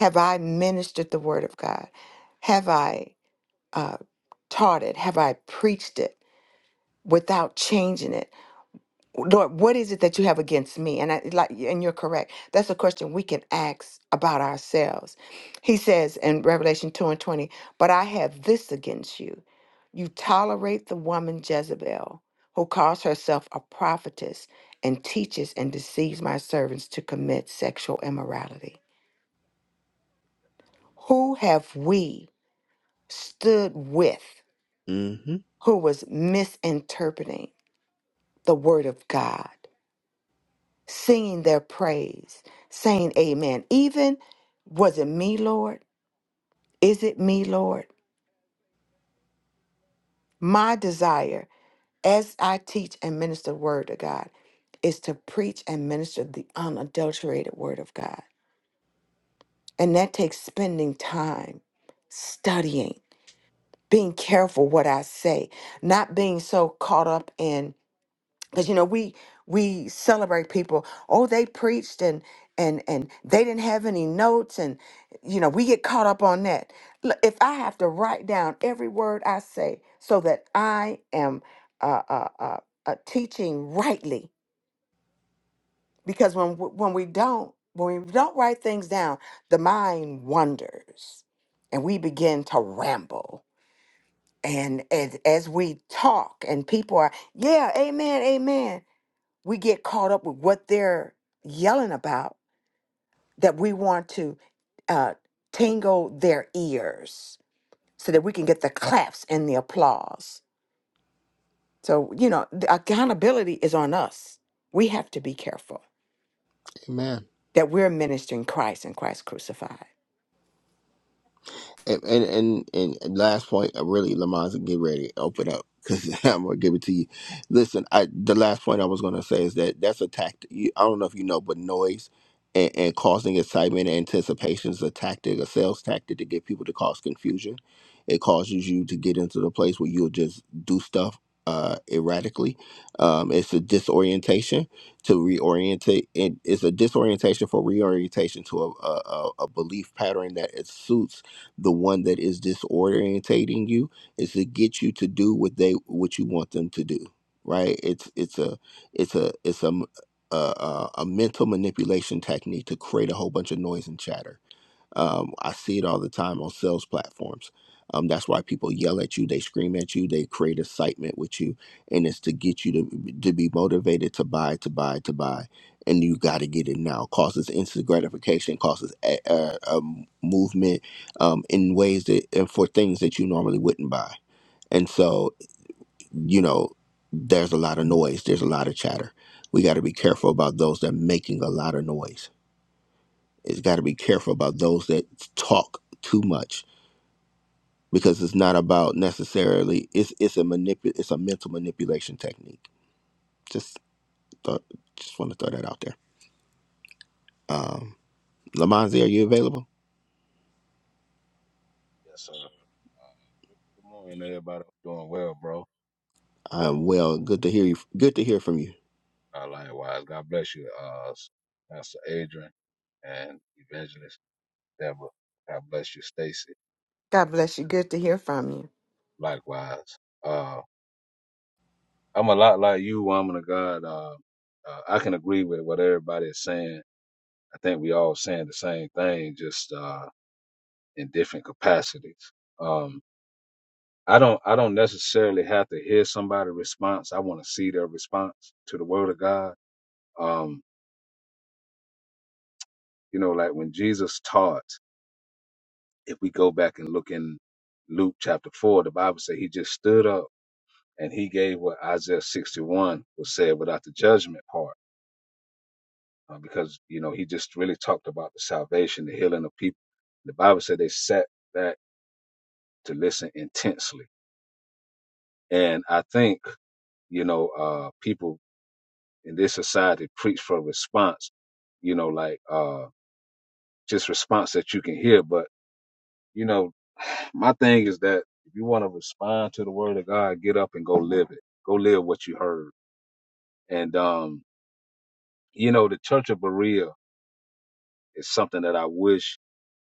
Have I ministered the word of God? Have I? uh, taught it? Have I preached it without changing it? Lord, what is it that you have against me? And I like, and you're correct. That's a question we can ask about ourselves. He says in Revelation 2 and 20, but I have this against you. You tolerate the woman Jezebel, who calls herself a prophetess and teaches and deceives my servants to commit sexual immorality. Who have we stood with hmm who was misinterpreting? the word of God, singing their praise, saying amen. Even, was it me, Lord? Is it me, Lord? My desire as I teach and minister the word of God is to preach and minister the unadulterated word of God. And that takes spending time studying, being careful what I say, not being so caught up in because you know we we celebrate people oh they preached and and and they didn't have any notes and you know we get caught up on that Look, if i have to write down every word i say so that i am uh, uh, uh, uh, teaching rightly because when w- when we don't when we don't write things down the mind wanders and we begin to ramble and as, as we talk and people are yeah amen amen we get caught up with what they're yelling about that we want to uh, tingle their ears so that we can get the claps and the applause. So, you know, the accountability is on us. We have to be careful that we're ministering Christ and Christ crucified. And and and, and last point, uh, really, Lamonza, get ready, open up, because <laughs> I'm gonna give it to you. Listen, I the last point I was gonna say is that that's a tactic. You, I don't know if you know, but noise and, and causing excitement and anticipation is a tactic, a sales tactic to get people to cause confusion. It causes you to get into the place where you'll just do stuff uh erratically um it's a disorientation to reorientate it, it's a disorientation for reorientation to a, a a a belief pattern that it suits the one that is disorientating you is to get you to do what they what you want them to do right it's it's a it's a it's a a a mental manipulation technique to create a whole bunch of noise and chatter um, I see it all the time on sales platforms. Um, that's why people yell at you, they scream at you, they create excitement with you, and it's to get you to to be motivated to buy, to buy, to buy, and you got to get it now. Causes instant gratification, causes a, a, a movement um, in ways that and for things that you normally wouldn't buy. And so, you know, there's a lot of noise, there's a lot of chatter. We got to be careful about those that are making a lot of noise it's got to be careful about those that talk too much because it's not about necessarily it's it's a manipu- it's a mental manipulation technique. Just thought, just want to throw that out there. Um, Lamonzi, are you available? Yes, sir. Uh, good morning, everybody. I'm doing well, bro. i well. Good to hear you. Good to hear from you. Uh, likewise, God bless you, uh, Pastor Adrian and Evangelist Deborah. God bless you, Stacy. God bless you. Good to hear from you. Likewise, uh, I'm a lot like you, woman of God. Uh, uh, I can agree with what everybody is saying. I think we all saying the same thing, just uh, in different capacities. Um, I don't, I don't necessarily have to hear somebody's response. I want to see their response to the Word of God. Um, You know, like when Jesus taught, if we go back and look in Luke chapter 4, the Bible says he just stood up and he gave what Isaiah 61 was said without the judgment part. uh, because, you know, he just really talked about the salvation, the healing of people. The Bible said they sat back to listen intensely. And I think, you know, uh, people in this society preach for response, you know, like, uh, just response that you can hear. But You know, <sighs> my thing is that if you want to respond to the word of God, get up and go live it. Go live what you heard. And um, you know, the Church of Berea is something that I wish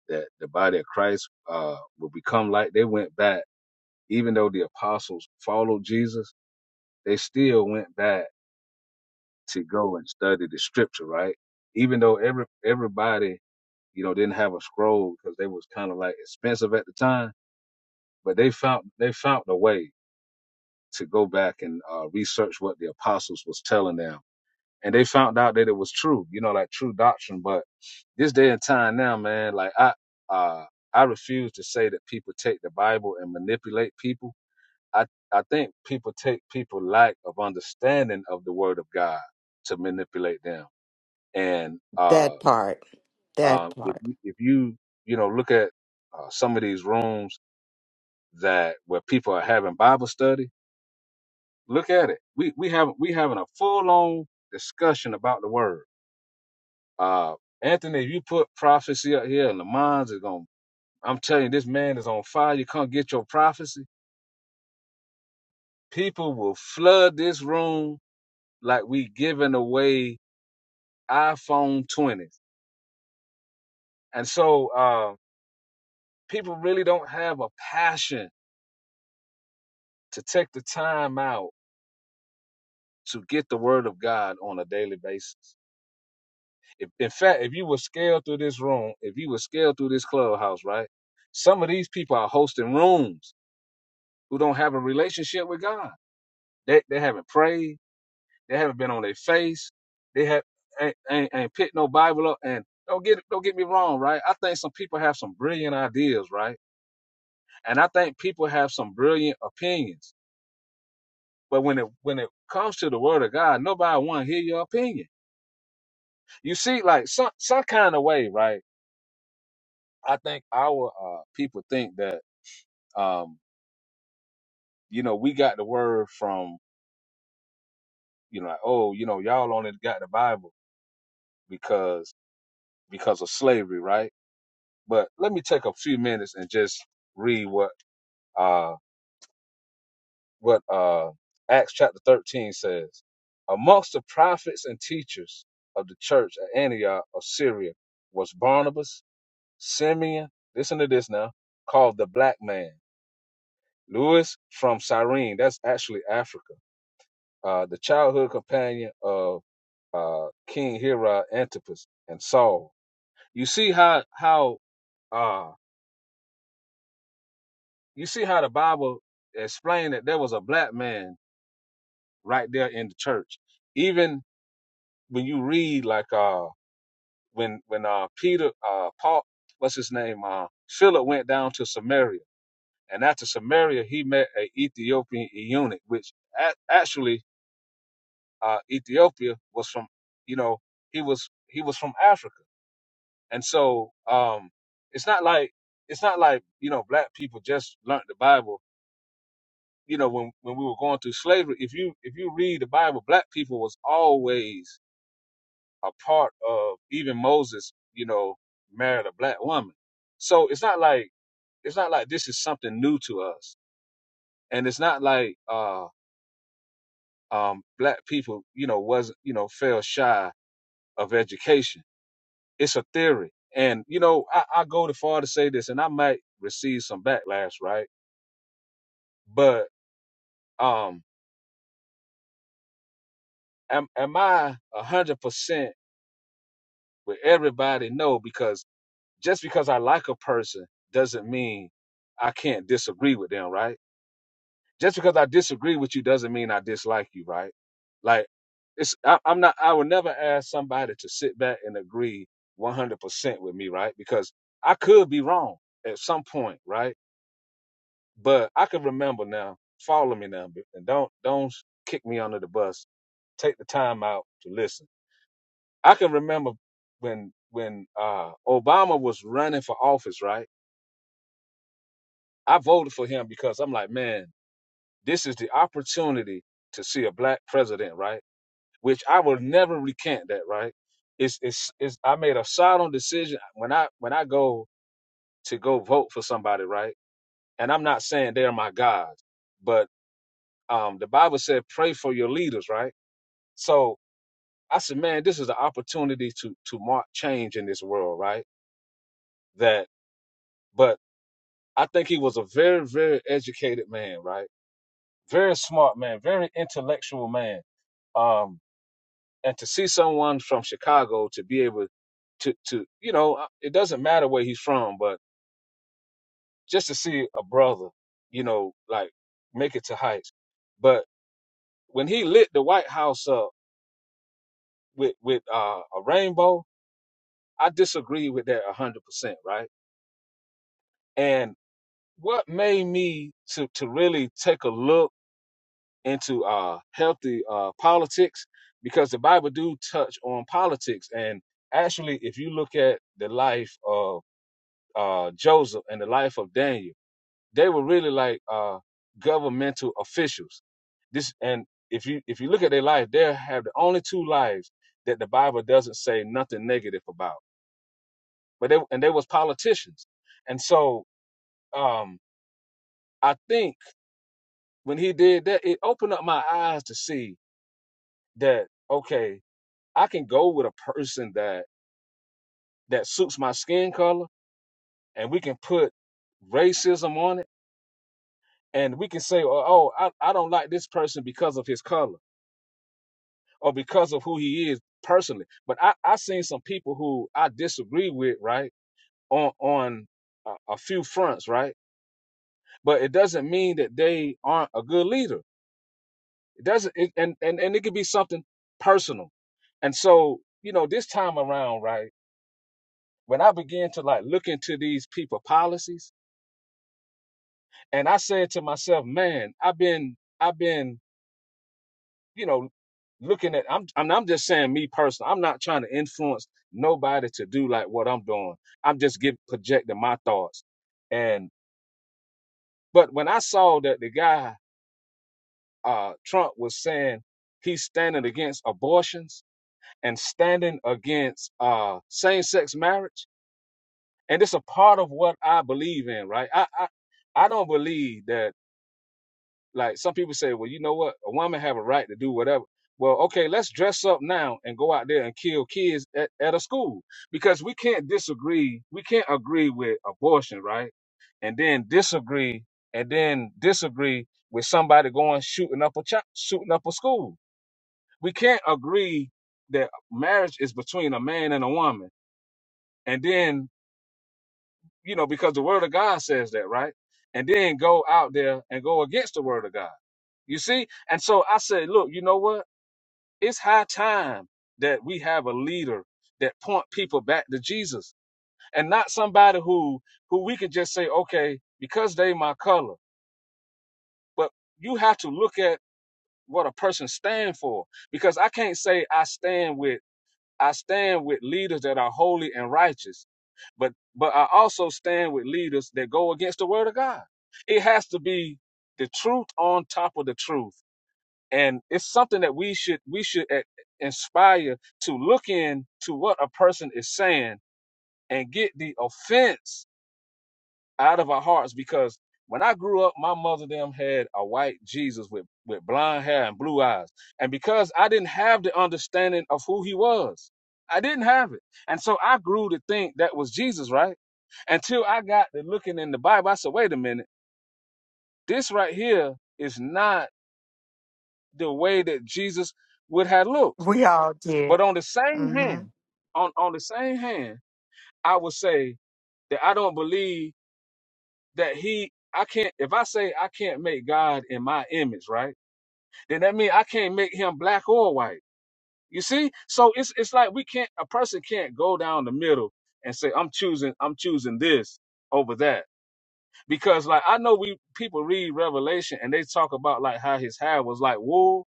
that the body of Christ uh would become like. They went back, even though the apostles followed Jesus, they still went back to go and study the scripture, right? Even though every everybody, you know, didn't have a scroll because they was kind of like expensive at the time, but they found they found a way to go back and uh, research what the apostles was telling them. And they found out that it was true, you know, like true doctrine. But this day and time now, man, like I, uh, I refuse to say that people take the Bible and manipulate people. I, I think people take people lack of understanding of the Word of God to manipulate them. And uh, That part. That um, if part. you, if you, you know, look at uh, some of these rooms that where people are having Bible study Look at it. We we have we having a full on discussion about the word. Uh, Anthony, if you put prophecy up here, and the minds is going. to I'm telling you, this man is on fire. You can't get your prophecy. People will flood this room like we giving away iPhone 20s. And so uh, people really don't have a passion to take the time out to get the word of God on a daily basis. If, in fact, if you were scaled through this room, if you were scaled through this clubhouse, right? Some of these people are hosting rooms who don't have a relationship with God. They they haven't prayed. They haven't been on their face. They have ain't, ain't, ain't picked no Bible up. And don't get don't get me wrong, right? I think some people have some brilliant ideas, right? And I think people have some brilliant opinions. But when it when it comes to the Word of God, nobody want to hear your opinion. You see, like some some kind of way, right? I think our uh, people think that Um, you know, we got the word from, you know, like, oh, you know, y'all only got the Bible because because of slavery, right? But let me take a few minutes and just read what uh what uh Acts chapter 13 says. Amongst the prophets and teachers of the church at Antioch of Syria was Barnabas, Simeon, listen to this now, called the black man, Lewis from Cyrene, that's actually Africa, uh, the childhood companion of uh, King Hira Antipas and Saul. You see how how uh, you see how the Bible explained that there was a black man right there in the church. Even when you read like uh, when when uh, Peter uh, Paul what's his name uh, Philip went down to Samaria and after Samaria he met a Ethiopian eunuch, which a- actually uh, Ethiopia was from you know he was he was from Africa And so um it's not like it's not like, you know, black people just learnt the Bible. You know, when when we were going through slavery, if you if you read the Bible, black people was always a part of even Moses, you know, married a black woman. So it's not like it's not like this is something new to us. And it's not like uh um black people, you know, wasn't, you know, fell shy of education. It's a theory. And you know, I, I go to far to say this, and I might receive some backlash, right? but um am am I a hundred percent with everybody? No, because just because I like a person doesn't mean I can't disagree with them, right? Just because I disagree with you doesn't mean I dislike you, right? Like it's I, I'm not I would never ask somebody to sit back and agree one hundred percent with me, right? Because I could be wrong at some point, right? But I can remember now, follow me now, and don't don't kick me under the bus. Take the time out to listen I can remember when when uh Obama was running for office, right? I voted for him because I'm like, man, this is the opportunity to see a black president, right? Which I will never recant that, right? It's it's, it's I made a solemn decision when I when I go to go vote for somebody, right? And I'm not saying they're my gods, but um the Bible said pray for your leaders, right? So I said, man, this is an opportunity to to mark change in this world, right? That but I think he was a very, very educated man, right? Very smart man, very intellectual man. Um, and to see someone from Chicago to be able to, to, you know, uh, it doesn't matter where he's from, but just to see a brother, you know, like make it to heights. But when he lit the White House up with, with, uh, a rainbow, I disagree with that a hundred percent, right? And what made me to, to really take a look into uh, healthy uh, politics because the Bible do touch on politics. And actually, if you look at the life of uh, Joseph and the life of Daniel, they were really like uh, governmental officials. This and if you if you look at their life, they have the only two lives that the Bible doesn't say nothing negative about. But they and they was politicians, and so um, I think when he did that, it opened up my eyes to see that okay, I can go with a person that that suits my skin color, and we can put racism on it, and we can say, "Oh, oh I, I don't like this person because of his color or because of who he is personally." But I I seen some people who I disagree with, right, on on a, a few fronts, right. But it doesn't mean that they aren't a good leader. It doesn't, it, and and and it could be something personal. And so, you know, this time around, right, when I began to like look into these people policies And I said to myself, man, I've been, I've been, you know, looking at, I'm, I'm, I'm just saying me personally, I'm not trying to influence nobody to do like what I'm doing. I'm just give, projecting my thoughts. And, but when I saw that the guy, uh, Trump was saying he's standing against abortions and standing against, uh, same sex marriage. And it's a part of what I believe in, right? I, I, I don't believe that Like some people say, well, you know what? A woman have a right to do whatever. Well, okay, let's dress up now and go out there and kill kids at, at a school because we can't disagree. We can't agree with abortion, right? And then disagree and then disagree with somebody going shooting up a ch- shooting up a school. We can't agree that marriage is between a man and a woman. And then you know, because the word of God says that, right? And then go out there and go against the word of God. You see? And so I said, look, you know what? It's high time that we have a leader that point people back to Jesus and not somebody who who we can just say, okay, because they my color. But you have to look at what a person stand for because I can't say I stand with I stand with leaders that are holy and righteous, but but I also stand with leaders that go against the word of God. It has to be the truth on top of the truth, and it's something that we should we should eh, inspire to look in to what a person is saying and get the offense out of our hearts because when I grew up, my mother them had a white Jesus with, with blonde hair and blue eyes. And because I didn't have the understanding of who he was, I didn't have it. And so I grew to think that was Jesus, right? Until I got to looking in the Bible, I said, wait a minute, this right here is not the way that Jesus would have looked. We all did. But on the same Mm-hmm. hand, on, on the same hand, I would say that I don't believe that he I can't if I say I can't make God in my image, right? Then that means I can't make him black or white. You see? So it's it's like we can't a person can't go down the middle and say, I'm choosing, I'm choosing this over that. Because like I know we people read Revelation and they talk about like how his hair was like wool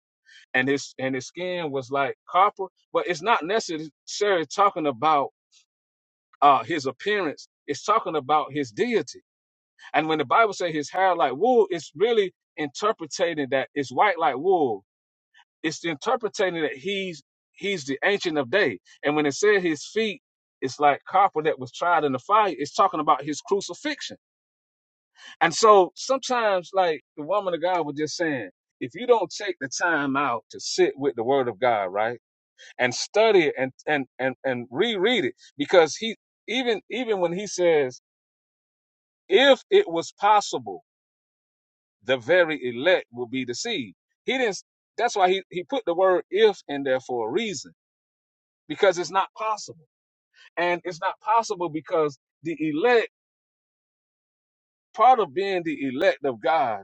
and his and his skin was like copper, but it's not necessarily talking about uh his appearance. It's talking about his deity And when the Bible says his hair like wool, it's really interpreting that it's white like wool. It's interpreting that he's he's the ancient of day. And when it said his feet, it's like copper that was tried in the fire. It's talking about his crucifixion. And so sometimes, like the woman of God was just saying, if you don't take the time out to sit with the Word of God, right, and study it and and and and reread it, because he even even when he says, if it was possible. the very elect will be deceived. He didn't. That's why he, he put the word if in there for a reason, because it's not possible. And it's not possible because the elect, part of being the elect of God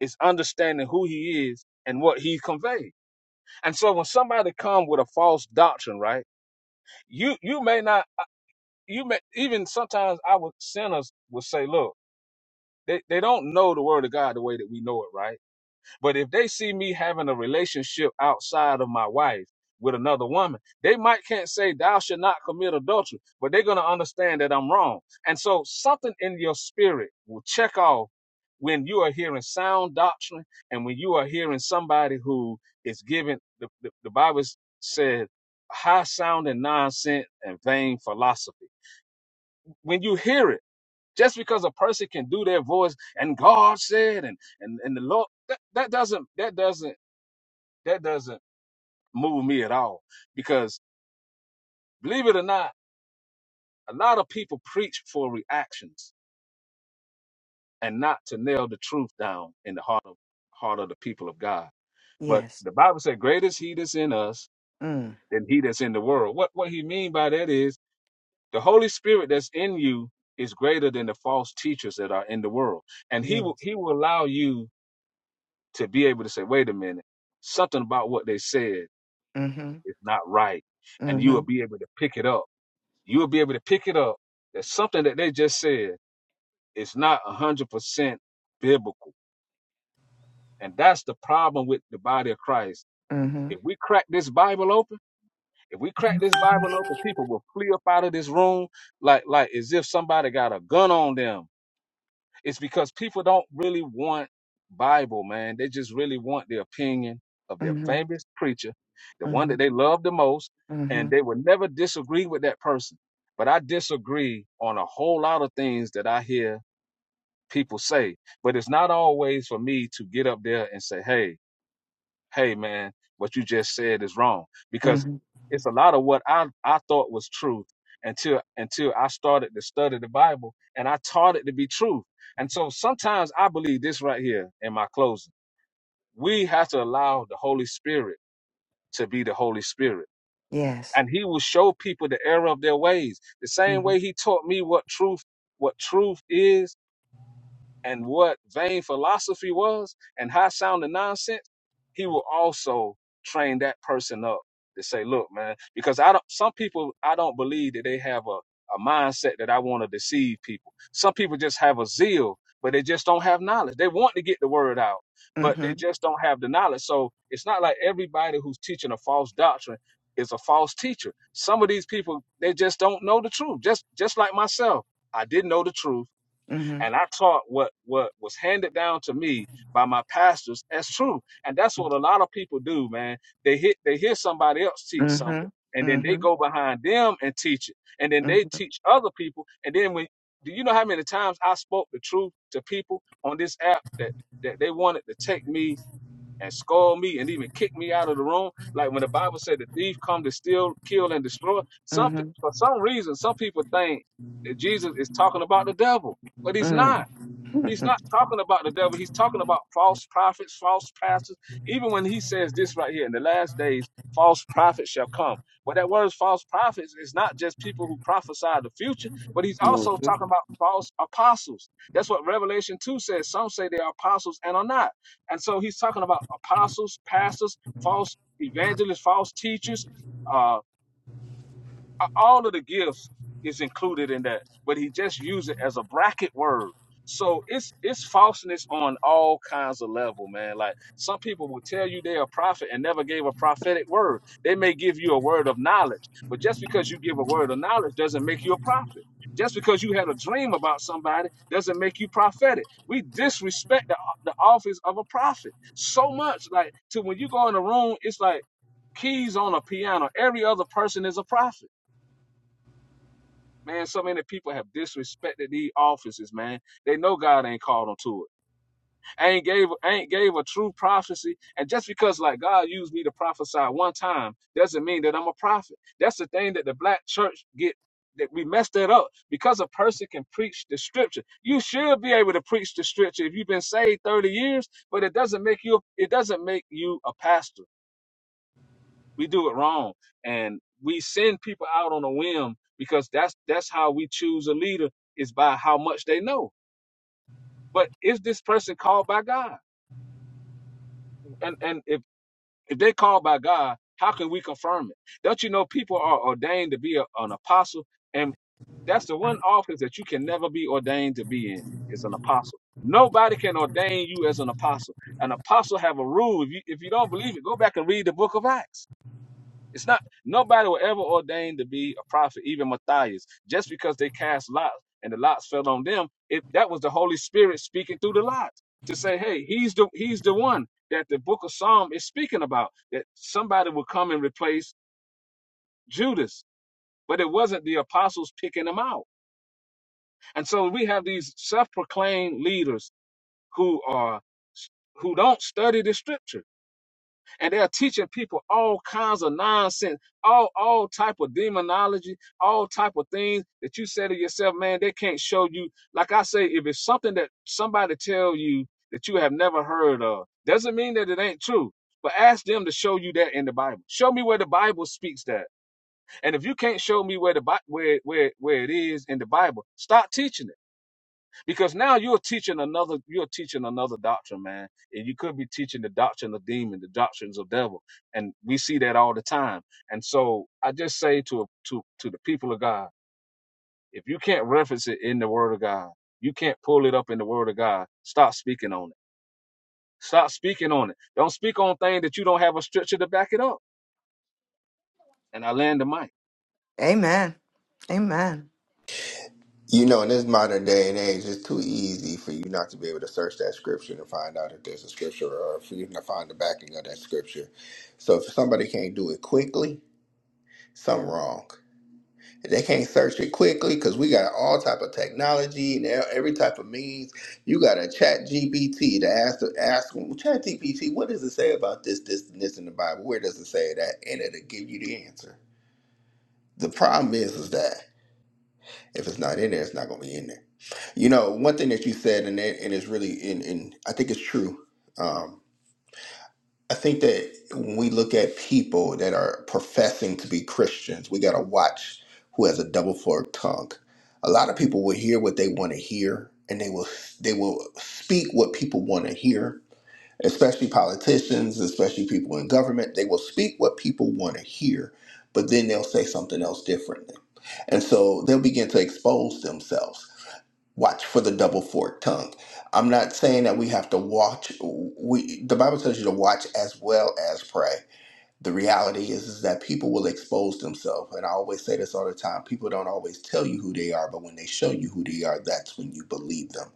is understanding who he is and what he conveyed. And so when somebody comes with a false doctrine, right, you, you may not, you may, even sometimes I would, sinners would say, look, they, they don't know the word of God the way that we know it, right? But if they see me having a relationship outside of my wife with another woman, they might can't say thou should not commit adultery, but they're gonna understand that I'm wrong. And so something in your spirit will check off when you are hearing sound doctrine and when you are hearing somebody who is giving the, the, the Bible said high sounding nonsense and vain philosophy. When you hear it, just because a person can do their voice and God said and and, and the Lord that, that doesn't that doesn't that doesn't move me at all because believe it or not, a lot of people preach for reactions and not to nail the truth down in the heart of heart of the people of God. But Yes. the Bible said, "Greater is He that's in us Mm. than He that's in the world." What what He mean by that is the Holy Spirit that's in you is greater than the false teachers that are in the world, and He Yes. will He will allow you to be able to say, "Wait a minute, something about what they said Mm-hmm. is not right," and you Mm-hmm. will be able to pick it up You'll be able to pick it up that something that they just said is not 100% biblical. And that's the problem with the body of Christ. Mm-hmm. If we crack this Bible open, if we crack this Bible open, people will flee up out of this room like like as if somebody got a gun on them It's because people don't really want Bible, man. They just really want the opinion of their Mm-hmm. favorite preacher, the one that they love the most, Mm-hmm. and they would never disagree with that person. But I disagree on a whole lot of things that I hear people say. But it's not always for me to get up there and say, hey, hey man, what you just said is wrong. Because Mm-hmm. it's a lot of what I, I thought was truth until until I started to study the Bible and I taught it to be truth. And so sometimes I believe this right here in my closing. We have to allow the Holy Spirit to be the Holy Spirit. Yes. And he will show people the error of their ways. The same Mhm. way he taught me what truth what truth is and what vain philosophy was and high sounding nonsense, he will also train that person up to say, look, man, because I don't some people I don't believe that they have a, a mindset that I want to deceive people. Some people just have a zeal, but they just don't have knowledge. They want to get the word out, but they Mhm. just don't have the knowledge. So it's not like everybody who's teaching a false doctrine is a false teacher. Some of these people, they just don't know the truth. Just just like myself. I didn't know the truth Mhm. and I taught what what was handed down to me by my pastors as true. And that's what a lot of people do, man. They hit they hear somebody else teach something, Mhm. and then they Mhm. go behind them and teach it, and then Mhm. they teach other people. And then when do you know how many times I spoke the truth to people on this app that that they wanted to take me? and scold me and even kick me out of the room. Like when the Bible said the thief come to steal, kill, and destroy. Some pe- Mhm. for some reason, some people think that Jesus is talking about the devil, but he's Mhm. not. He's Mhm. not talking about the devil. He's talking about false prophets, false pastors. Even when he says this right here, in the last days, false prophets shall come. But that word false prophets is not just people who prophesy the future, but he's also talking about false apostles. That's what Revelation 2 says. Some say they are apostles and are not. And so he's talking about apostles, pastors, false evangelists, false teachers. uh, a- all of the gifts is included in that, but he just used it as a bracket word. So it's it's falseness on all kinds of level, man. Like some people will tell you they're a prophet and never gave a prophetic word. They may give you a word of knowledge, but just because you give a word of knowledge doesn't make you a prophet. Just because you had a dream about somebody doesn't make you prophetic. We disrespect the, the office of a prophet so much, like to when you go in a room, it's like keys on a piano. Every other person is a prophet Man, so many people have disrespected these offices, man. They know God ain't called them to it. Ain't gave ain't gave a true prophecy. And just because like God used me to prophesy one time doesn't mean that I'm a prophet. That's the thing that the black church get that we messed that up because a person can preach the scripture. You should be able to preach the scripture if you've been saved 30 years, but it doesn't make you it doesn't make you a pastor. We do it wrong, and we send people out on a whim because that's that's how we choose a leader is by how much they know. But is this person called by God? And and if if they called by God, how can we confirm it? Don't you know people are ordained to be a, an apostle, and that's the one office that you can never be ordained to be in is an apostle. Nobody can ordain you as an apostle. An apostle have a rule. If you if you don't believe it, go back and read the book of Acts It's not nobody were ever ordained to be a prophet, even Matthias. Just because they cast lots and the lots fell on them, it that was the Holy Spirit speaking through the lot to say, hey, he's the he's the one that the book of Psalm is speaking about. That somebody will come and replace Judas. But it wasn't the apostles picking them out. And so we have these self-proclaimed leaders who are who don't study the scripture and they're teaching people all kinds of nonsense, all all type of demonology, all type of things that you say to yourself, man, they can't show you. Like I say, if it's something that somebody tell you that you have never heard of, doesn't mean that it ain't true. But ask them to show you that in the Bible. Show me where the Bible speaks that. And if you can't show me where the where where where it is in the Bible, stop teaching it because now you're teaching another you're teaching another doctrine man and you could be teaching the doctrine of demon the doctrines of devil and we see that all the time and so i just say to to to the people of god if you can't reference it in the word of god you can't pull it up in the word of god stop speaking on it stop speaking on it don't speak on things that you don't have a scripture to back it up and i land the mic Amen. Amen. You know, in this modern day and age, it's too easy for you not to be able to search that scripture and find out if there's a scripture or for you to find the backing of that scripture. So if somebody can't do it quickly, something wrong. They can't search it quickly because we got all type of technology and e- every type of means. You got a chat GPT to ask ask them, chat GPT, what does it say about this, this, and this in the Bible? Where does it say that? And it'll give you the answer. The problem is, is that if it's not in there, it's not gonna be in there. You know, one thing that you said, and it, and it's really, and, and I think it's true. um, I think that when we look at people that are professing to be Christians, we got to watch who has a double forked tongue. A lot of people will hear what they want to hear, and they will they will speak what people want to hear. Especially politicians, especially people in government, they will speak what people want to hear, but then they'll say something else differently, and so they'll begin to expose themselves watch for the double forked tongue. I'm not saying that we have to watch. We the Bible tells you to watch as well as pray the reality is, is that people will expose themselves and i always say this all the time people don't always tell you who they are but when they show you who they are that's when you believe them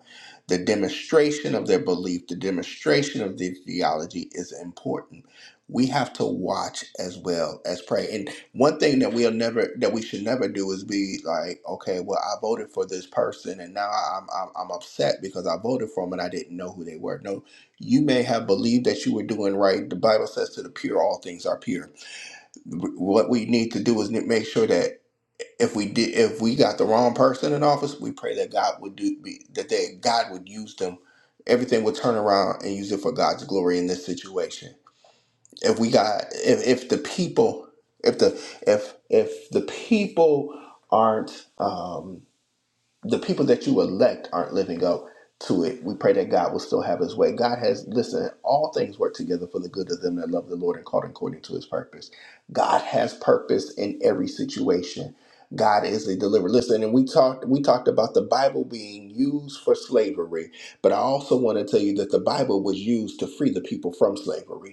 the demonstration of their belief the demonstration of their theology is important we have to watch as well as pray and one thing that we'll never that we should never do is be like okay well i voted for this person and now i'm i'm, I'm upset because i voted for them and i didn't know who they were No you may have believed that you were doing right. The Bible says to the pure, all things are pure. What we need to do is make sure that if we did, if we got the wrong person in office, we pray that God would do be- that. They, God would use them. Everything would turn around and use it for God's glory in this situation. If we got, if, if the people, if the if if the people aren't. Um, the people that you elect aren't living up to it. We pray that God will still have his way. God has, listen, all things work together for the good of them that love the Lord and called according to his purpose. God has purpose in every situation. God is a deliverer. Listen, and we talked we talked about the Bible being used for slavery, but I also want to tell you that the Bible was used to free the people from slavery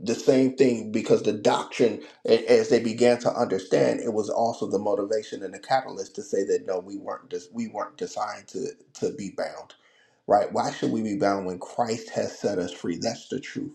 the same thing because the doctrine a- as they began to understand it was also the motivation and the catalyst to say that no we weren't just we weren't designed to to be bound right why should we be bound when christ has set us free that's the truth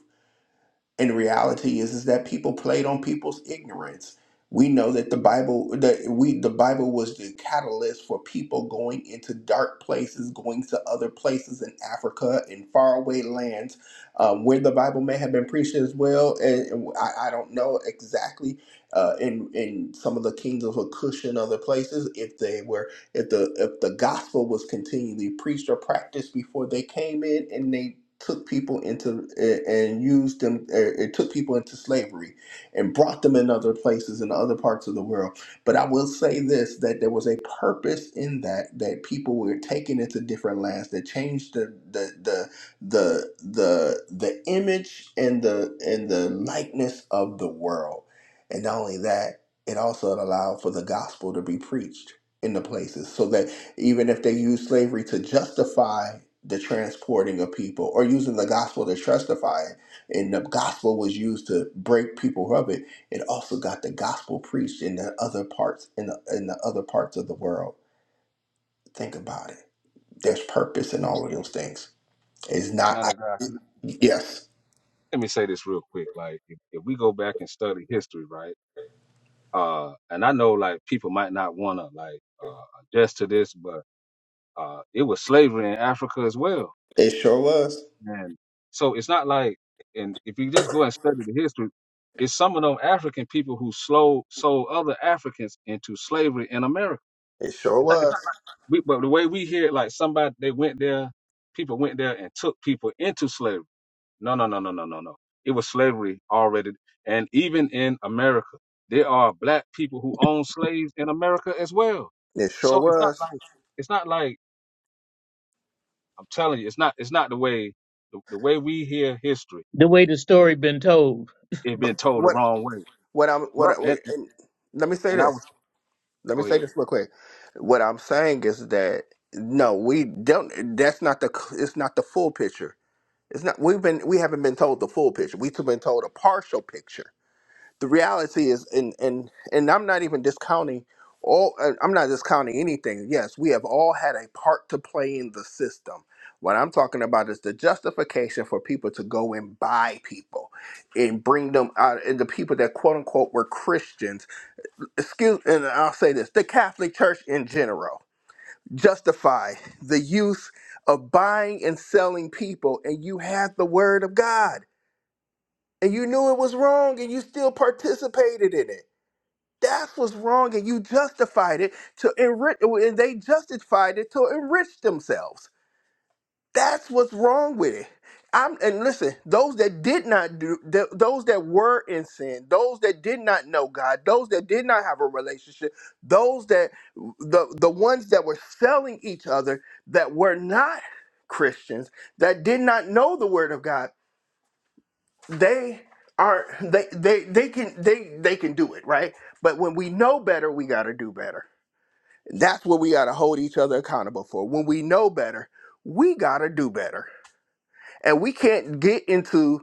and the reality is, is that people played on people's ignorance. We know that the Bible that we the Bible was the catalyst for people going into dark places, going to other places in Africa in faraway lands, um, where the Bible may have been preached as well. And, and I, I don't know exactly uh, in in some of the kingdoms of Cush and other places if they were if the if the gospel was continually preached or practiced before they came in, and they took people into a- and used them uh, it took people into slavery and brought them in other places in other parts of the world but i will say this that there was a purpose in that that people were taken into different lands that changed the the the the the, the image and the and the likeness of the world and not only that it also allowed for the gospel to be preached in the places so that even if they use slavery to justify the transporting of people or using the gospel to justify it and the gospel was used to break people of it it also got the gospel preached in the other parts in the, in the other parts of the world think about it there's purpose in all of those things it's not man I, of god yes let me say this real quick like if, if we go back and study history right uh and i know like people might not want to like uh adjust to this but uh it was slavery in africa as well it sure was and so it's not like and if you just go and study the history it's some of them african people who slow sold other africans into slavery in america it sure it's not, it's not, was we, but the way we hear it like somebody they went there people went there and took people into slavery no, no, no, no, no, no, no. It was slavery already. And even in America, there are black people who own slaves in America as well. it sure So it's not was like it's not like I'm telling you, it's not it's not the way the, the way we hear history The way the story been told. It's but been told the what wrong way. what i'm what I, But and and and let me say and I this was Let me go say ahead, this real quick. What I'm saying is that no, we don't. That's not the. It's not the full picture. It's not. We've been. We haven't been told the full picture. We've been told a partial picture. The reality is, and and and I'm not even discounting all. uh, I'm not discounting anything. Yes, we have all had a part to play in the system. What I'm talking about is the justification for people to go and buy people and bring them out, and the people that quote unquote were Christians excuse and I'll say this the Catholic Church in general justify the use of buying and selling people and you had the word of God and you knew it was wrong and you still participated in it. That's what's wrong and you justified it to enrich and they justified it to enrich themselves. That's what's wrong with it. I'm and listen, those that did not do th- those that were in sin, those that did not know God, those that did not have a relationship, those that the the ones that were selling each other that were not Christians, that did not know the word of God, they are they they they can they they can do it, right? But when we know better, we got to do better. That's what we got to hold each other accountable for. When we know better, we got to do better and we can't get into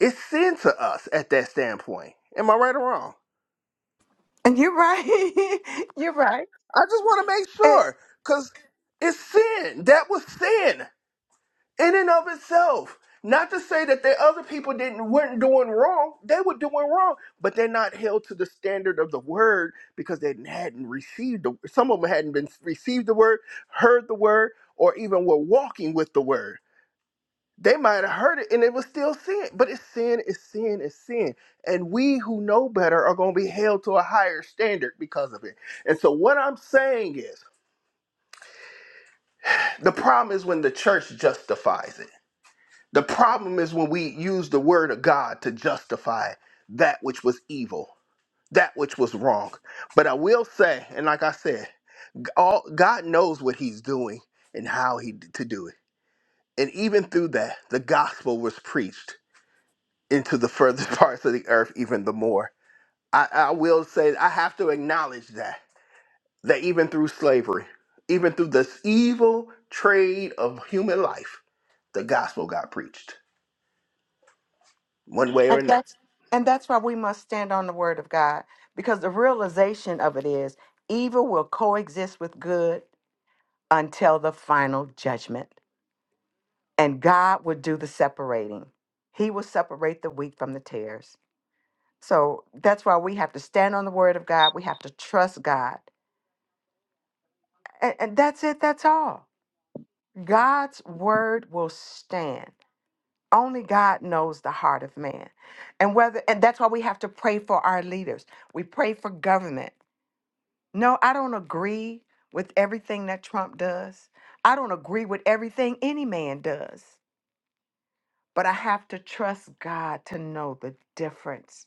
it's sin to us at that standpoint. Am I right or wrong? And you're right. <laughs> you're right. I just want to make And, sure because it's sin. That was sin in and of itself. Not to say that the other people didn't weren't doing wrong. They were doing wrong, but they're not held to the standard of the word because they hadn't received the some of them hadn't been received the word, heard the word, or even were walking with the word. They might have heard it and it was still sin. But it's sin, it's sin, it's sin. And we who know better are going to be held to a higher standard because of it. And so, what I'm saying is the problem is when the church justifies it. The problem is when we use the word of God to justify that which was evil, that which was wrong. But I will say, and like I said, all God knows what He's doing and how He to do it. And even through that, the gospel was preached into the further <laughs> parts of the earth even the more. I, I will say I have to acknowledge that that even through slavery, even through this evil trade of human life, the gospel got preached one way or and another. that's and that's why we must stand on the word of God because the realization of it is evil will coexist with good until the final judgment. And God will do the separating. He will separate the wheat from the tares. So that's why we have to stand on the word of God. We have to trust God And, and that's it, that's all. God's word will stand. Only God knows the heart of man. And whether and that's why we have to pray for our leaders. We pray for government. No, I don't agree with everything that Trump does. I don't agree with everything any man does. But I have to trust God to know the difference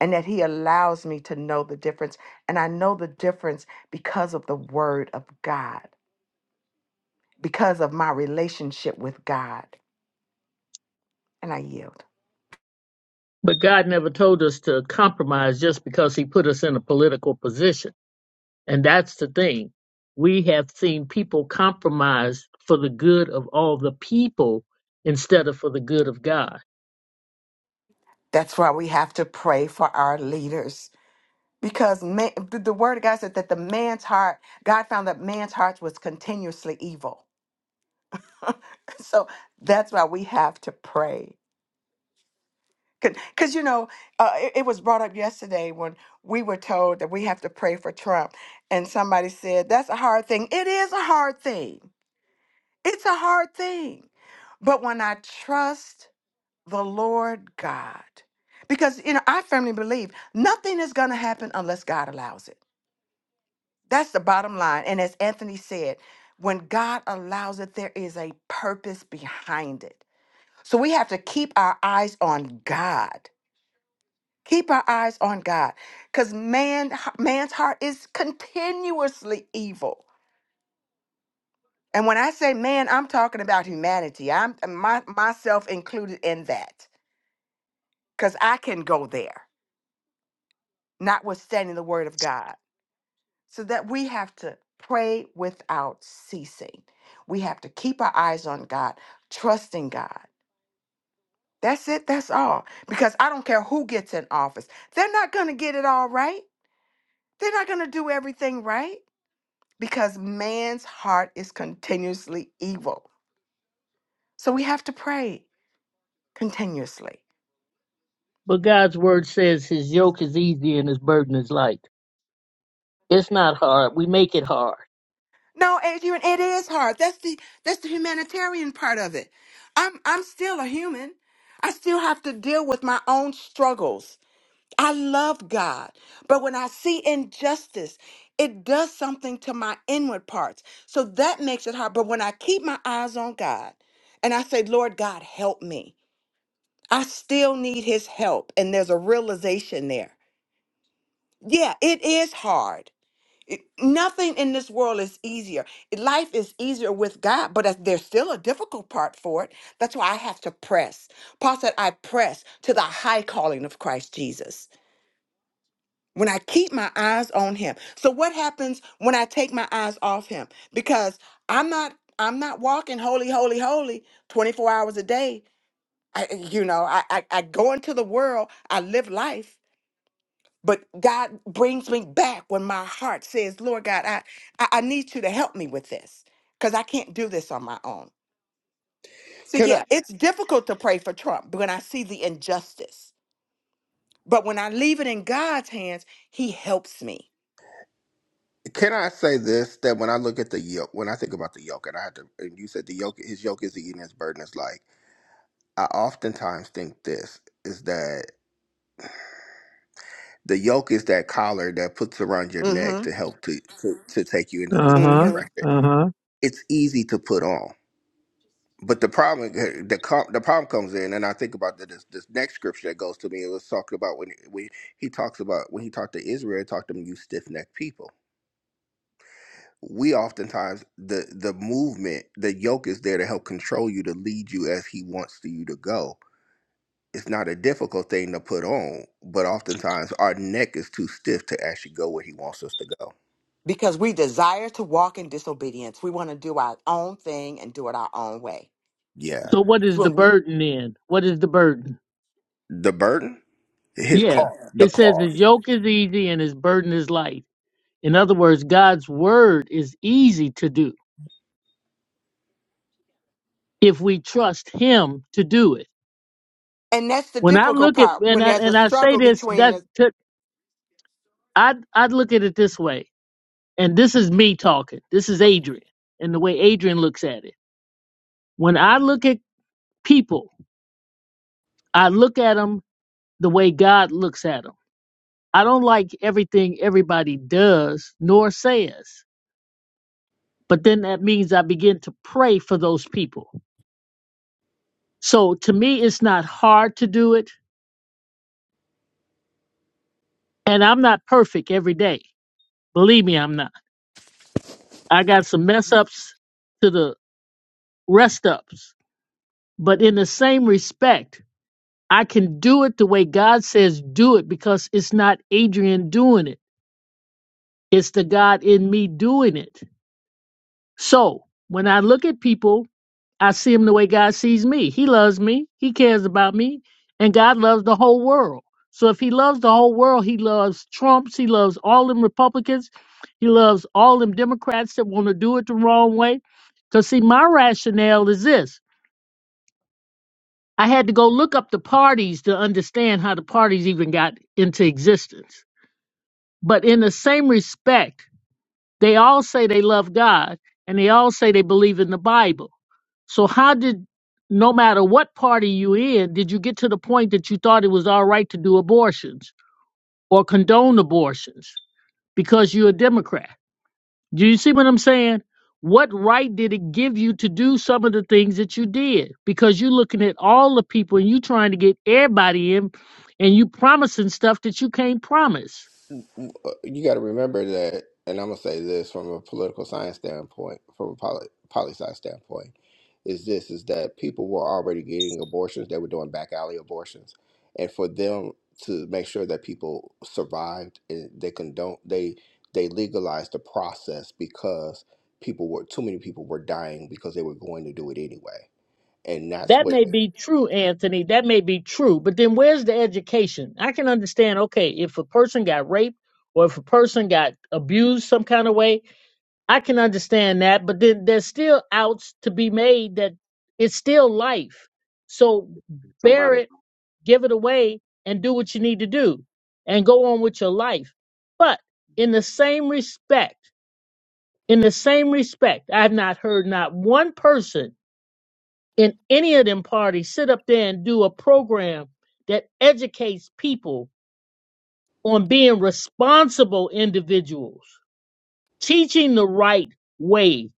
and that he allows me to know the difference. And I know the difference because of the word of God. because of my relationship with God. And I yield. But God never told us to compromise just because he put us in a political position And that's the thing. We have seen people compromise for the good of all the people instead of for the good of God. That's why we have to pray for our leaders. Because man, the the word of God said that the man's heart, God found that man's heart was continuously evil. <laughs> So that's why we have to pray. Because, you know, uh, it, it was brought up yesterday when we were told that we have to pray for Trump. And somebody said, that's a hard thing. It is a hard thing. It's a hard thing. But when I trust the Lord God. Because you know, I firmly believe nothing is going to happen unless God allows it. That's the bottom line. And as Anthony said, when God allows it, there is a purpose behind it. So we have to keep our eyes on God. Keep our eyes on God, because man, man's heart is continuously evil. And when I say man, I'm talking about humanity. I'm my, myself included in that, because I can go there notwithstanding the word of God. so that we have to pray without ceasing. We have to keep our eyes on God, trusting God. That's it. That's all. Because I don't care who gets in office, they're not going to get it all right. They're not going to do everything right because man's heart is continuously evil. So we have to pray continuously. But God's word says his yoke is easy and his burden is light. It's not hard. We make it hard. No, Adrian, it is hard. That's the that's the humanitarian part of it. I'm I'm still a human. I still have to deal with my own struggles. I love God, but when I see injustice, it does something to my inward parts. So that makes it hard. But when I keep my eyes on God and I say, Lord God, help me, I still need his help. And there's a realization there. Yeah, it is hard. It- nothing in this world is easier. Life is easier with God, but that- there's still a difficult part for it. That's why I have to press. Paul said, I press to the high calling of Christ Jesus. when I keep my eyes on him. So what happens when I take my eyes off him? Because I'm not I'm not walking holy, holy, holy 24 hours a day. I, you know, I, I I go into the world, I live life, but God brings me back when my heart says, Lord God, I I, I need you to help me with this because I can't do this on my own. So Can yeah, I it's difficult to pray for Trump when I see the injustice. But when I leave it in God's hands, he helps me. can I say this that when I look at the yoke, when I think about the yoke, and I had to, and you said the yoke, his yoke is eating, his burden is light. I oftentimes think this is that the yoke is that collar that puts around your neck to Mm-hmm. help to to, to take you into the Uh lead huh. direction. Uh huh. It's easy to put on But the problem, eh, the com- the problem comes in, and I think about the, this this next scripture that goes to me. It was talking about when when he talks about when he talked to Israel, he talked to them, you stiff necked people. We oftentimes the the movement, the yoke is there to help control you, to lead you as he wants to you to go. It's not a difficult thing to put on, but oftentimes our neck is too stiff to actually go where he wants us to go. because we desire to walk in disobedience. We want to do our own thing and do it our own way. Yeah, So what It's is the when we, burden then? What is the burden? the burden, his Yeah. cost, the It says his cost. yoke is easy and his burden is light. In other words, God's word is easy to do if we trust him to do it. and that's the When I difficult look at part and when I, there's a and I say struggle this, between that the. took I I look at it this way, and this is me talking. This is Adrian, and the way Adrian looks at it. When I look at people, I look at them the way God looks at them. I don't like everything everybody does nor says, but then that means I begin to pray for those people. So to me, it's not hard to do it, and I'm not perfect every day. Believe me, I'm not. I got some mess ups to the rest ups But in the same respect, I can do it the way God says do it because it's not Adrian doing it. It's the God in me doing it. So when I look at people, I see them the way God sees me. He loves me. He cares about me. And God loves the whole world. So if he loves the whole world, he loves Trumps. He loves all them Republicans. He loves all them Democrats that want to do it the wrong way. Because see, my rationale is this. I had to go look up the parties to understand how the parties even got into existence. But in the same respect, they all say they love God and they all say they believe in the Bible. So how did no matter what party you in, did you get to the point that you thought it was all right to do abortions or condone abortions because you're a Democrat? Do you see what I'm saying? What right did it give you to do some of the things that you did? Because you're looking at all the people and you trying to get everybody in and you promising stuff that you can't promise. uh, you got to remember that, and I'm gonna say this from a political science standpoint, from a poli poli sci standpoint, is this is that people were already getting abortions; they were doing back alley abortions, and for them to make sure that people survived, and they condone they they legalized the process because people were too many people were dying because they were going to do it anyway, and that's That what. may be true, Anthony. That may be true. But then where's the education? I can understand, okay, if a person got raped or if a person got abused some kind of way, I can understand that. But then there's still outs to be made that it's still life. So bear somebody. it give it away and do what you need to do and go on with your life. But in the same respect, in the same respect, I have not heard not one person in any of them parties sit up there and do a program that educates people on being responsible individuals, teaching the right way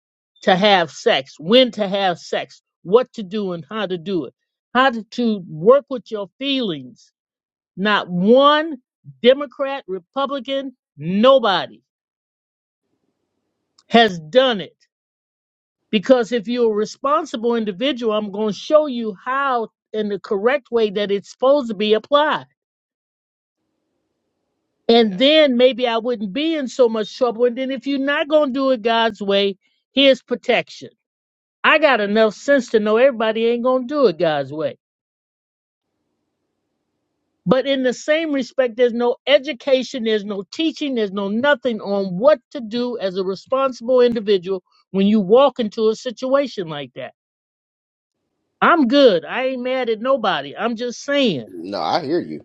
to have sex, when to have sex, what to do and how to do it, how to to work with your feelings Not one Democrat, Republican, nobody has done it. Because if you're a responsible individual, I'm going to show you how in the correct way that it's supposed to be applied. Yeah. And then maybe I wouldn't be in so much trouble. And then if you're not going to do it God's way, here's protection. I got enough sense to know everybody ain't going to do it God's way. But in the same respect, there's no education, there's no teaching, there's no nothing on what to do as a responsible individual when you walk into a situation like that. I'm good. I ain't mad at nobody. I'm just saying. No, I hear you.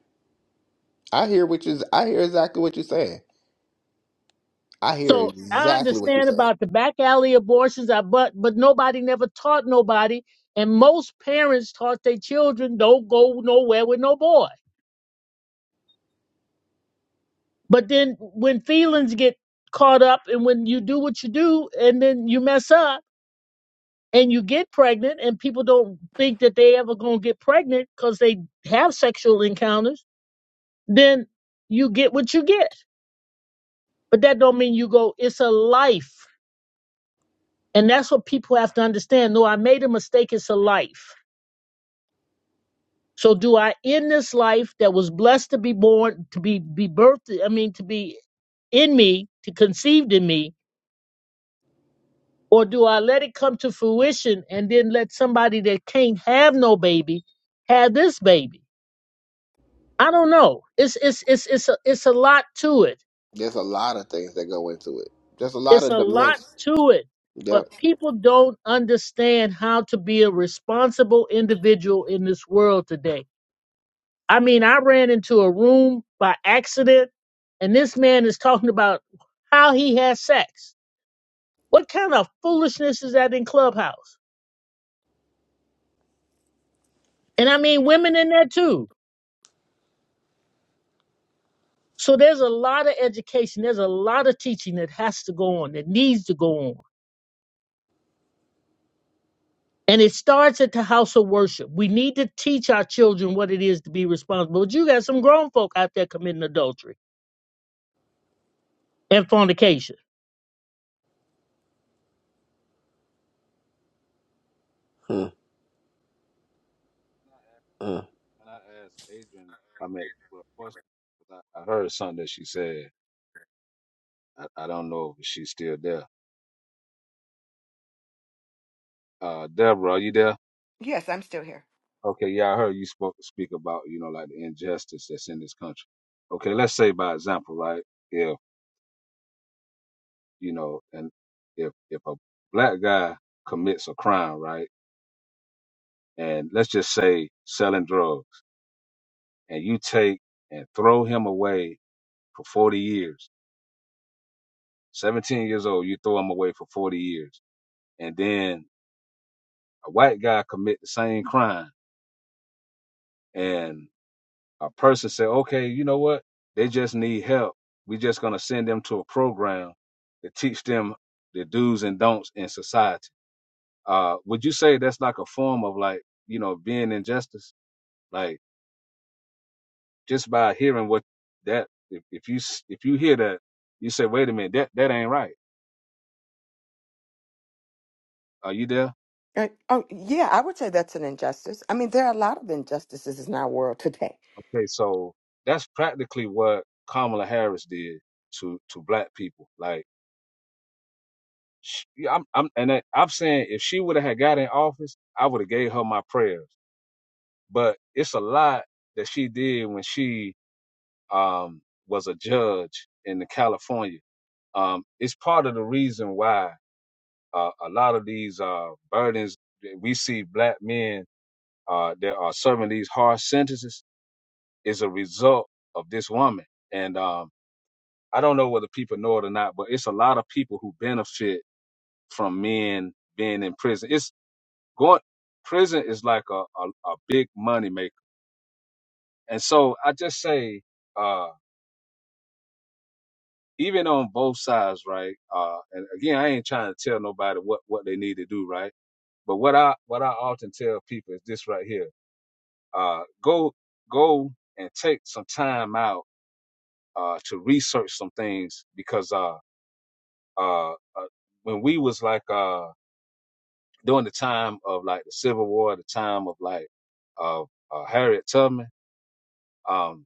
I hear what you. I hear exactly what you're saying. I hear So I exactly what you're understand saying. about the back alley abortions, I but but nobody never taught nobody, and most parents taught their children don't go nowhere with no boy. But then when feelings get caught up, and when you do what you do, and then you mess up and you get pregnant and people don't think that they ever gonna get pregnant because they have sexual encounters then you get what you get but that don't mean you go it's a life and that's what people have to understand no i made a mistake it's a life so do i end this life that was blessed to be born to be be birthed i mean to be in me to conceived in me or do i let it come to fruition and then let somebody that can't have no baby have this baby I don't know. It's it's it's it's a, it's a lot to it. There's a lot of things that go into it. There's a lot It's a of lot dimensions. to it. But Yep. people don't understand how to be a responsible individual in this world today. I mean, I ran into a room by accident and this man is talking about how he has sex. What kind of foolishness is that in Clubhouse? And I mean women in there too. So there's a lot of education, there's a lot of teaching that has to go on, that needs to go on And it starts at the house of worship. We need to teach our children what it is to be responsible. But you got some grown folk out there committing adultery and fornication. Mm, mm. Can I ask Adrian I mean for a question 'cause I, I heard something that she said. I, I don't know if she's still there. Uh Deborah, are you there? Yes, I'm still here. Okay, yeah, I heard you spoke speak about, you know, like the injustice that's in this country. Okay, let's say by example, right? If you know, and if if a black guy commits a crime, right, and let's just say selling drugs, and you take and throw him away for forty years, seventeen years old, you throw him away for forty years, and then a white guy commit the same crime, and. a person say, okay, you know what? They just need help. we are just going to send them to a program to teach them the do's and don'ts in society. Uh, would you say that's like a form of like, you know, being injustice? Like just by hearing what that, if, if you, if you hear that, you say, wait a minute, that, that ain't right. Are you there? Uh, oh, yeah, I would say that's an injustice. I mean, there are a lot of injustices in our world today. Okay. So that's practically what Kamala Harris did to, to black people. Like, Sh- yeah, I'm, I'm, and I, I'm saying if she would have had got in office, I would have gave her my prayers. But it's a lot that she did when she um, was a judge in the California. Um, it's part of the reason why uh, a lot of these uh, burdens that we see black men uh, that are serving these harsh sentences is a result of this woman. And um, I don't know whether people know it or not, but it's a lot of people who benefit from men being in prison. It's Going prison is like a, a, a big money maker. And so I just say, uh, even on both sides, right? Uh, and again, I ain't trying to tell nobody what, what they need to do, right? But what I what I often tell people is this right here. Uh, go go and take some time out uh, to research some things because uh, uh, uh, when we was like uh, during the time of like the Civil War, the time of like uh, uh, Harriet Tubman. Um,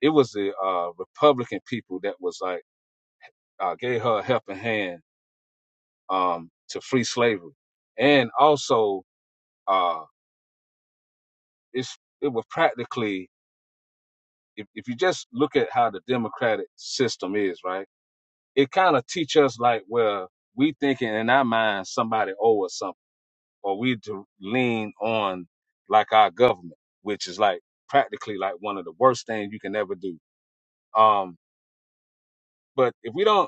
it was the uh, Republican people that was like uh, gave her a helping hand um, to free slavery, and also uh, it's it was practically if, if you just look at how the democratic system is, right? It kind of teach us like where we thinking in our mind somebody owe us something, or we to lean on like our government, which is like practically like one of the worst things you can ever do. Um, but if we don't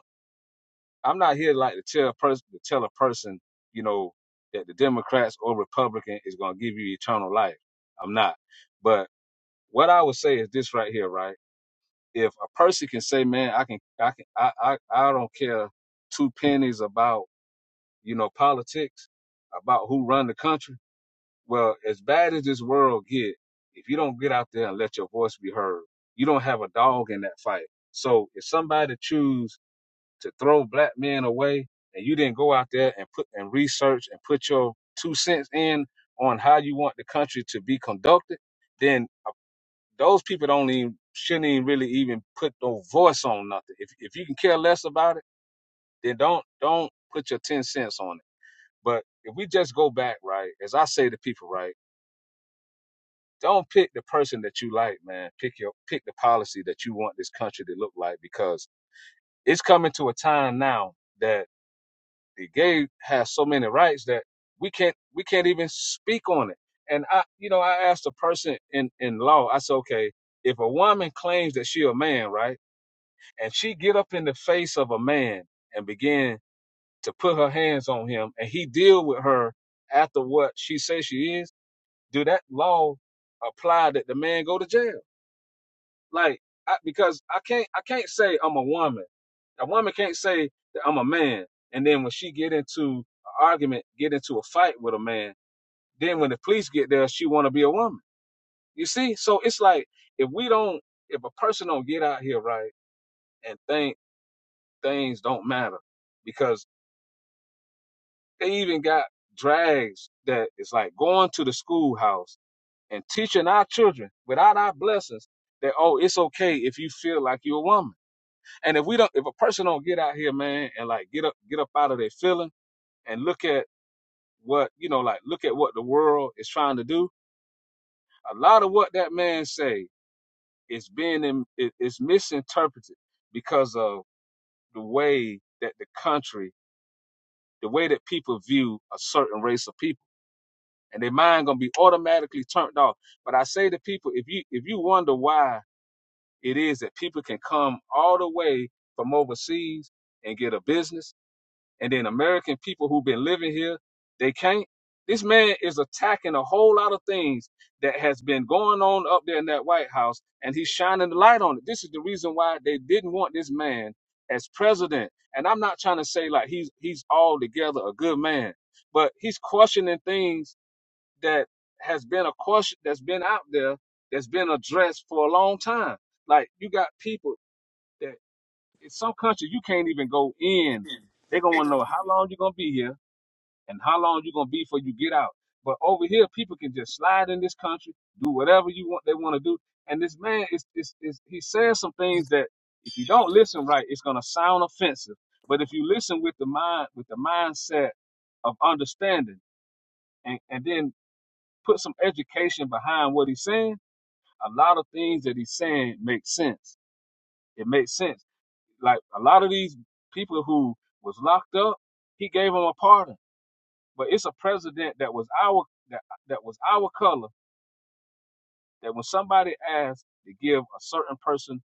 I'm not here like to tell a person to tell a person, you know, that the Democrats or Republican is gonna give you eternal life. I'm not. But what I would say is this right here, right? If a person can say, man, I can I can I I, I don't care two pennies about, you know, politics, about who run the country, well, as bad as this world get, if you don't get out there and let your voice be heard, you don't have a dog in that fight. So if somebody choose to throw black men away and you didn't go out there and put and research and put your two cents in on how you want the country to be conducted, then uh, those people don't even shouldn't even really even put no voice on nothing. If if you can care less about it, then don't don't put your ten cents on it. But if we just go back, right, as I say to people, right, don't pick the person that you like, man. Pick your pick the policy that you want this country to look like because it's coming to a time now that. gay has so many rights that we can't we can't even speak on it. And I, you know, I asked a person in in law. I said, okay, if a woman claims that she a man, right, and she get up in the face of a man and begin to put her hands on him, and he deal with her after what she says she is, do that law apply that the man go to jail? Like, I, because I can't, I can't say I'm a woman. A woman can't say that I'm a man. And then when she get into an argument, get into a fight with a man, then when the police get there, she want to be a woman. You see? So it's like if we don't, if a person don't get out here right and think things don't matter, because they even got drags that is like going to the schoolhouse and teaching our children without our blessings that oh, it's okay if you feel like you're a woman. And if we don't, if a person don't get out here, man, and like get up, get up out of their feeling and look at what you know, like look at what the world is trying to do. A lot of what that man say is being in, it- it's misinterpreted because of the way that the country, the way that people view a certain race of people, and their mind gonna be automatically turned off. But I say to people, if you if you wonder why it is that people can come all the way from overseas and get a business and then American people who've been living here, they can't. This man is attacking a whole lot of things that has been going on up there in that White House, and he's shining the light on it. This is the reason why they didn't want this man as president. And I'm not trying to say like he's he's altogether a good man, but he's questioning things that has been a question that's been out there that's been addressed for a long time. Like you got people that in some countries you can't even go in. They're gonna wanna know how long you're gonna be here and how long you're gonna be before you get out. But over here, people can just slide in this country, do whatever you want they want to do. And this man is, is is he says some things that if you don't listen right, it's gonna sound offensive. But if you listen with the mind with the mindset of understanding and, and then put some education behind what he's saying, a lot of things that he's saying make sense. It makes sense like a lot of these people who was locked up, he gave them a pardon. But it's a president that was our that, that was our color that when somebody asked to give a certain person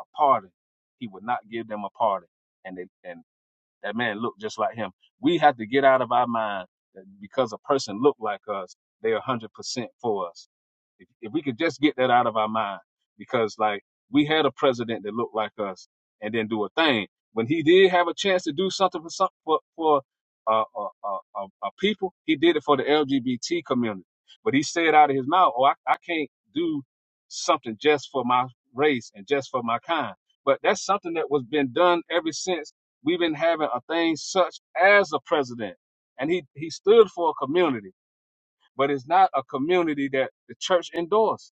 a pardon, he would not give them a pardon. And they, and. That man looked just like him. We have to get out of our mind that because a person looked like us, they are one hundred percent for us. If, if we could just get that out of our mind, because like we had a president that looked like us and didn't do a thing. When he did have a chance to do something for some for for uh, uh, uh, uh, uh, people, he did it for the LGBT community. But he said out of his mouth, "Oh, I, I can't do something just for my race and just for my kind." But that's something that was been done ever since we've been having a thing such as a president. And he, he stood for a community, but it's not a community that the church endorses.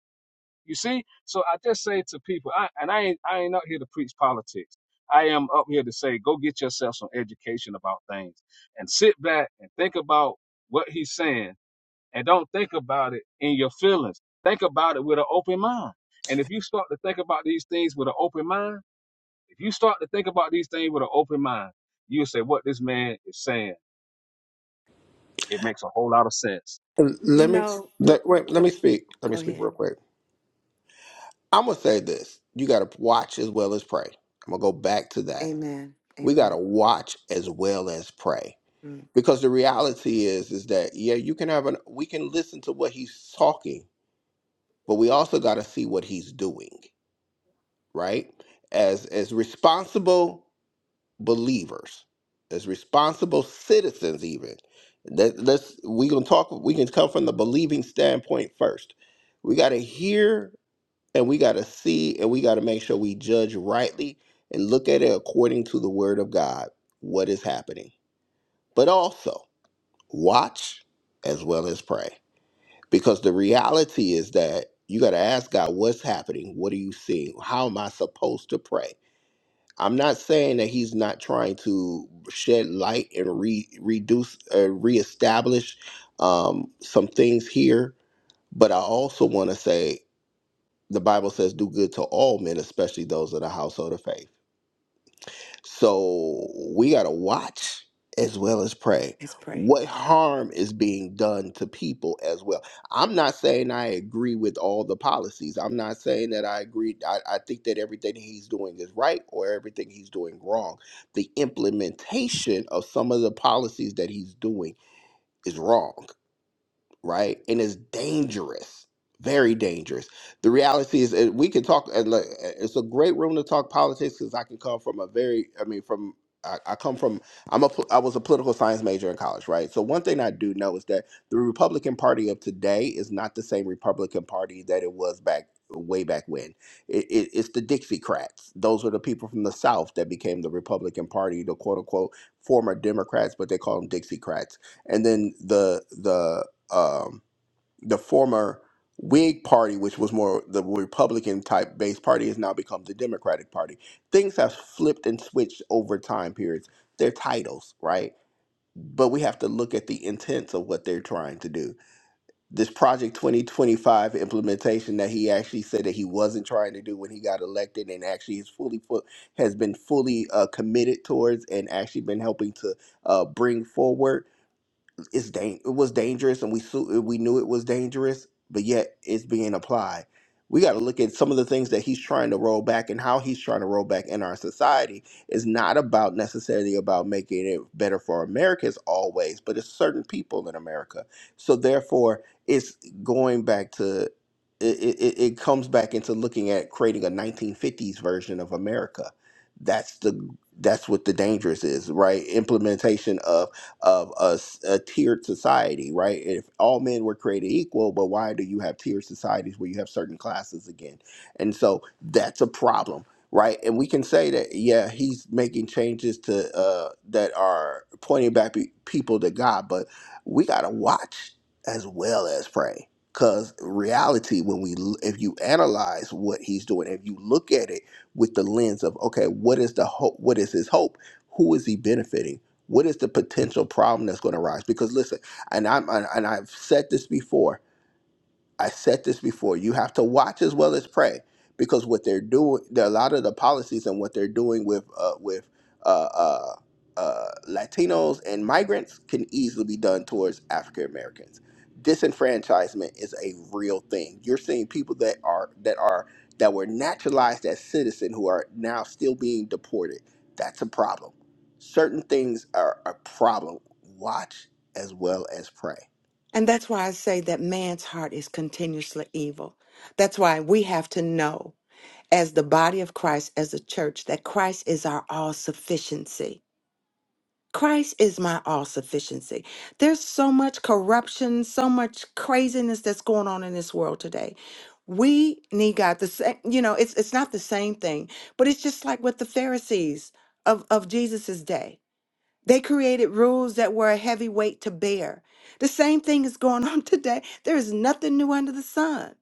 You see? So I just say to people, I, and I ain't, I ain't up here to preach politics. I am up here to say, go get yourself some education about things and sit back and think about what he's saying and don't think about it in your feelings. Think about it with an open mind. And if you start to think about these things with an open mind, if you start to think about these things with an open mind, you'll say what this man is saying, it makes a whole lot of sense. You Let me know, l- let, l- wait. Let l- me speak. Let me go speak ahead. real quick. I'm gonna say this: you gotta watch as well as pray. I'm gonna go back to that. Amen. We Amen. gotta watch as well as pray Mm, because the reality is, is that yeah, you can have an. We can listen to what he's talking, but we also gotta see what he's doing. Right? As as responsible believers, as responsible citizens, even. That let's we can talk. We can come from the believing standpoint first. We got to hear and we got to see and we got to make sure we judge rightly and look at it according to the Word of God. What is happening, but also watch as well as pray, because the reality is that you got to ask God what's happening. What are you seeing? How am I supposed to pray? I'm not saying that he's not trying to shed light and re- reduce, uh, reestablish um, some things here. But I also want to say the Bible says, "Do good to all men, especially those of the household of faith." So we got to watch as well as pray. let's pray. What harm is being done to people as well? I'm not saying I agree with all the policies. I'm not saying that I agree. I, I think that everything he's doing is right or everything he's doing wrong. The implementation of some of the policies that he's doing is wrong right? And it's dangerous, very dangerous. The reality is, and we can talk. and look, It's a great room to talk politics because I can come from a very, I mean, from I, I come from. I'm a. pol- I was a political science major in college, right? So one thing I do know is that the Republican Party of today is not the same Republican Party that it was back way back when. It, it, it's the Dixiecrats. Those are the people from the South that became the Republican Party, the quote unquote former Democrats, but they call them Dixiecrats and then the the um, the former Whig Party, which was more the Republican type based party, has now become the Democratic Party. Things have flipped and switched over time periods. Their titles, right? But we have to look at the intents of what they're trying to do. This Project 2025 implementation that he actually said that he wasn't trying to do when he got elected, and actually is fully fu- has been fully uh, committed towards, and actually been helping to uh, bring forward it's dang it was dangerous and we su- we knew it was dangerous but yet it's being applied we got to look at some of the things that he's trying to roll back and how he's trying to roll back in our society is not about necessarily about making it better for americans always but it's certain people in america so therefore it's going back to it, it, it comes back into looking at creating a 1950s version of america that's the that's what the dangerous is right implementation of of a, s- a tiered society, right? If all men were created equal, but why do you have tiered societies where you have certain classes again? And so that's a problem, right? And we can say that, yeah, he's making changes to uh, that are pointing back pe- people to God, but we got to watch as well as pray. Because reality, when we, l- if you analyze what he's doing, if you look at it with the lens of, okay, what is the hope? What is his hope? Who is he benefiting? What is the potential problem that's going to arise? Because listen, and I'm and I've said this before. I said this before. You have to watch as well as pray, because what they're doing, there are a lot of the policies and what they're doing with uh, with uh, uh, uh, Latinos and migrants can easily be done towards African Americans. Disenfranchisement is a real thing. You're seeing people that are that are that were naturalized as citizen who are now still being deported. That's a problem. Certain things are a problem. Watch as well as pray. And that's why I say that man's heart is continuously evil. That's why we have to know. as the body of Christ, as a church, that Christ is our all sufficiency. Christ is my all sufficiency. There's so much corruption, so much craziness that's going on in this world today. We need God. The same, you know, it's it's not the same thing, but it's just like with the Pharisees of of Jesus's day. They created rules that were a heavy weight to bear. The same thing is going <laughs> on today. There is nothing new under the sun.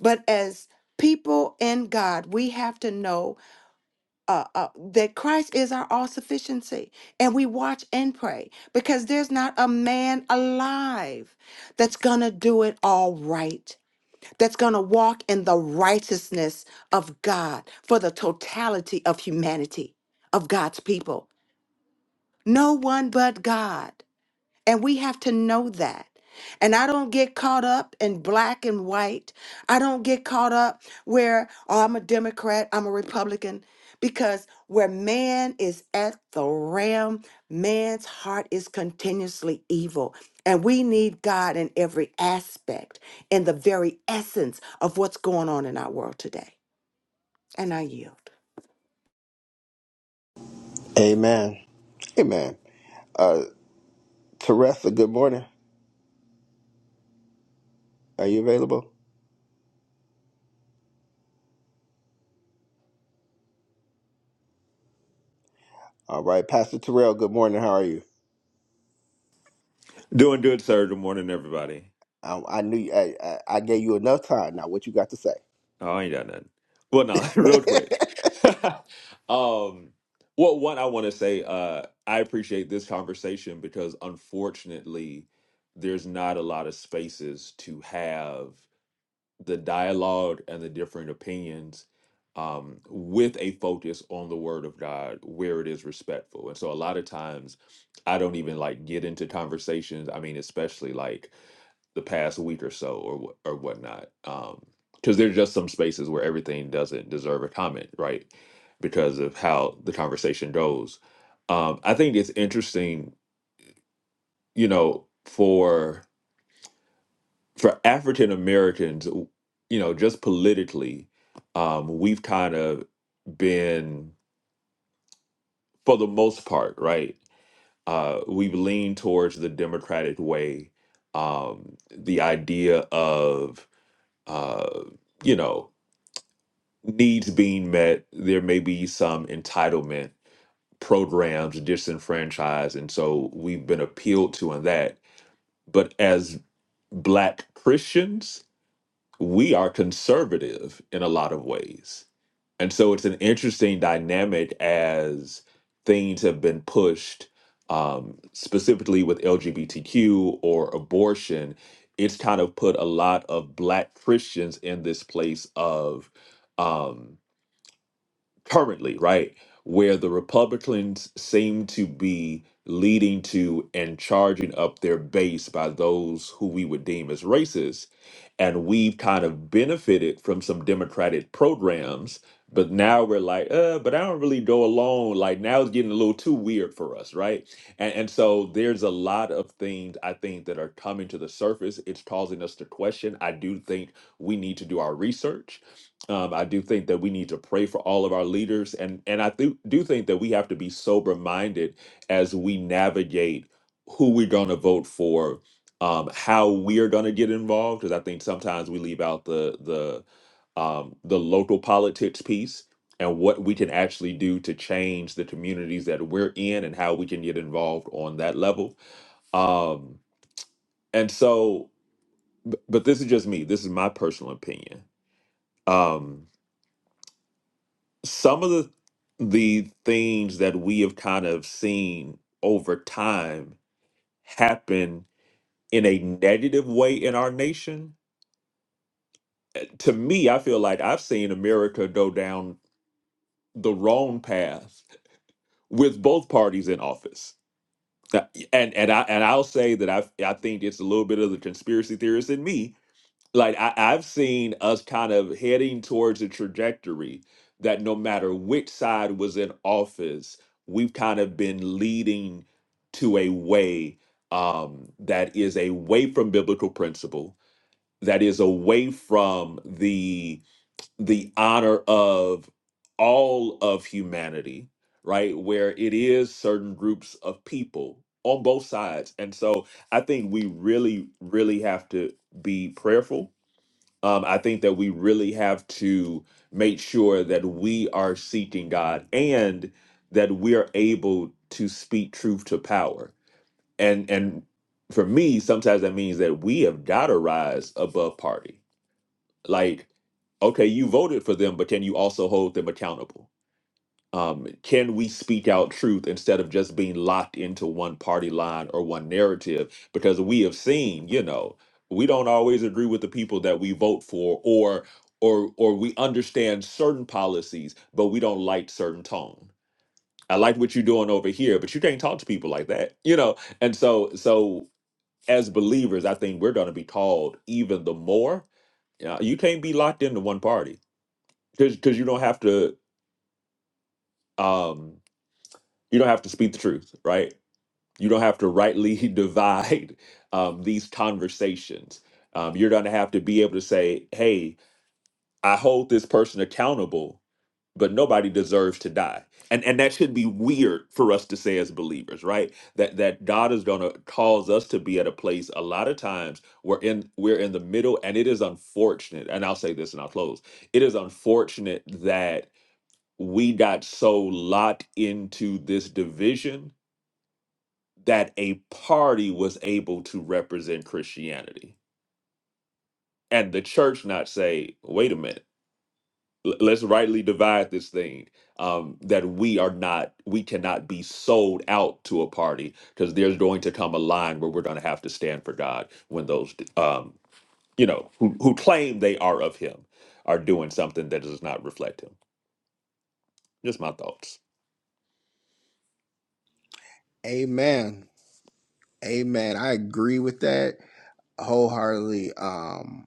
But as people in God, we have to know uh, uh, that Christ is our all sufficiency, and we watch and pray because there's not a man alive that's gonna do it all right, that's gonna walk in the righteousness of God for the totality of humanity, of God's people. No one but God. And we have to know that. And I don't get caught up in black and white. I don't get caught up where, oh, I'm a Democrat, I'm a Republican, because where man is at the realm, man's heart is continuously evil. And we need God in every aspect, in the very essence of what's going on in our world today. And I yield. Amen. Amen. Teresa, good morning. Are you available? All right, Pastor Terrell, good morning. How are you? Doing good, sir. Good morning, everybody. I, I knew you, I, I, I gave you enough time. Now, what you got to say? Oh, I ain't got nothing. Well, no, <laughs> <laughs> real quick. <laughs> um, well, one, I want to say uh, I appreciate this conversation because unfortunately, there's not a lot of spaces to have the dialogue and the different opinions um, with a focus on the Word of God where it is respectful. And so a lot of times, I don't even like get into conversations. I mean, especially like the past week or so or wh- or whatnot. Um, because there's just some spaces where everything doesn't deserve a comment, right? Because of how the conversation goes. Um, I think it's interesting, you know, for for African Americans, w- you know, just politically, um, we've kind of been, for the most part, right? Uh, we've leaned towards the democratic way, um, the idea of uh, you know needs being met, there may be some entitlement programs disenfranchised. And so we've been appealed to in that. But as Black Christians, we are conservative in a lot of ways. And so it's an interesting dynamic as things have been pushed, um, specifically with LGBTQ or abortion. It's kind of put a lot of Black Christians in this place of. Um, currently, right, where the Republicans seem to be leading to and charging up their base by those who we would deem as racist. And we've kind of benefited from some Democratic programs, but now we're like, uh, but I don't really go along. Like now it's getting a little too weird for us, right? And, and so there's a lot of things I think that are coming to the surface. It's causing us to question. I do think we need to do our research um, I do think that we need to pray for all of our leaders, and and I do do think that we have to be sober minded as we navigate who we're going to vote for, um, how we are going to get involved. Because I think sometimes we leave out the the um, the local politics piece and what we can actually do to change the communities that we're in and how we can get involved on that level. Um, and so, b- but this is just me. This is my personal opinion. Um, some of the the things that we have kind of seen over time happen in a negative way in our nation uh, to me i feel like i've seen america go down the wrong path with both parties in office Uh, and and i and i'll say that i i think it's a little bit of the conspiracy theorist in me like I, I've seen us kind of heading towards a trajectory that no matter which side was in office, we've kind of been leading to a way um, that is away from biblical principle, that is away from the the honor of all of humanity, right? Where it is certain groups of people on both sides, and so I think we really, really have to be prayerful um, I think that we really have to make sure that we are seeking God and that we are able to speak truth to power. And and for me, sometimes that means that we have got to rise above party. Like, okay, you voted for them, but can you also hold them accountable? um, can we speak out truth instead of just being locked into one party line or one narrative? Because we have seen, you know, we don't always agree with the people that we vote for, or or or we understand certain policies, but we don't like certain tone. I like what you're doing over here, but you can't talk to people like that, you know. And so, so as believers, I think we're going to be called even the more. Uh, you can't be locked into one party because because you don't have to um, you don't have to speak the truth, right? You don't have to rightly <laughs> divide um, these conversations. Um, you're going to have to be able to say, "Hey, I hold this person accountable, but nobody deserves to die." And and that should be weird for us to say as believers, right? That that God is going to cause us to be at a place. A lot of times we're in we're in the middle, and it is unfortunate. And I'll say this, and I'll close. It is unfortunate that we got so locked into this division that a party was able to represent Christianity and the church not say, wait a minute, l- let's rightly divide this thing. Um, that we are not, we cannot be sold out to a party because there's going to come a line where we're going to have to stand for God when those, um, you know, who, who claim they are of Him are doing something that does not reflect Him. Just my thoughts. Amen. Amen. I agree with that wholeheartedly. Um,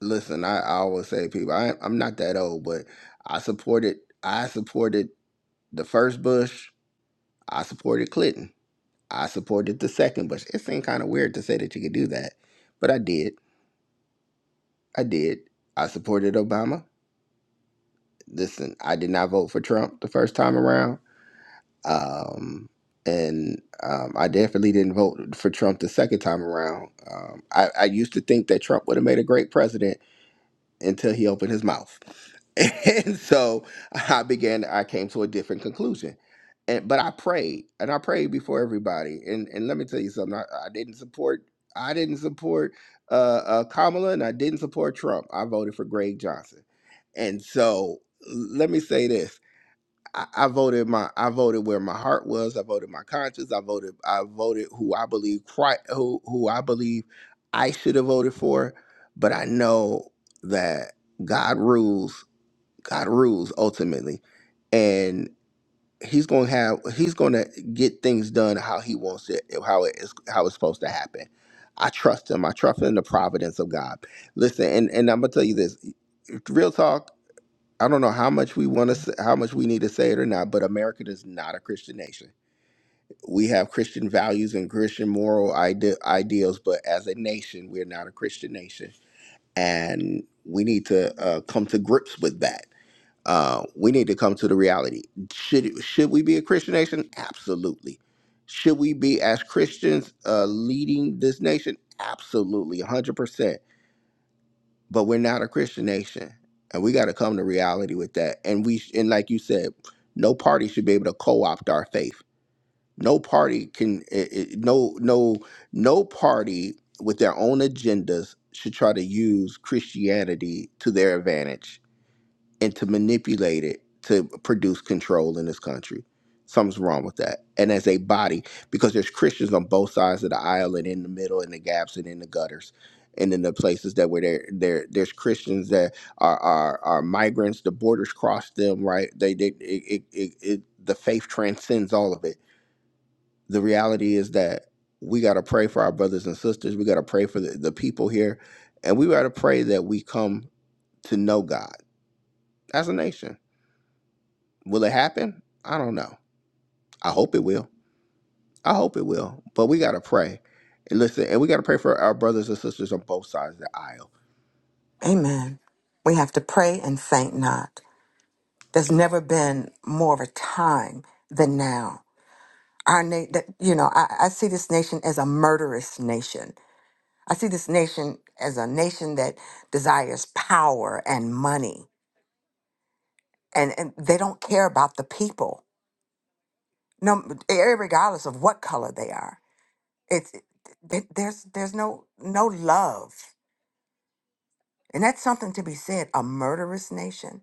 listen, I, I always say to people, I, I'm not that old, but I supported. I supported the first Bush. I supported Clinton. I supported the second Bush. It seemed kind of weird to say that you could do that, but I did. I did. I supported Obama. listen, I did not vote for Trump the first time around. Um, and um, I definitely didn't vote for Trump the second time around. Um, I, I used to think that Trump would have made a great president until he opened his mouth. <laughs> And so I began, I came to a different conclusion. And but I prayed and I prayed before everybody. And and let me tell you something. I, I didn't support I didn't support uh, uh Kamala and I didn't support Trump. I voted for Greg Johnson. And so let me say this. I, I voted my I voted where my heart was. I voted my conscience. I voted I voted who I believe Christ, who who I believe I should have voted for. But I know that God rules. God rules ultimately, and He's gonna have He's gonna get things done how He wants it, how it is how it's supposed to happen. I trust Him. I trust in the providence of God. Listen, and and I'm gonna tell you this, real talk. I don't know how much we want to how much we need to say it or not, but America is not a Christian nation. We have Christian values and Christian moral ide- ideals, but as a nation, we're not a Christian nation, and we need to uh, come to grips with that. Uh, we need to come to the reality. Should it- should we be a Christian nation? Absolutely. Should we be as Christians uh, leading this nation? Absolutely, one hundred percent but we're not a Christian nation, and we got to come to reality with that. And we sh- and like you said, no party should be able to co-opt our faith. No party can i- i- no no no party with their own agendas should try to use Christianity to their advantage and to manipulate it to produce control in this country. Something's wrong with that. And as a body, because there's Christians on both sides of the aisle and in the middle and the gaps and in the gutters and in the places that were there there there's Christians that are are, are migrants, the borders cross them, right? They did it, it, it, it the faith transcends all of it. The reality is that we gotta pray for our brothers and sisters. We gotta pray for the, the people here. And we gotta pray that we come to know God as a nation Will it happen? I don't know. I hope it will. I hope it will. But we gotta pray. And listen, and we gotta pray for our brothers and sisters on both sides of the aisle. Amen. We have to pray and faint not. There's never been more of a time than now our na- that you know I, I see this nation as a murderous nation i see this nation as a nation that desires power and money and, and they don't care about the people no regardless of what color they are it's th- there's there's no no love and that's something to be said a murderous nation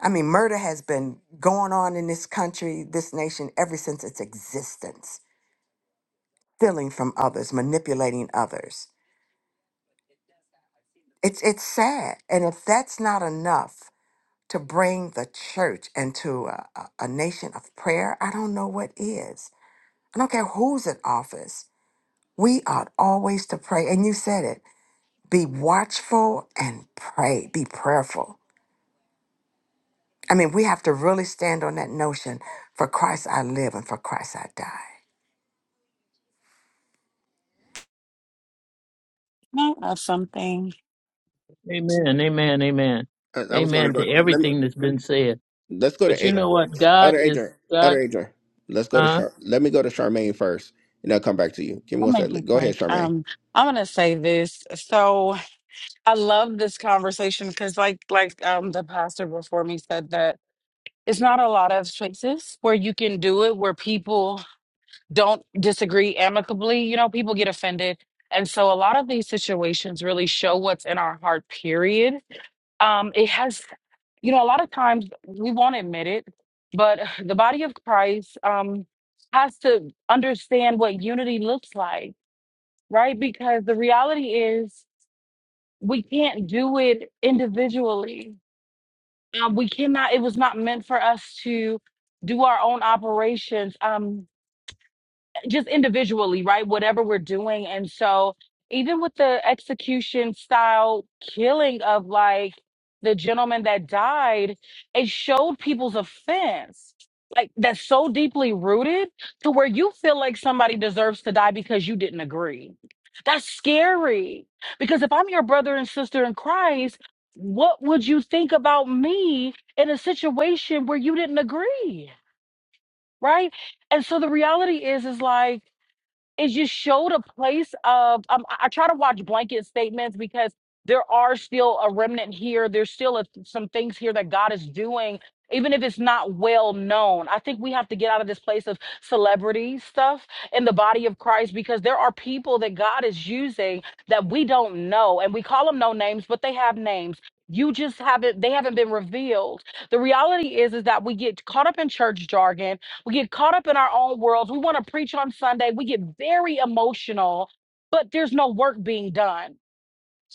i mean murder has been going on in this country this nation ever since its existence stealing from others manipulating others It's it's sad, and if that's not enough to bring the church into a, a, a nation of prayer, I don't know what is. I don't care who's in office. We ought always to pray, and you said it: be watchful and pray, be prayerful. I mean, we have to really stand on that notion: for Christ I live, and for Christ I die. No, I have something. Amen. Amen. Amen. And I was gonna Amen to go. Let me, everything that's been said. let's go But to you A, know what? God Elder is Adrian. God. Elder Adrian. Let's go to Uh, Char. Let me go to Charmaine first, and I'll come back to you. Give me I'll one make it second. Go ahead, quick. Charmaine. Um, I'm gonna say this. So I love this conversation because, like, like um, the pastor before me said that it's not a lot of spaces where you can do it where people don't disagree amicably. You know, people get offended, and so a lot of these situations really show what's in our heart. Period. Um, it has. you know, a lot of times we won't admit it, but <sighs> the body of Christ um, has to understand what unity looks like, right? Because the reality is we can't do it individually. Um, we cannot, it was not meant for us to do our own operations. Um, just individually, right? Whatever we're doing. And so even with the execution style killing of like the gentleman that died, it showed people's offense. Like that's so deeply rooted to where you feel like somebody deserves to die because you didn't agree. That's scary. Because if I'm your brother and sister in Christ, what would you think about me in a situation where you didn't agree? Right. And so the reality is, is like, is just showed a place of um, I, I try to watch blanket statements because there are still a remnant here there's still a, some things here that god is doing even if it's not well known i think we have to get out of this place of celebrity stuff in the body of christ because there are people that god is using that we don't know and we call them no names but they have names you just haven't they haven't been revealed the reality is is that we get caught up in church jargon we get caught up in our own worlds. We want to preach on Sunday. We get very emotional, but there's no work being done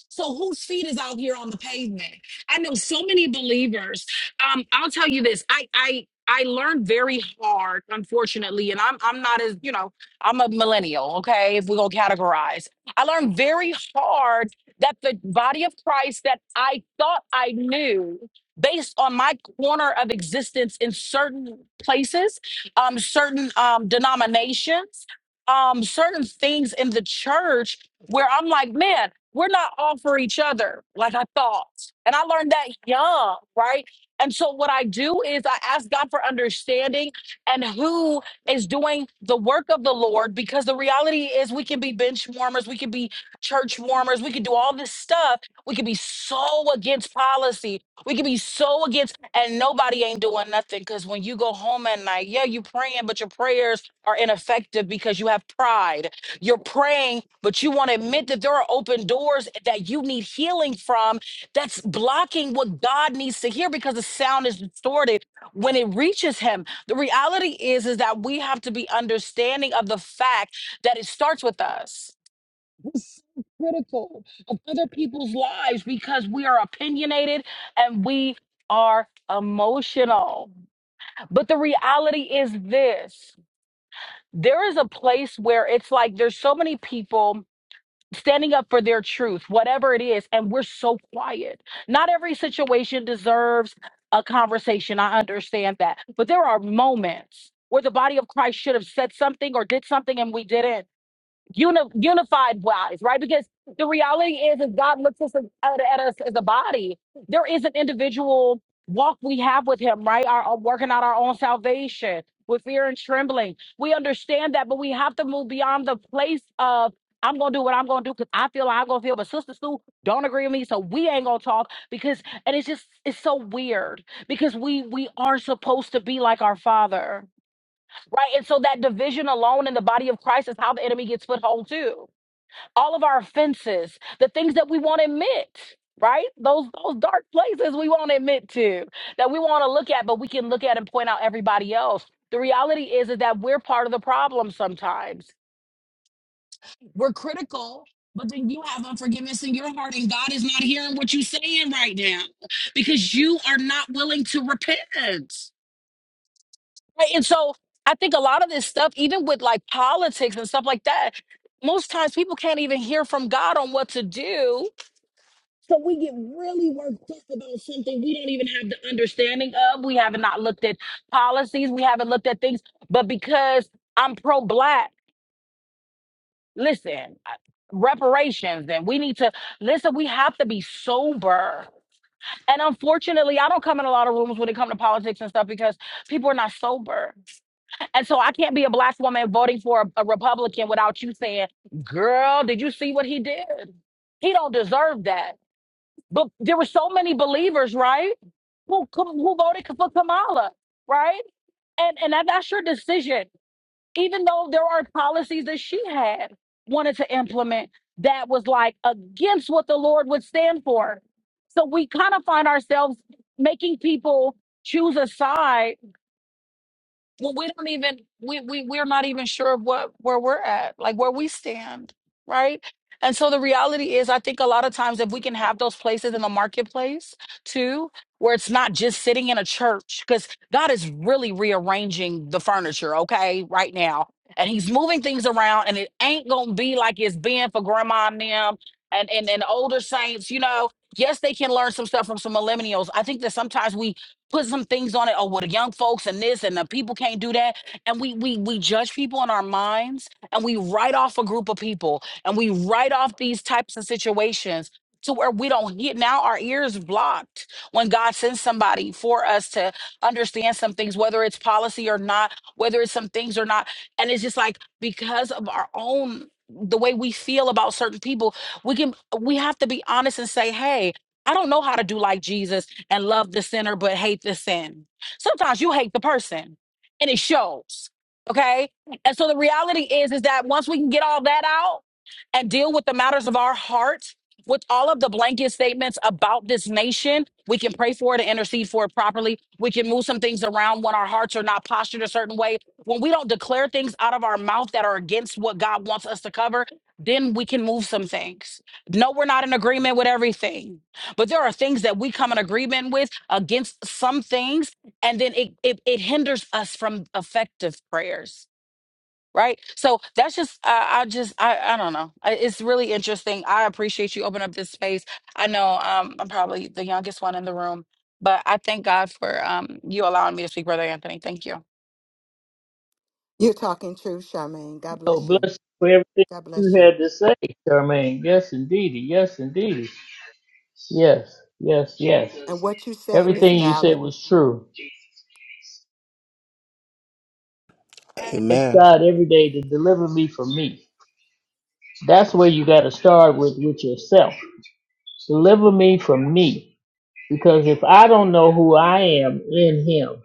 so whose feet is out here on the pavement? I know so many believers. Um, I'll tell you this. I I I learned very hard, unfortunately, and I'm I'm not as you know I'm a millennial. Okay, if we go categorize, I learned very hard that the body of Christ that I thought I knew. Based on my corner of existence in certain places, um, certain um, denominations, um, certain things in the church, where I'm like, man, we're not all for each other like I thought. And I learned that young, right? And so what I do is I ask God for understanding and who is doing the work of the Lord because the reality is we can be bench warmers, we can be church warmers, we can do all this stuff. We can be so against policy. We can be so against and nobody ain't doing nothing cuz when you go home at night, yeah, you praying but your prayers are ineffective because you have pride you're praying, but you want to admit that there are open doors that you need healing from that's blocking what God needs to hear because the sound is distorted when it reaches him. The reality is is that we have to be understanding of the fact that it starts with us. We're so critical of other people's lives because we are opinionated and we are emotional. But the reality is this there is a place where it's like there's so many people standing up for their truth, whatever it is. And we're so quiet. Not every situation deserves a conversation. I understand that. But there are moments where the body of Christ should have said something or did something and we didn't uni- unified wise, right? Because the reality is, if God looks us at, at us as a body, there is an individual walk we have with Him, right? Our our working out our own salvation with fear and trembling. We understand that, but we have to move beyond the place of. I'm gonna do what I'm gonna do because I feel I'm gonna feel, but Sister Sue don't agree with me, so we ain't gonna talk because, and it's just it's so weird because we we are supposed to be like our Father Right. And so that division alone in the body of Christ is how the enemy gets foothold too. All of our offenses, the things that we won't admit, right? Those those dark places we won't admit to, that we want to look at, but we can look at and point out everybody else. The reality is, is that we're part of the problem sometimes. We're critical, but then you have unforgiveness in your heart, and God is not hearing what you're saying right now because you are not willing to repent. Right, And so I think a lot of this stuff, even with like politics and stuff like that, most times people can't even hear from God on what to do. So we get really worked up about something we don't even have the understanding of. We haven't not looked at policies. We haven't looked at things. But because I'm pro black, listen, I- reparations, and we need to listen, we have to be sober. And unfortunately, I don't come in a lot of rooms when it comes to politics and stuff because people are not sober And so I can't be a black woman voting for a, a Republican without you saying, girl, did you see what he did? He don't deserve that. But there were so many believers, right? Who, who voted for Kamala, right? And, and that- that's your decision. Even though there are policies that she had wanted to implement that was like against what the Lord would stand for. So we kind of find ourselves making people choose a side well, we don't even we we we're not even sure what where we're at, like where we stand, right? And so the reality is, I think a lot of times if we can have those places in the marketplace too, where it's not just sitting in a church, because God is really rearranging the furniture, okay, right now. And he's moving things around and it ain't gonna be like it's been for grandma and them and, and, and older saints, you know. Yes, they can learn some stuff from some millennials. I think that sometimes we put some things on it. Oh, well, the young folks and this and the people can't do that. And we we we judge people in our minds and we write off a group of people and we write off these types of situations to where we don't hear now our ears blocked when God sends somebody for us to understand some things, whether it's policy or not, whether it's some things or not. And it's just like because of our own the way we feel about certain people, we can we have to be honest and say, hey, I don't know how to do like Jesus and love the sinner but hate the sin. Sometimes you hate the person and it shows. Okay? And so the reality is is that once we can get all that out and deal with the matters of our heart with all of the blanket statements about this nation, we can pray for it and intercede for it properly. We can move some things around when our hearts are not postured a certain way. When we don't declare things out of our mouth that are against what God wants us to cover, then we can move some things. No, we're not in agreement with everything but there are things that we come in agreement with against some things and then it it, it hinders us from effective prayers right so that's just i, I just I, I don't know I, it's really interesting i appreciate you opening up this space i know um, i'm probably the youngest one in the room but i thank god for um, you allowing me to speak brother anthony thank you You're talking truth, Charmaine. God so bless bless you. you for everything God you bless you. had to say, Charmaine. Yes, indeedy. Yes, indeedy. Yes. Yes. Yes. And what you said is Everything you said valid. was true. I ask Amen. God every day to deliver me from me. That's where you got to start with with yourself. Deliver me from me. Because if I don't know who I am in Him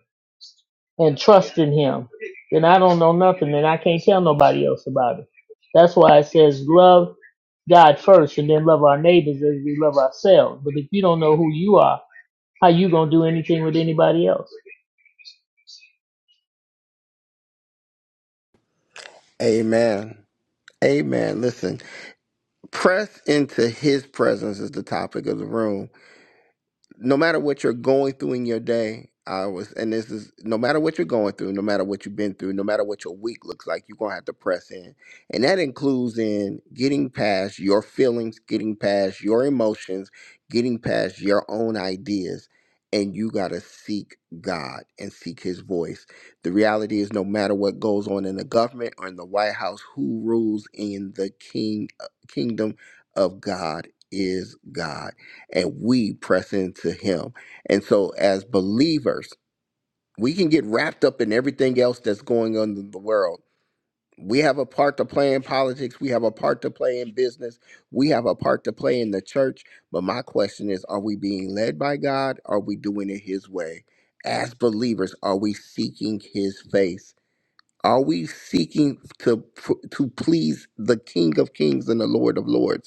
and trust in Him, then I don't know nothing and I can't tell nobody else about it. That's why it says love God first and then love our neighbors as we love ourselves. But if you don't know who you are, how you gonna do anything with anybody else? Amen. Amen. Listen, press into His presence is the topic of the room no matter what you're going through in your day, I was, and this is no matter what you're going through, no matter what you've been through, no matter what your week looks like, you're gonna have to press in, and that includes in getting past your feelings, getting past your emotions, getting past your own ideas, and you gotta seek God and seek His voice. The reality is, no matter what goes on in the government or in the White House, who rules in the King uh, Kingdom of God is God and we press into him. And so as believers, we can get wrapped up in everything else that's going on in the world. We have a part to play in politics, we have a part to play in business, we have a part to play in the church, but my question is are we being led by God? Are we doing it his way? As believers, are we seeking his face? Are we seeking to to please the King of Kings and the Lord of Lords?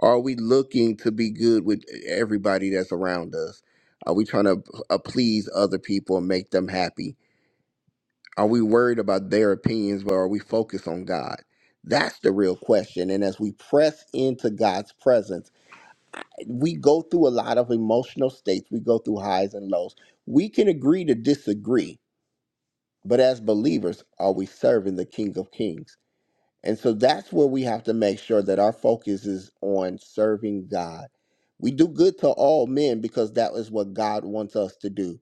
Are we looking to be good with everybody that's around us? Are we trying to uh, please other people and make them happy? Are we worried about their opinions, but are we focused on God? That's the real question. And as we press into God's presence, we go through a lot of emotional states. We go through highs and lows. We can agree to disagree, but as believers, are we serving the King of Kings? And so that's where we have to make sure that our focus is on serving God. We do good to all men because that is what God wants us to do.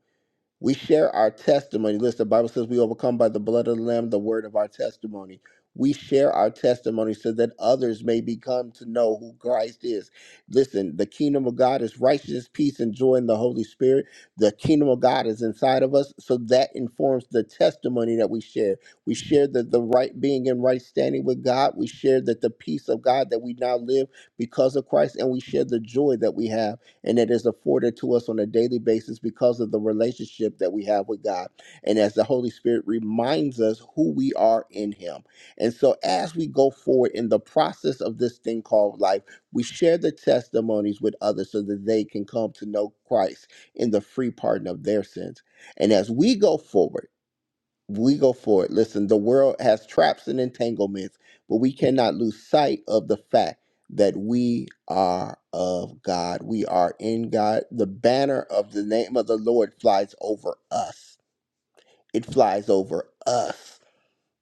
We share our testimony. Listen, the Bible says we overcome by the blood of the Lamb, the word of our testimony. We share our testimony so that others may become to know who Christ is. Listen, the kingdom of God is righteousness, peace, and joy in the Holy Spirit. The kingdom of God is inside of us, so that informs the testimony that we share. We share that the right being and right standing with God. We share that the peace of God that we now live because of Christ, and we share the joy that we have and it is afforded to us on a daily basis because of the relationship that we have with God. And as the Holy Spirit reminds us who we are in Him. And so, as we go forward in the process of this thing called life, we share the testimonies with others so that they can come to know Christ in the free pardon of their sins. And as we go forward, we go for it. Listen, the world has traps and entanglements, but we cannot lose sight of the fact that we are of God. We are in God. The banner of the name of the Lord flies over us. It flies over us,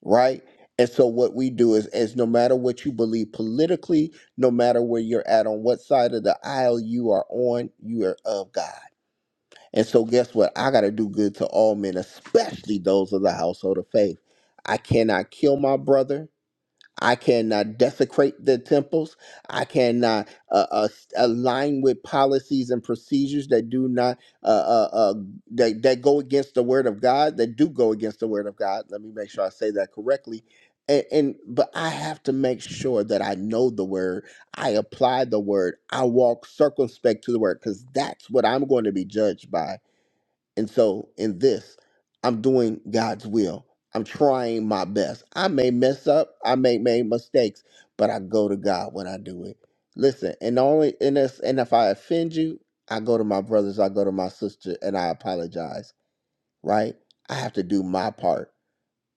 right? And so what we do is is no matter what you believe politically, no matter where you're at on what side of the aisle you are on, you are of God. And so, guess what? I got to do good to all men, especially those of the household of faith. I cannot kill my brother. I cannot desecrate the temples. I cannot uh, uh, align with policies and procedures that do not uh, uh, uh, that, that go against the word of God. That do go against the word of God. Let me make sure I say that correctly. And, and but I have to make sure that I know the word. I apply the word. I walk circumspect to the word because that's what I'm going to be judged by and so in this, I'm doing God's will. I'm trying my best. I may mess up, I may make mistakes, but I go to God when I do it. Listen, and only and this and if I offend you, I go to my brothers, I go to my sister, and I apologize, right? I have to do my part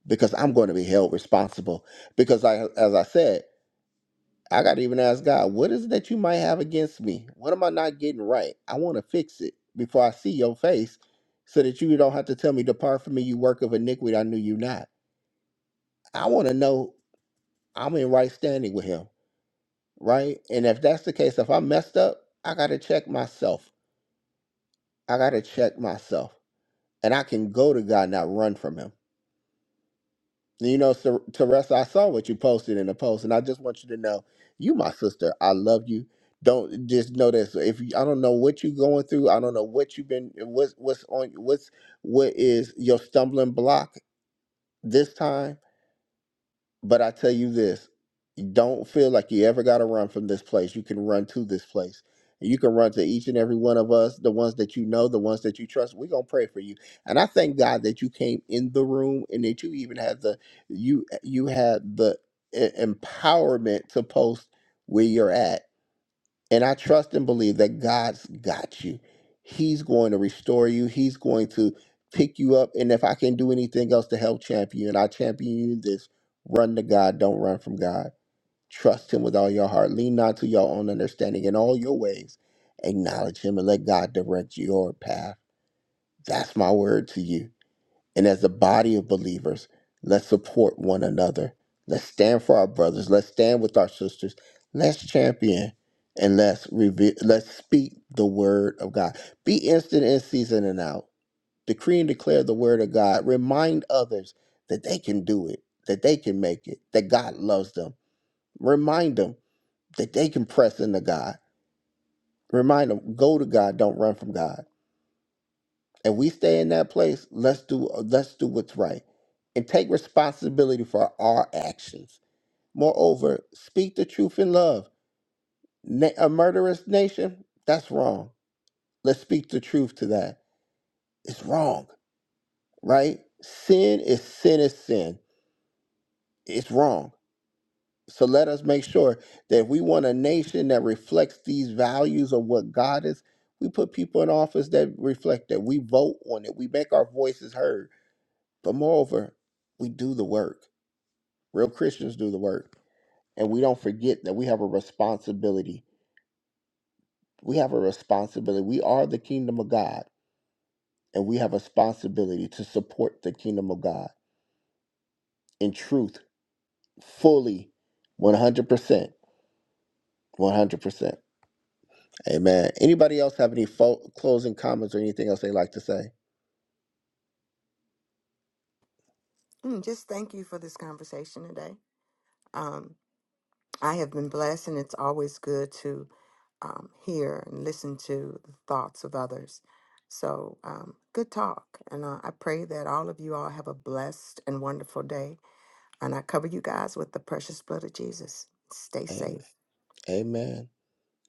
because I'm going to be held responsible. Because I as I said, I got to even ask God, what is it that you might have against me? What am I not getting right? I want to fix it before I see your face so that you don't have to tell me, Depart from me, you work of iniquity. I knew you not. I want to know I'm in right standing with Him, right? And if that's the case, if I messed up, I got to check myself. I got to check myself. And I can go to God, not run from Him. You know, Ser- Teresa, I saw what you posted in the post, and I just want you to know, you my sister. I love you. Don't just know this. If you, I don't know what you're going through, I don't know what you've been, what's what's on, what's what is your stumbling block this time but I tell you this, you don't feel like you ever got to run from this place. You can run to this place. And you can run to each and every one of us, the ones that you know, the ones that you trust. We're going to pray for you. And I thank God that you came in the room and that you even had the you you had the e- empowerment to post where you're at and I trust and believe that God's got you. He's going to restore you. He's going to pick you up. And if I can do anything else to help champion you, and I champion you in this, run to God. Don't run from God. Trust him with all your heart. Lean not to your own understanding in all your ways. Acknowledge him and let God direct your path. That's my word to you. And as a body of believers, let's support one another. Let's stand for our brothers. Let's stand with our sisters. Let's champion and let's reveal, let's speak the word of God. Be instant in season and out. Decree and declare the word of God. Remind others that they can do it, that they can make it, that God loves them. Remind them that they can press into God. Remind them, go to God, don't run from God. And we stay in that place, let's do uh, let's do what's right and take responsibility for our actions. Moreover, speak the truth in love. Na- a murderous nation, that's wrong. Let's speak the truth to that. It's wrong, right? Sin is sin is sin. It's wrong. So let us make sure that if we want a nation that reflects these values of what God is, we put people in office that reflect that. We vote on it. We make our voices heard But moreover, we do the work. Real Christians do the work. And we don't forget that we have a responsibility. We have a responsibility. We are the kingdom of God, and we have a responsibility to support the kingdom of God in truth, fully, 100%. 100%. Amen. Anybody else have any fo- closing comments or anything else they like to say? Mm, just thank you for this conversation today. I have been blessed, and it's always good to um, hear and listen to the thoughts of others. So, um, good talk. And uh, I pray that all of you all have a blessed and wonderful day. And I cover you guys with the precious blood of Jesus. Stay Amen. safe. Amen.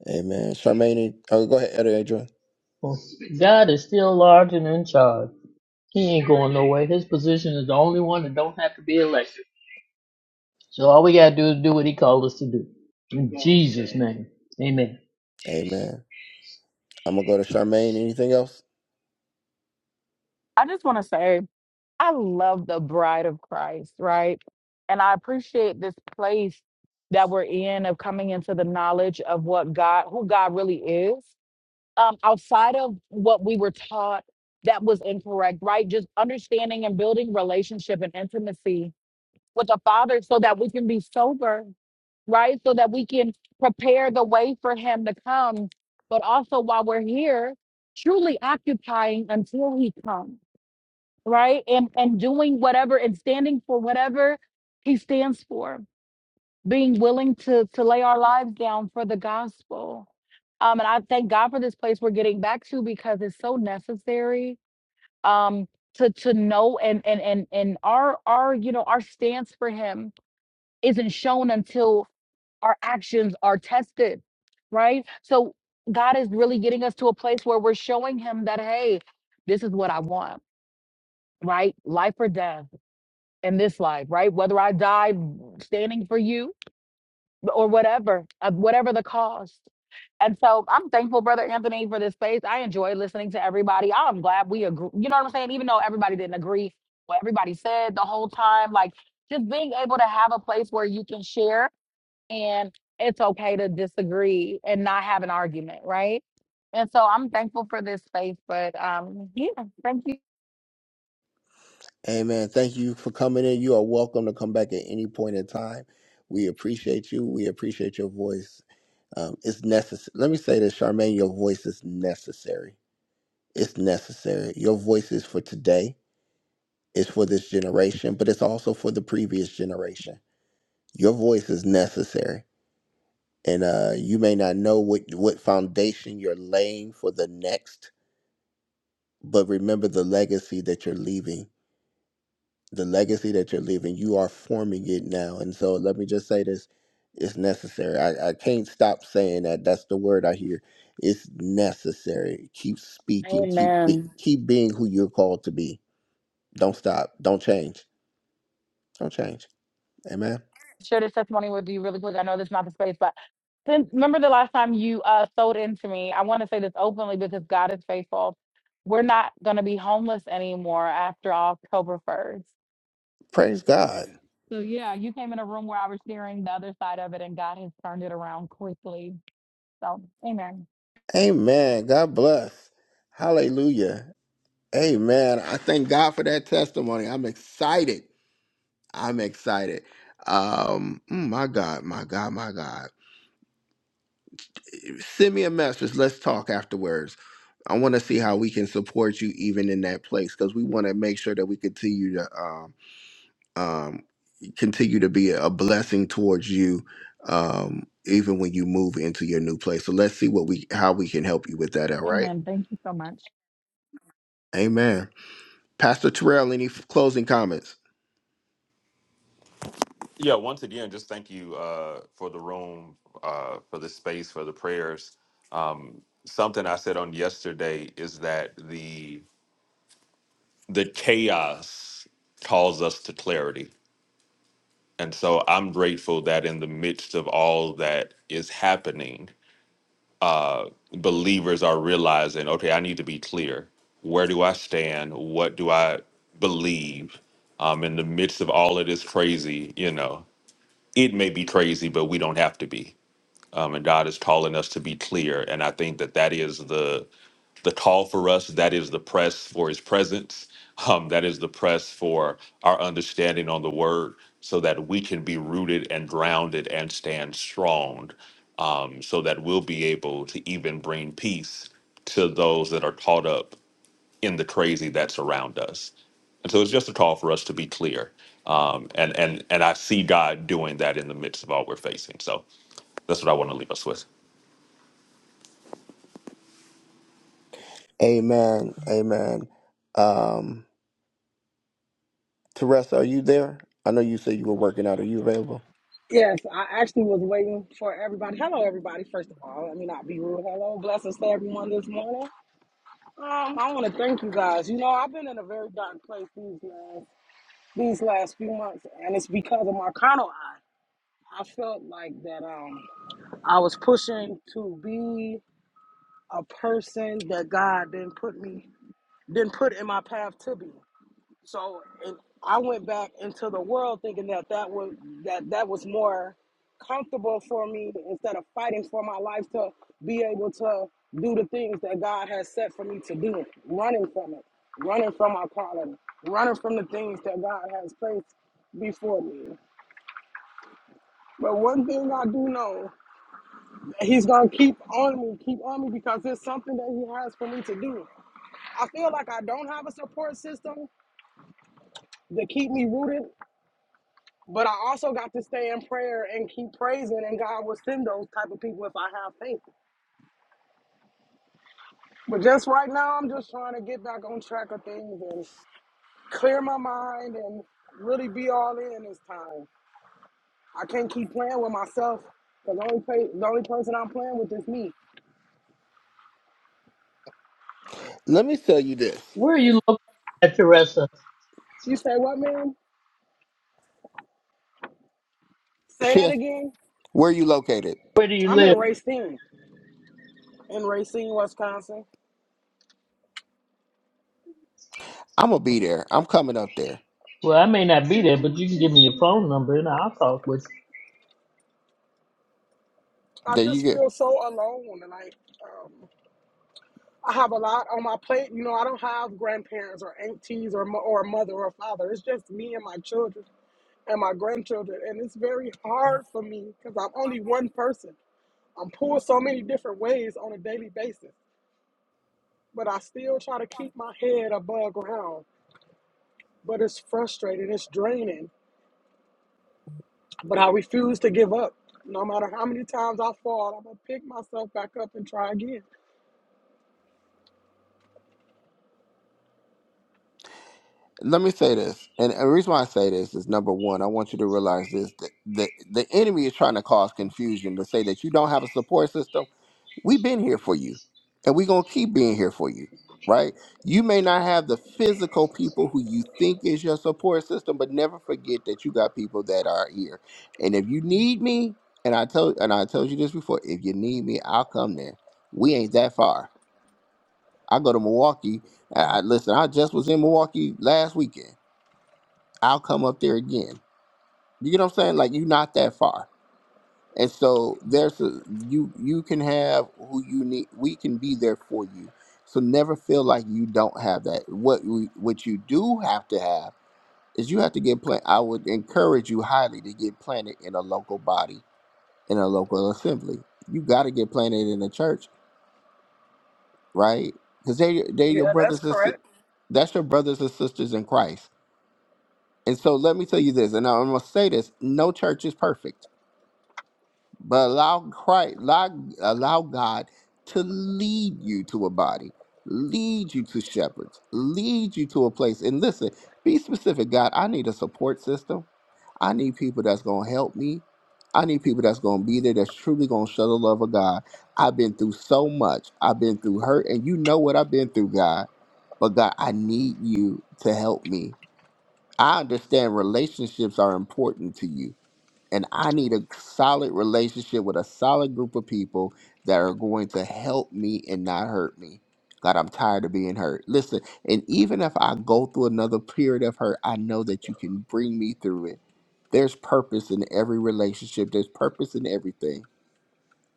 Amen. Charmaine, any- oh, go ahead, Elder Adrian. God is still large and in charge. He ain't going nowhere. His position is the only one that don't have to be elected. So all we gotta do is do what he called us to do. In Jesus' name. Amen. Amen. I'm going to go to Charmaine. Anything else? i just want to say I love the bride of Christ, right? And I appreciate this place that we're in of coming into the knowledge of what God, who God really is, um, outside of what we were taught that was incorrect, right? Just understanding and building relationship and intimacy with the Father so that we can be sober, right? So that we can prepare the way for Him to come. But also while we're here, truly occupying until He comes right? And and doing whatever and standing for whatever he stands for, being willing to to lay our lives down for the gospel. Um, and I thank God for this place we're getting back to because it's so necessary. Um, to to know and and and and our our you know our stance for him isn't shown until our actions are tested, right? So God is really getting us to a place where we're showing him that hey, this is what I want, right? Life or death in this life, right? Whether I die standing for you or whatever, uh, whatever the cost. And so I'm thankful, Brother Anthony, for this space. I enjoy listening to everybody. I'm glad we agree. You know what I'm saying? Even though everybody didn't agree what everybody said the whole time, like just being able to have a place where you can share and it's okay to disagree and not have an argument, right? And so I'm thankful for this space, but um, yeah, thank you. Amen. Thank you for coming in. You are welcome to come back at any point in time. We appreciate you. We appreciate your voice. Um, it's necessary. Let me say this, Charmaine, your voice is necessary. It's necessary. Your voice is for today, it's for this generation, but it's also for the previous generation. Your voice is necessary. And uh, you may not know what, what foundation you're laying for the next, but remember the legacy that you're leaving the legacy that you're leaving, you are forming it now. And so let me just say this it's necessary. I, I can't stop saying that. That's the word I hear. It's necessary. Keep speaking. Keep be, Amen. keep being who you're called to be. Don't stop. Don't change. Don't change. Amen. share this testimony with you really quick. I know this is not the space, but since remember the last time you uh sold into me, I want to say this openly because God is faithful. We're not gonna be homeless anymore after October first. Praise God. So yeah, you came in a room where I was hearing the other side of it and God has turned it around quickly. So amen. Amen. God bless. Hallelujah. Amen. I thank God for that testimony. I'm excited. I'm excited. Um, mm, my God, my God, my God. send me a message. Let's talk afterwards. I want to see how we can support you even in that place because we want to make sure that we continue to um, um, continue to be a blessing towards you um, even when you move into your new place. So let's see what we how we can help you with that. All right. Amen. Thank you so much. Amen. Pastor Terrell, any f- closing comments? Yeah, once again, just thank you uh, for the room, uh, for the space, for the prayers. Um, something I said on yesterday is that the the chaos calls us to clarity, and so I'm grateful that in the midst of all that is happening, uh, believers are realizing, okay, I need to be clear. Where do I stand? What do I believe? Um, in the midst of all of this crazy, you know, it may be crazy, but we don't have to be um, and God is calling us to be clear. And I think that that is the the call for us. That is the press for His presence. <laughs> Um, that is the press for our understanding on the Word, so that we can be rooted and grounded and stand strong. Um, so that we'll be able to even bring peace to those that are caught up in the crazy that's around us. And so it's just a call for us to be clear. Um, and and and I see God doing that in the midst of all we're facing. So that's what I want to leave us with. Amen. Amen. Um, Teresa, are you there? I know you said you were working out. Are you available? Yes, I actually was waiting for everybody. Hello, everybody. First of all, let me not be rude. Hello, blessings to everyone this morning. Um, I want to thank you guys. You know, I've been in a very dark place these last these last few months, and it's because of my carnal eye. I felt like that um I was pushing to be a person that God didn't put me didn't put in my path to be. So and I went back into the world thinking that that was that that was more comfortable for me instead of fighting for my life to be able to do the things that God has set for me to do, running from it, running from my calling, running from the things that God has placed before me. But one thing I do know, he's gonna keep on me, keep on me because it's something that he has for me to do. I feel like I don't have a support system to keep me rooted But I also got to stay in prayer and keep praising, and God will send those type of people if I have faith. But just right now, I'm just trying to get back on track of things and clear my mind and really be all in this time. I can't keep playing with myself because the only pa- the only person I'm playing with is me. Let me tell you this. Where are you located at, Teresa? You say what, man? <laughs> Say that Chef, again. where are you located? Where do you I'm live? in Racine, in Racine, Wisconsin. I'm gonna be there. I'm coming up there. Well, I may not be there, but you can give me your phone number and I'll talk with you. I That you just get. feel so alone, and like. um, I have a lot on my plate. You know, I don't have grandparents or aunties or, mo- or a mother or a father. It's just me and my children and my grandchildren. And it's very hard for me because I'm only one person. I'm pulled so many different ways on a daily basis, but I still try to keep my head above ground. But it's frustrating, it's draining. But I refuse to give up. No matter how many times I fall, I'm going to pick myself back up and try again. Let me say this, and the reason why I say this is number one, I want you to realize this: that the the enemy is trying to cause confusion to say that you don't have a support system. We've been here for you, and we're gonna keep being here for you. Right? You may not have the physical people who you think is your support system, but never forget that you got people that are here. And if you need me, and I told and I told you this before, if you need me, I'll come there. We ain't that far I go to Milwaukee. I, listen, I just was in Milwaukee last weekend. I'll come up there again. You get what I'm saying? Like you're not that far. And so there's a, you you can have who you need. We can be there for you. So never feel like you don't have that. What we, what you do have to have is you have to get planted. I would encourage you highly to get planted in a local body in a local assembly. You got to get planted in a church, right? Because they they are your Yeah, that's brothers and sis- correct. that's your brothers and sisters in Christ And so let me tell you this, and I'm gonna say this: no church is perfect, but allow Christ, allow, allow God to lead you to a body, lead you to shepherds, lead you to a place. And listen, be specific, God. I need a support system. I need people that's gonna help me. I need people that's gonna be there that's truly gonna show the love of God. I've been through so much. I've been through hurt, and you know what I've been through, God. But God, I need you to help me. I understand relationships are important to you. And I need a solid relationship with a solid group of people that are going to help me and not hurt me. God, I'm tired of being hurt. Listen, and even if I go through another period of hurt, I know that you can bring me through it. There's purpose in every relationship, there's purpose in everything.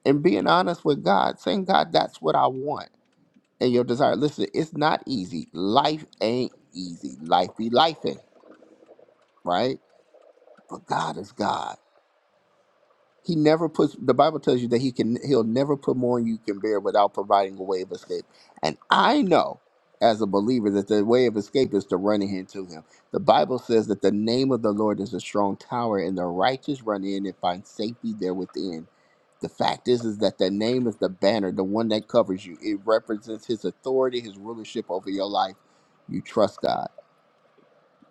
And being honest with God, saying, God, that's what I want and your desire. Listen, it's not easy. Life ain't easy. Life be lifing, right? But God is God. He never puts the Bible tells you that he can he'll never put more than you can bear without providing a way of escape. And I know as a believer that the way of escape is to run into him. The Bible says that the name of the Lord is a strong tower and the righteous run in and find safety there within. The fact is is that the name is the banner, the one that covers you. It represents his authority, his rulership over your life. You trust God.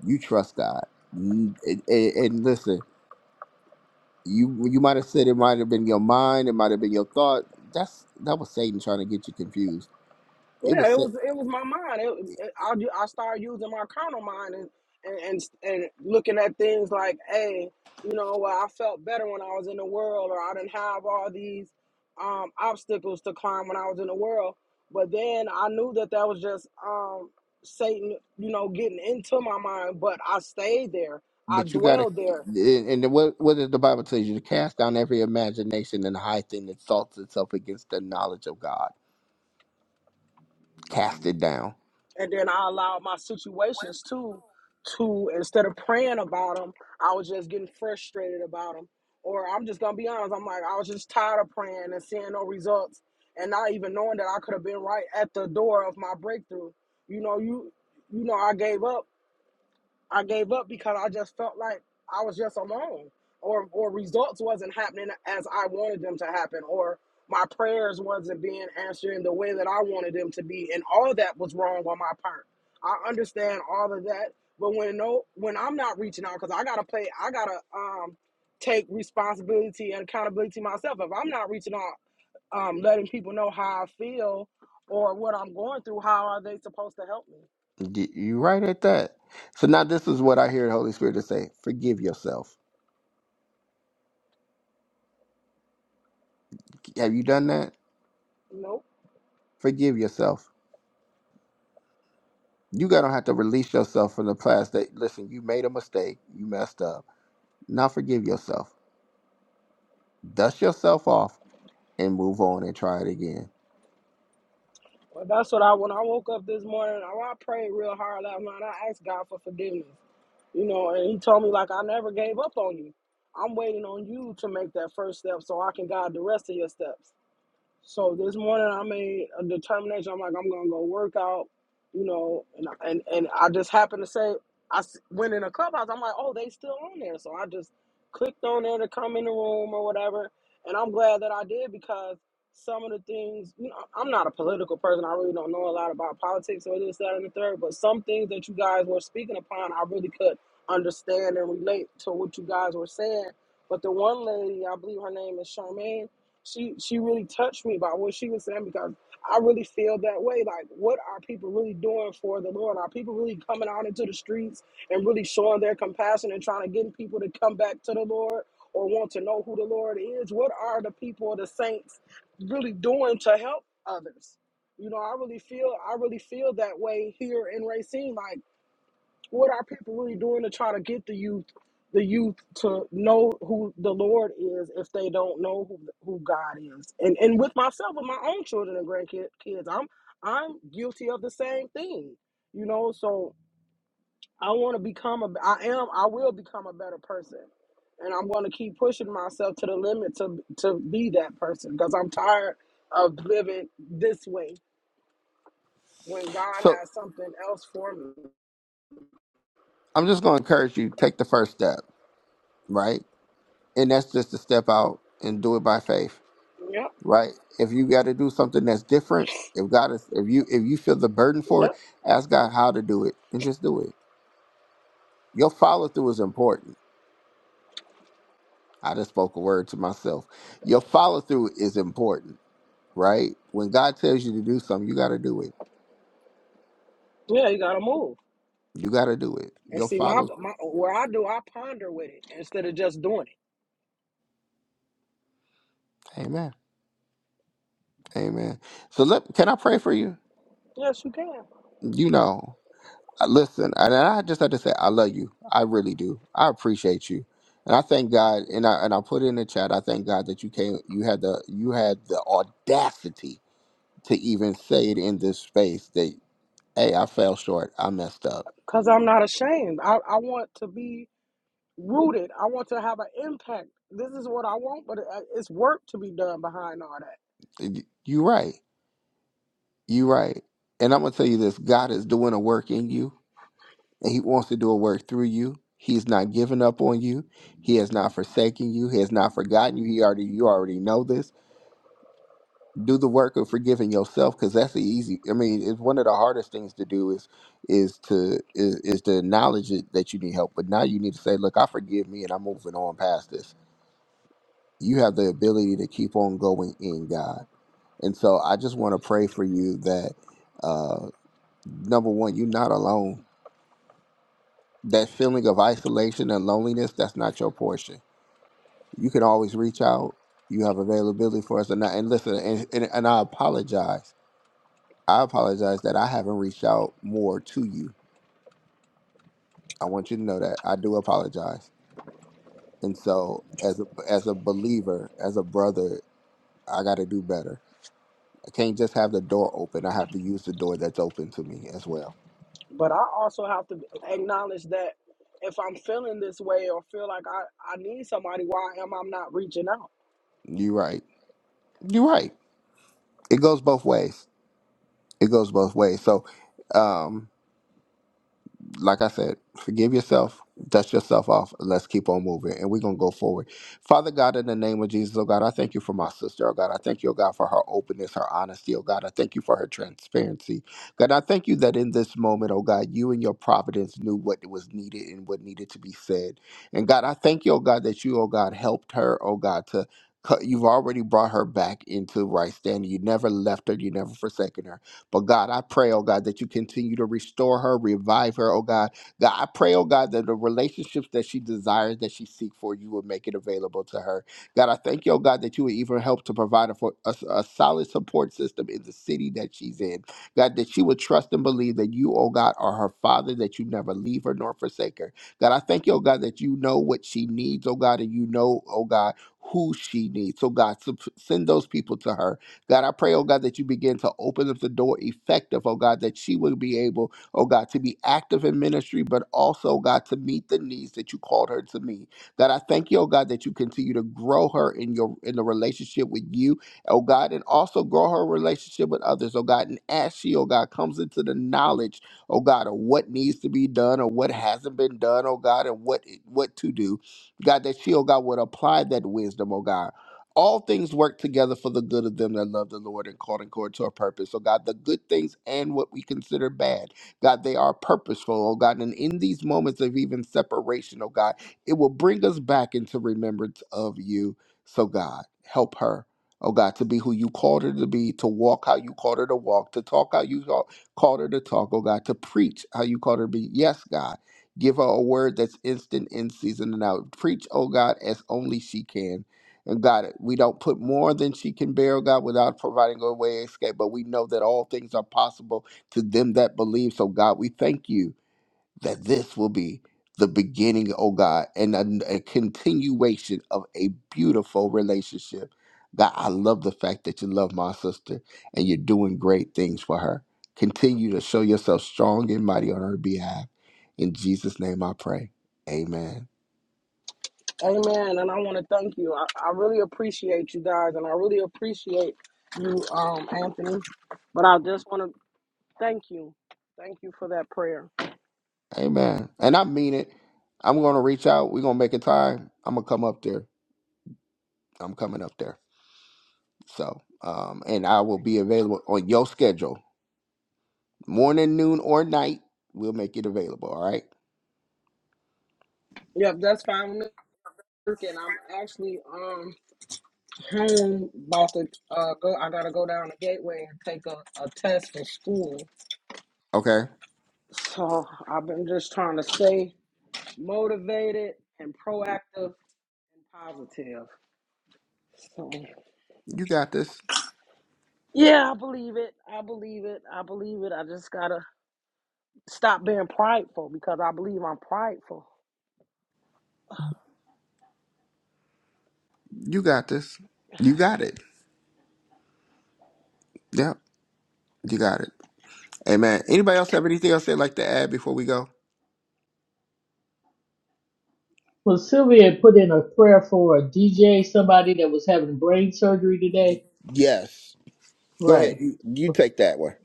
You trust God. N- And, and and listen, you you might have said it might have been your mind, it might have been your thought. That's that was Satan trying to get you confused. It Yeah, was, it was Sa- it was my mind. It, it, I ju- I started using my carnal mind and, and and and looking at things like, hey, you know, well, I felt better when I was in the world, or I didn't have all these um, obstacles to climb when I was in the world. But then I knew that that was just um, Satan, you know, getting into my mind. But I stayed there. I but you got to, dwelled there. and and what what does the Bible tell you? To cast down every imagination and high thing that exalts itself against the knowledge of God. Cast it down. and then I allowed my situations too to instead of praying about them, I was just getting frustrated about them. Or I'm just gonna be honest, I'm like I was just tired of praying and seeing no results, and not even knowing that I could have been right at the door of my breakthrough. You know, you you know I gave up I gave up because I just felt like I was just alone, or or results wasn't happening as I wanted them to happen, or my prayers wasn't being answered in the way that I wanted them to be, and all of that was wrong on my part. I understand all of that, but when no, when I'm not reaching out, because I gotta play, I gotta um take responsibility and accountability myself. If I'm not reaching out, um, letting people know how I feel or what I'm going through, how are they supposed to help me? Y- You right at that. So now this is what I hear the Holy Spirit to say: Forgive yourself. Have you done that? Nope. Forgive yourself. You gotta have to release yourself from the past. That listen, you made a mistake. You messed up. Now forgive yourself dust yourself off and move on and try it again. Well, that's what I when I woke up this morning. I, I prayed real hard last night. I asked God for forgiveness, you know, and He told me like I never gave up on you. I'm waiting on you to make that first step so I can guide the rest of your steps. So this morning I made a determination. I'm like, I'm gonna go work out, you know, and I- and and I just happened to say I s- went in a clubhouse. I'm like, oh, they still on there. So I just clicked on there to come in the room or whatever. And I'm glad that I did because some of the things, you know, I'm not a political person. I really don't know a lot about politics or this, that, and the third. But some things that you guys were speaking upon, I really could understand and relate to what you guys were saying. But the one lady, I believe her name is Charmaine she she really touched me by what she was saying because I really feel that way. Like, what are people really doing for the Lord? Are people really coming out into the streets and really showing their compassion and trying to get people to come back to the Lord or want to know who the Lord is? What are the people, the saints, really doing to help others? You know, I really feel I really feel that way here in Racine. Like what are people really doing to try to get the youth, the youth to know who the Lord is if they don't know who, who God is? And and with myself, with my own children and grandkids, I'm I'm guilty of the same thing. You know, so I want to become a, I am, I will become a better person, and I'm going to keep pushing myself to the limit to to be that person because I'm tired of living this way when God So has something else for me. I'm just going to encourage you take the first step, right? And that's just to step out and do it by faith, Yep, right? If you got to do something that's different, if God is, if you if you feel the burden for yep. it, ask God how to do it and just do it. Your follow through is important. I just spoke a word to myself. Your follow through is important, right? When God tells you to do something, you got to do it. Yeah, you gotta move. You got to do it. And Your see, my, follow. my where I do, I ponder with it instead of just doing it. Amen. Amen. So let can I pray for you? Yes, you can. You know, I- listen, and I just have to say I love you. I really do. I appreciate you, and I thank God. And I and I put in the chat. I thank God that you came. You had the you had the audacity to even say it in this space that hey, I fell short. I messed up. Cause I'm not ashamed. I, I want to be rooted. I want to have an impact. This is what I want, but it, it's work to be done behind all that. You right. You right. And I'm gonna tell you this: God is doing a work in you. and he wants to do a work through you. He's not giving up on you. He has not forsaken you. He has not forgotten you. He already you already know this. Do the work of forgiving yourself because that's the easy. I mean, it's one of the hardest things to do is is to is, is to acknowledge it, that you need help. But now you need to say, look, I forgive me, and I'm moving on past this. You have the ability to keep on going in God. And so I just want to pray for you that uh number one, you're not alone that feeling of isolation and loneliness, that's not your portion. You can always reach out. You have availability for us or not. And listen, and, and, and I apologize. I apologize that I haven't reached out more to you. I want you to know that I do apologize. And so, as a as a believer, as a brother, I got to do better. I can't just have the door open. I have to use the door that's open to me as well. But I also have to acknowledge that if I'm feeling this way or feel like I, I need somebody, why am I not reaching out? You're right. You're right. It goes both ways. It goes both ways. So, um. like I said, forgive yourself, dust yourself off, and let's keep on moving. And we're going to go forward. Father God, in the name of Jesus, oh God, I thank you for my sister, oh God. I thank you, oh God, for her openness, her honesty, oh God. I thank you for her transparency. God, I thank you that in this moment, oh God, you and your providence knew what was needed and what needed to be said. And God, I thank you, oh God, that you, oh God, helped her, oh God, to. cut- You've already brought her back into right standing. You never left her. You never forsaken her. But God, I pray, oh God, that you continue to restore her, revive her, oh God. God, I pray, oh God, that the relationships that she desires, that she seeks for, you will make it available to her. God, I thank you, oh God, that you would even help to provide her for a, a solid support system in the city that she's in. God, that she would trust and believe that you, oh God, are her father, that you never leave her nor forsake her. God, I thank you, oh God, that you know what she needs, oh God, and you know, oh God, who she needs. So, God, sup- send those people to her God, I pray, oh God, that you begin to open up the door effective, oh God, that she will be able, oh God, to be active in ministry, but also, oh God, to meet the needs that you called her to meet. God, I thank you, oh God, that you continue to grow her in your in the relationship with you, oh God, and also grow her relationship with others, oh God. And as she, oh God, comes into the knowledge, oh God, of what needs to be done or what hasn't been done, oh God, and what what to do. God, that she, oh God, would apply that wisdom, oh God all things work together for the good of them that love the Lord and called according to a purpose. So, God, the good things and what we consider bad, God, they are purposeful, oh God. And in these moments of even separation, oh God, it will bring us back into remembrance of you. So, God, help her. Oh God, to be who you called her to be, to walk how you called her to walk, to talk how you ca- called her to talk, oh God, to preach how you called her to be. Yes, God, give her a word that's instant in season and out. Preach, oh God, as only she can and God, we don't put more than she can bear, God, without providing a way of escape. But we know that all things are possible to them that believe. So, God, we thank you that this will be the beginning, oh God, and a, a continuation of a beautiful relationship. God, I love the fact that you love my sister and you're doing great things for her. Continue to show yourself strong and mighty on her behalf. In Jesus' name I pray. Amen. Amen. And I want to thank you. I, I really appreciate you guys, and I really appreciate you, um, Anthony. But I just want to Thank you. Thank you for that prayer. Amen. And I mean it. I'm gonna reach out. We're gonna make a time. I'm gonna come up there. I'm coming up there. So um and I will be available on your schedule. Morning, noon, or night. We'll make it available. All right. Yep, that's fine with me. And I'm actually um home about to uh go I gotta go down the gateway and take a, a test for school. Okay. So I've been just trying to stay motivated and proactive and positive. So You got this. yeah, I believe it. I believe it. I believe it. I just gotta stop being prideful because I believe I'm prideful. You got this. You got it. Yep. You got it. Amen. Anybody else have anything else they'd like to add before we go? Well, Sylvia had put in a prayer for a DJ, somebody that was having brain surgery today. Yes. Go ahead. Right. You, you take that one.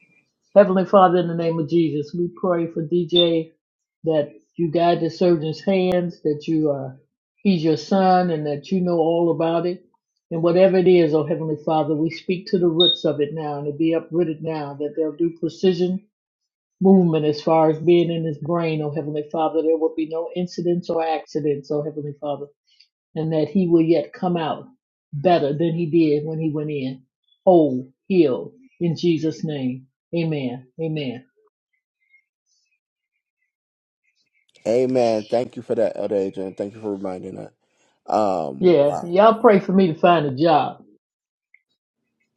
Heavenly Father, in the name of Jesus, we pray for DJ that you guide the surgeon's hands, that you are, he's your son, and that you know all about it. And whatever it is, oh Heavenly Father, we speak to the roots of it now and it be uprooted now, that they'll do precision movement as far as being in his brain, oh Heavenly Father. There will be no incidents or accidents, oh Heavenly Father, and that he will yet come out better than he did when he went in, whole, healed, in Jesus' name. Amen. Amen. Amen. Thank you for that, Elder Adrian. Thank you for reminding that. Um, Yeah, wow. y'all pray for me to find a job.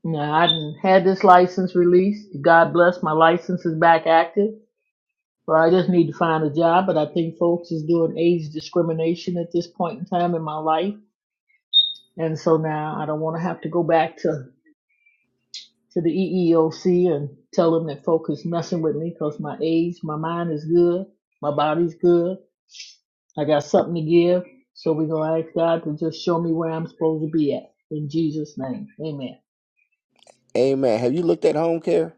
Now, I done had this license released. God bless, my license is back active. Well, I just need to find a job, but I think folks is doing age discrimination at this point in time in my life. And so now I don't want to have to go back to, to the EEOC and tell them that folk is messing with me because my age, my mind is good, my body's good. I got something to give. So we're going to ask God to just show me where I'm supposed to be at. In Jesus' name, amen. Amen. Have you looked at home care?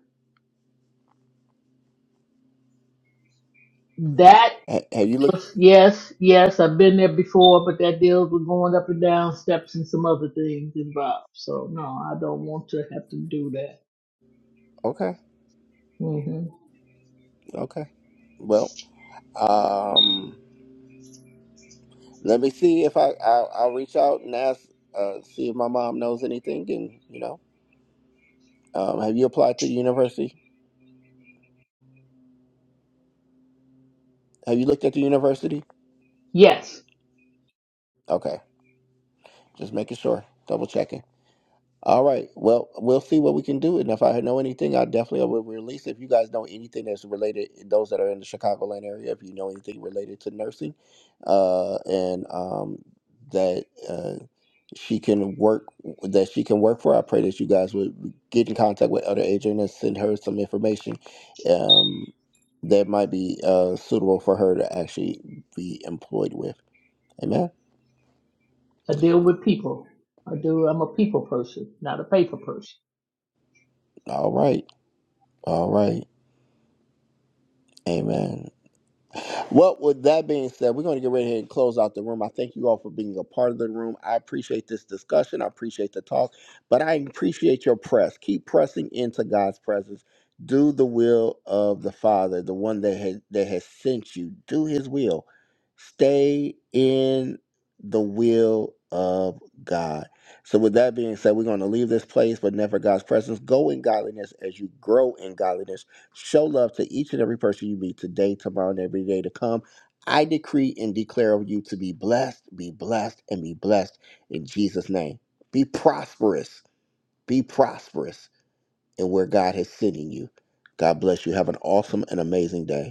That Ha- Have you looked? Yes, yes, I've been there before, but that deals with going up and down steps and some other things involved. So no, I don't want to have to do that. Okay, hmm okay. Well, um, let me see if I, I I'll reach out and ask, uh, see if my mom knows anything. And you know, um, have you applied to the university? Have you looked at the university? Yes, Okay, just making sure, double checking. All right. Well, we'll see what we can do. And if I know anything, I definitely will release. If you guys know anything that's related, those that are in the Chicagoland area, if you know anything related to nursing, uh, and um, that uh, she can work, that she can work for, I pray that you guys would get in contact with other agent and send her some information um, that might be uh, suitable for her to actually be employed with. Amen. I deal with people. I do. I'm a people person, not a paper person. All right. All right. Amen. Well, with that being said, we're going to get right here and close out the room. I thank you all for being a part of the room. I appreciate this discussion. I appreciate the talk, but I appreciate your press. Keep pressing into God's presence. Do the will of the Father, the one that has, that has sent you. Do His will. Stay in the will of God. So, with that being said, we're going to leave this place, but never God's presence. Go in godliness as you grow in godliness Show love to each and every person you meet today, tomorrow, and every day to come. I decree and declare of you to be blessed, be blessed, and be blessed in Jesus' name. Be prosperous, be prosperous in where God is sending you. God bless you. Have an awesome and amazing day.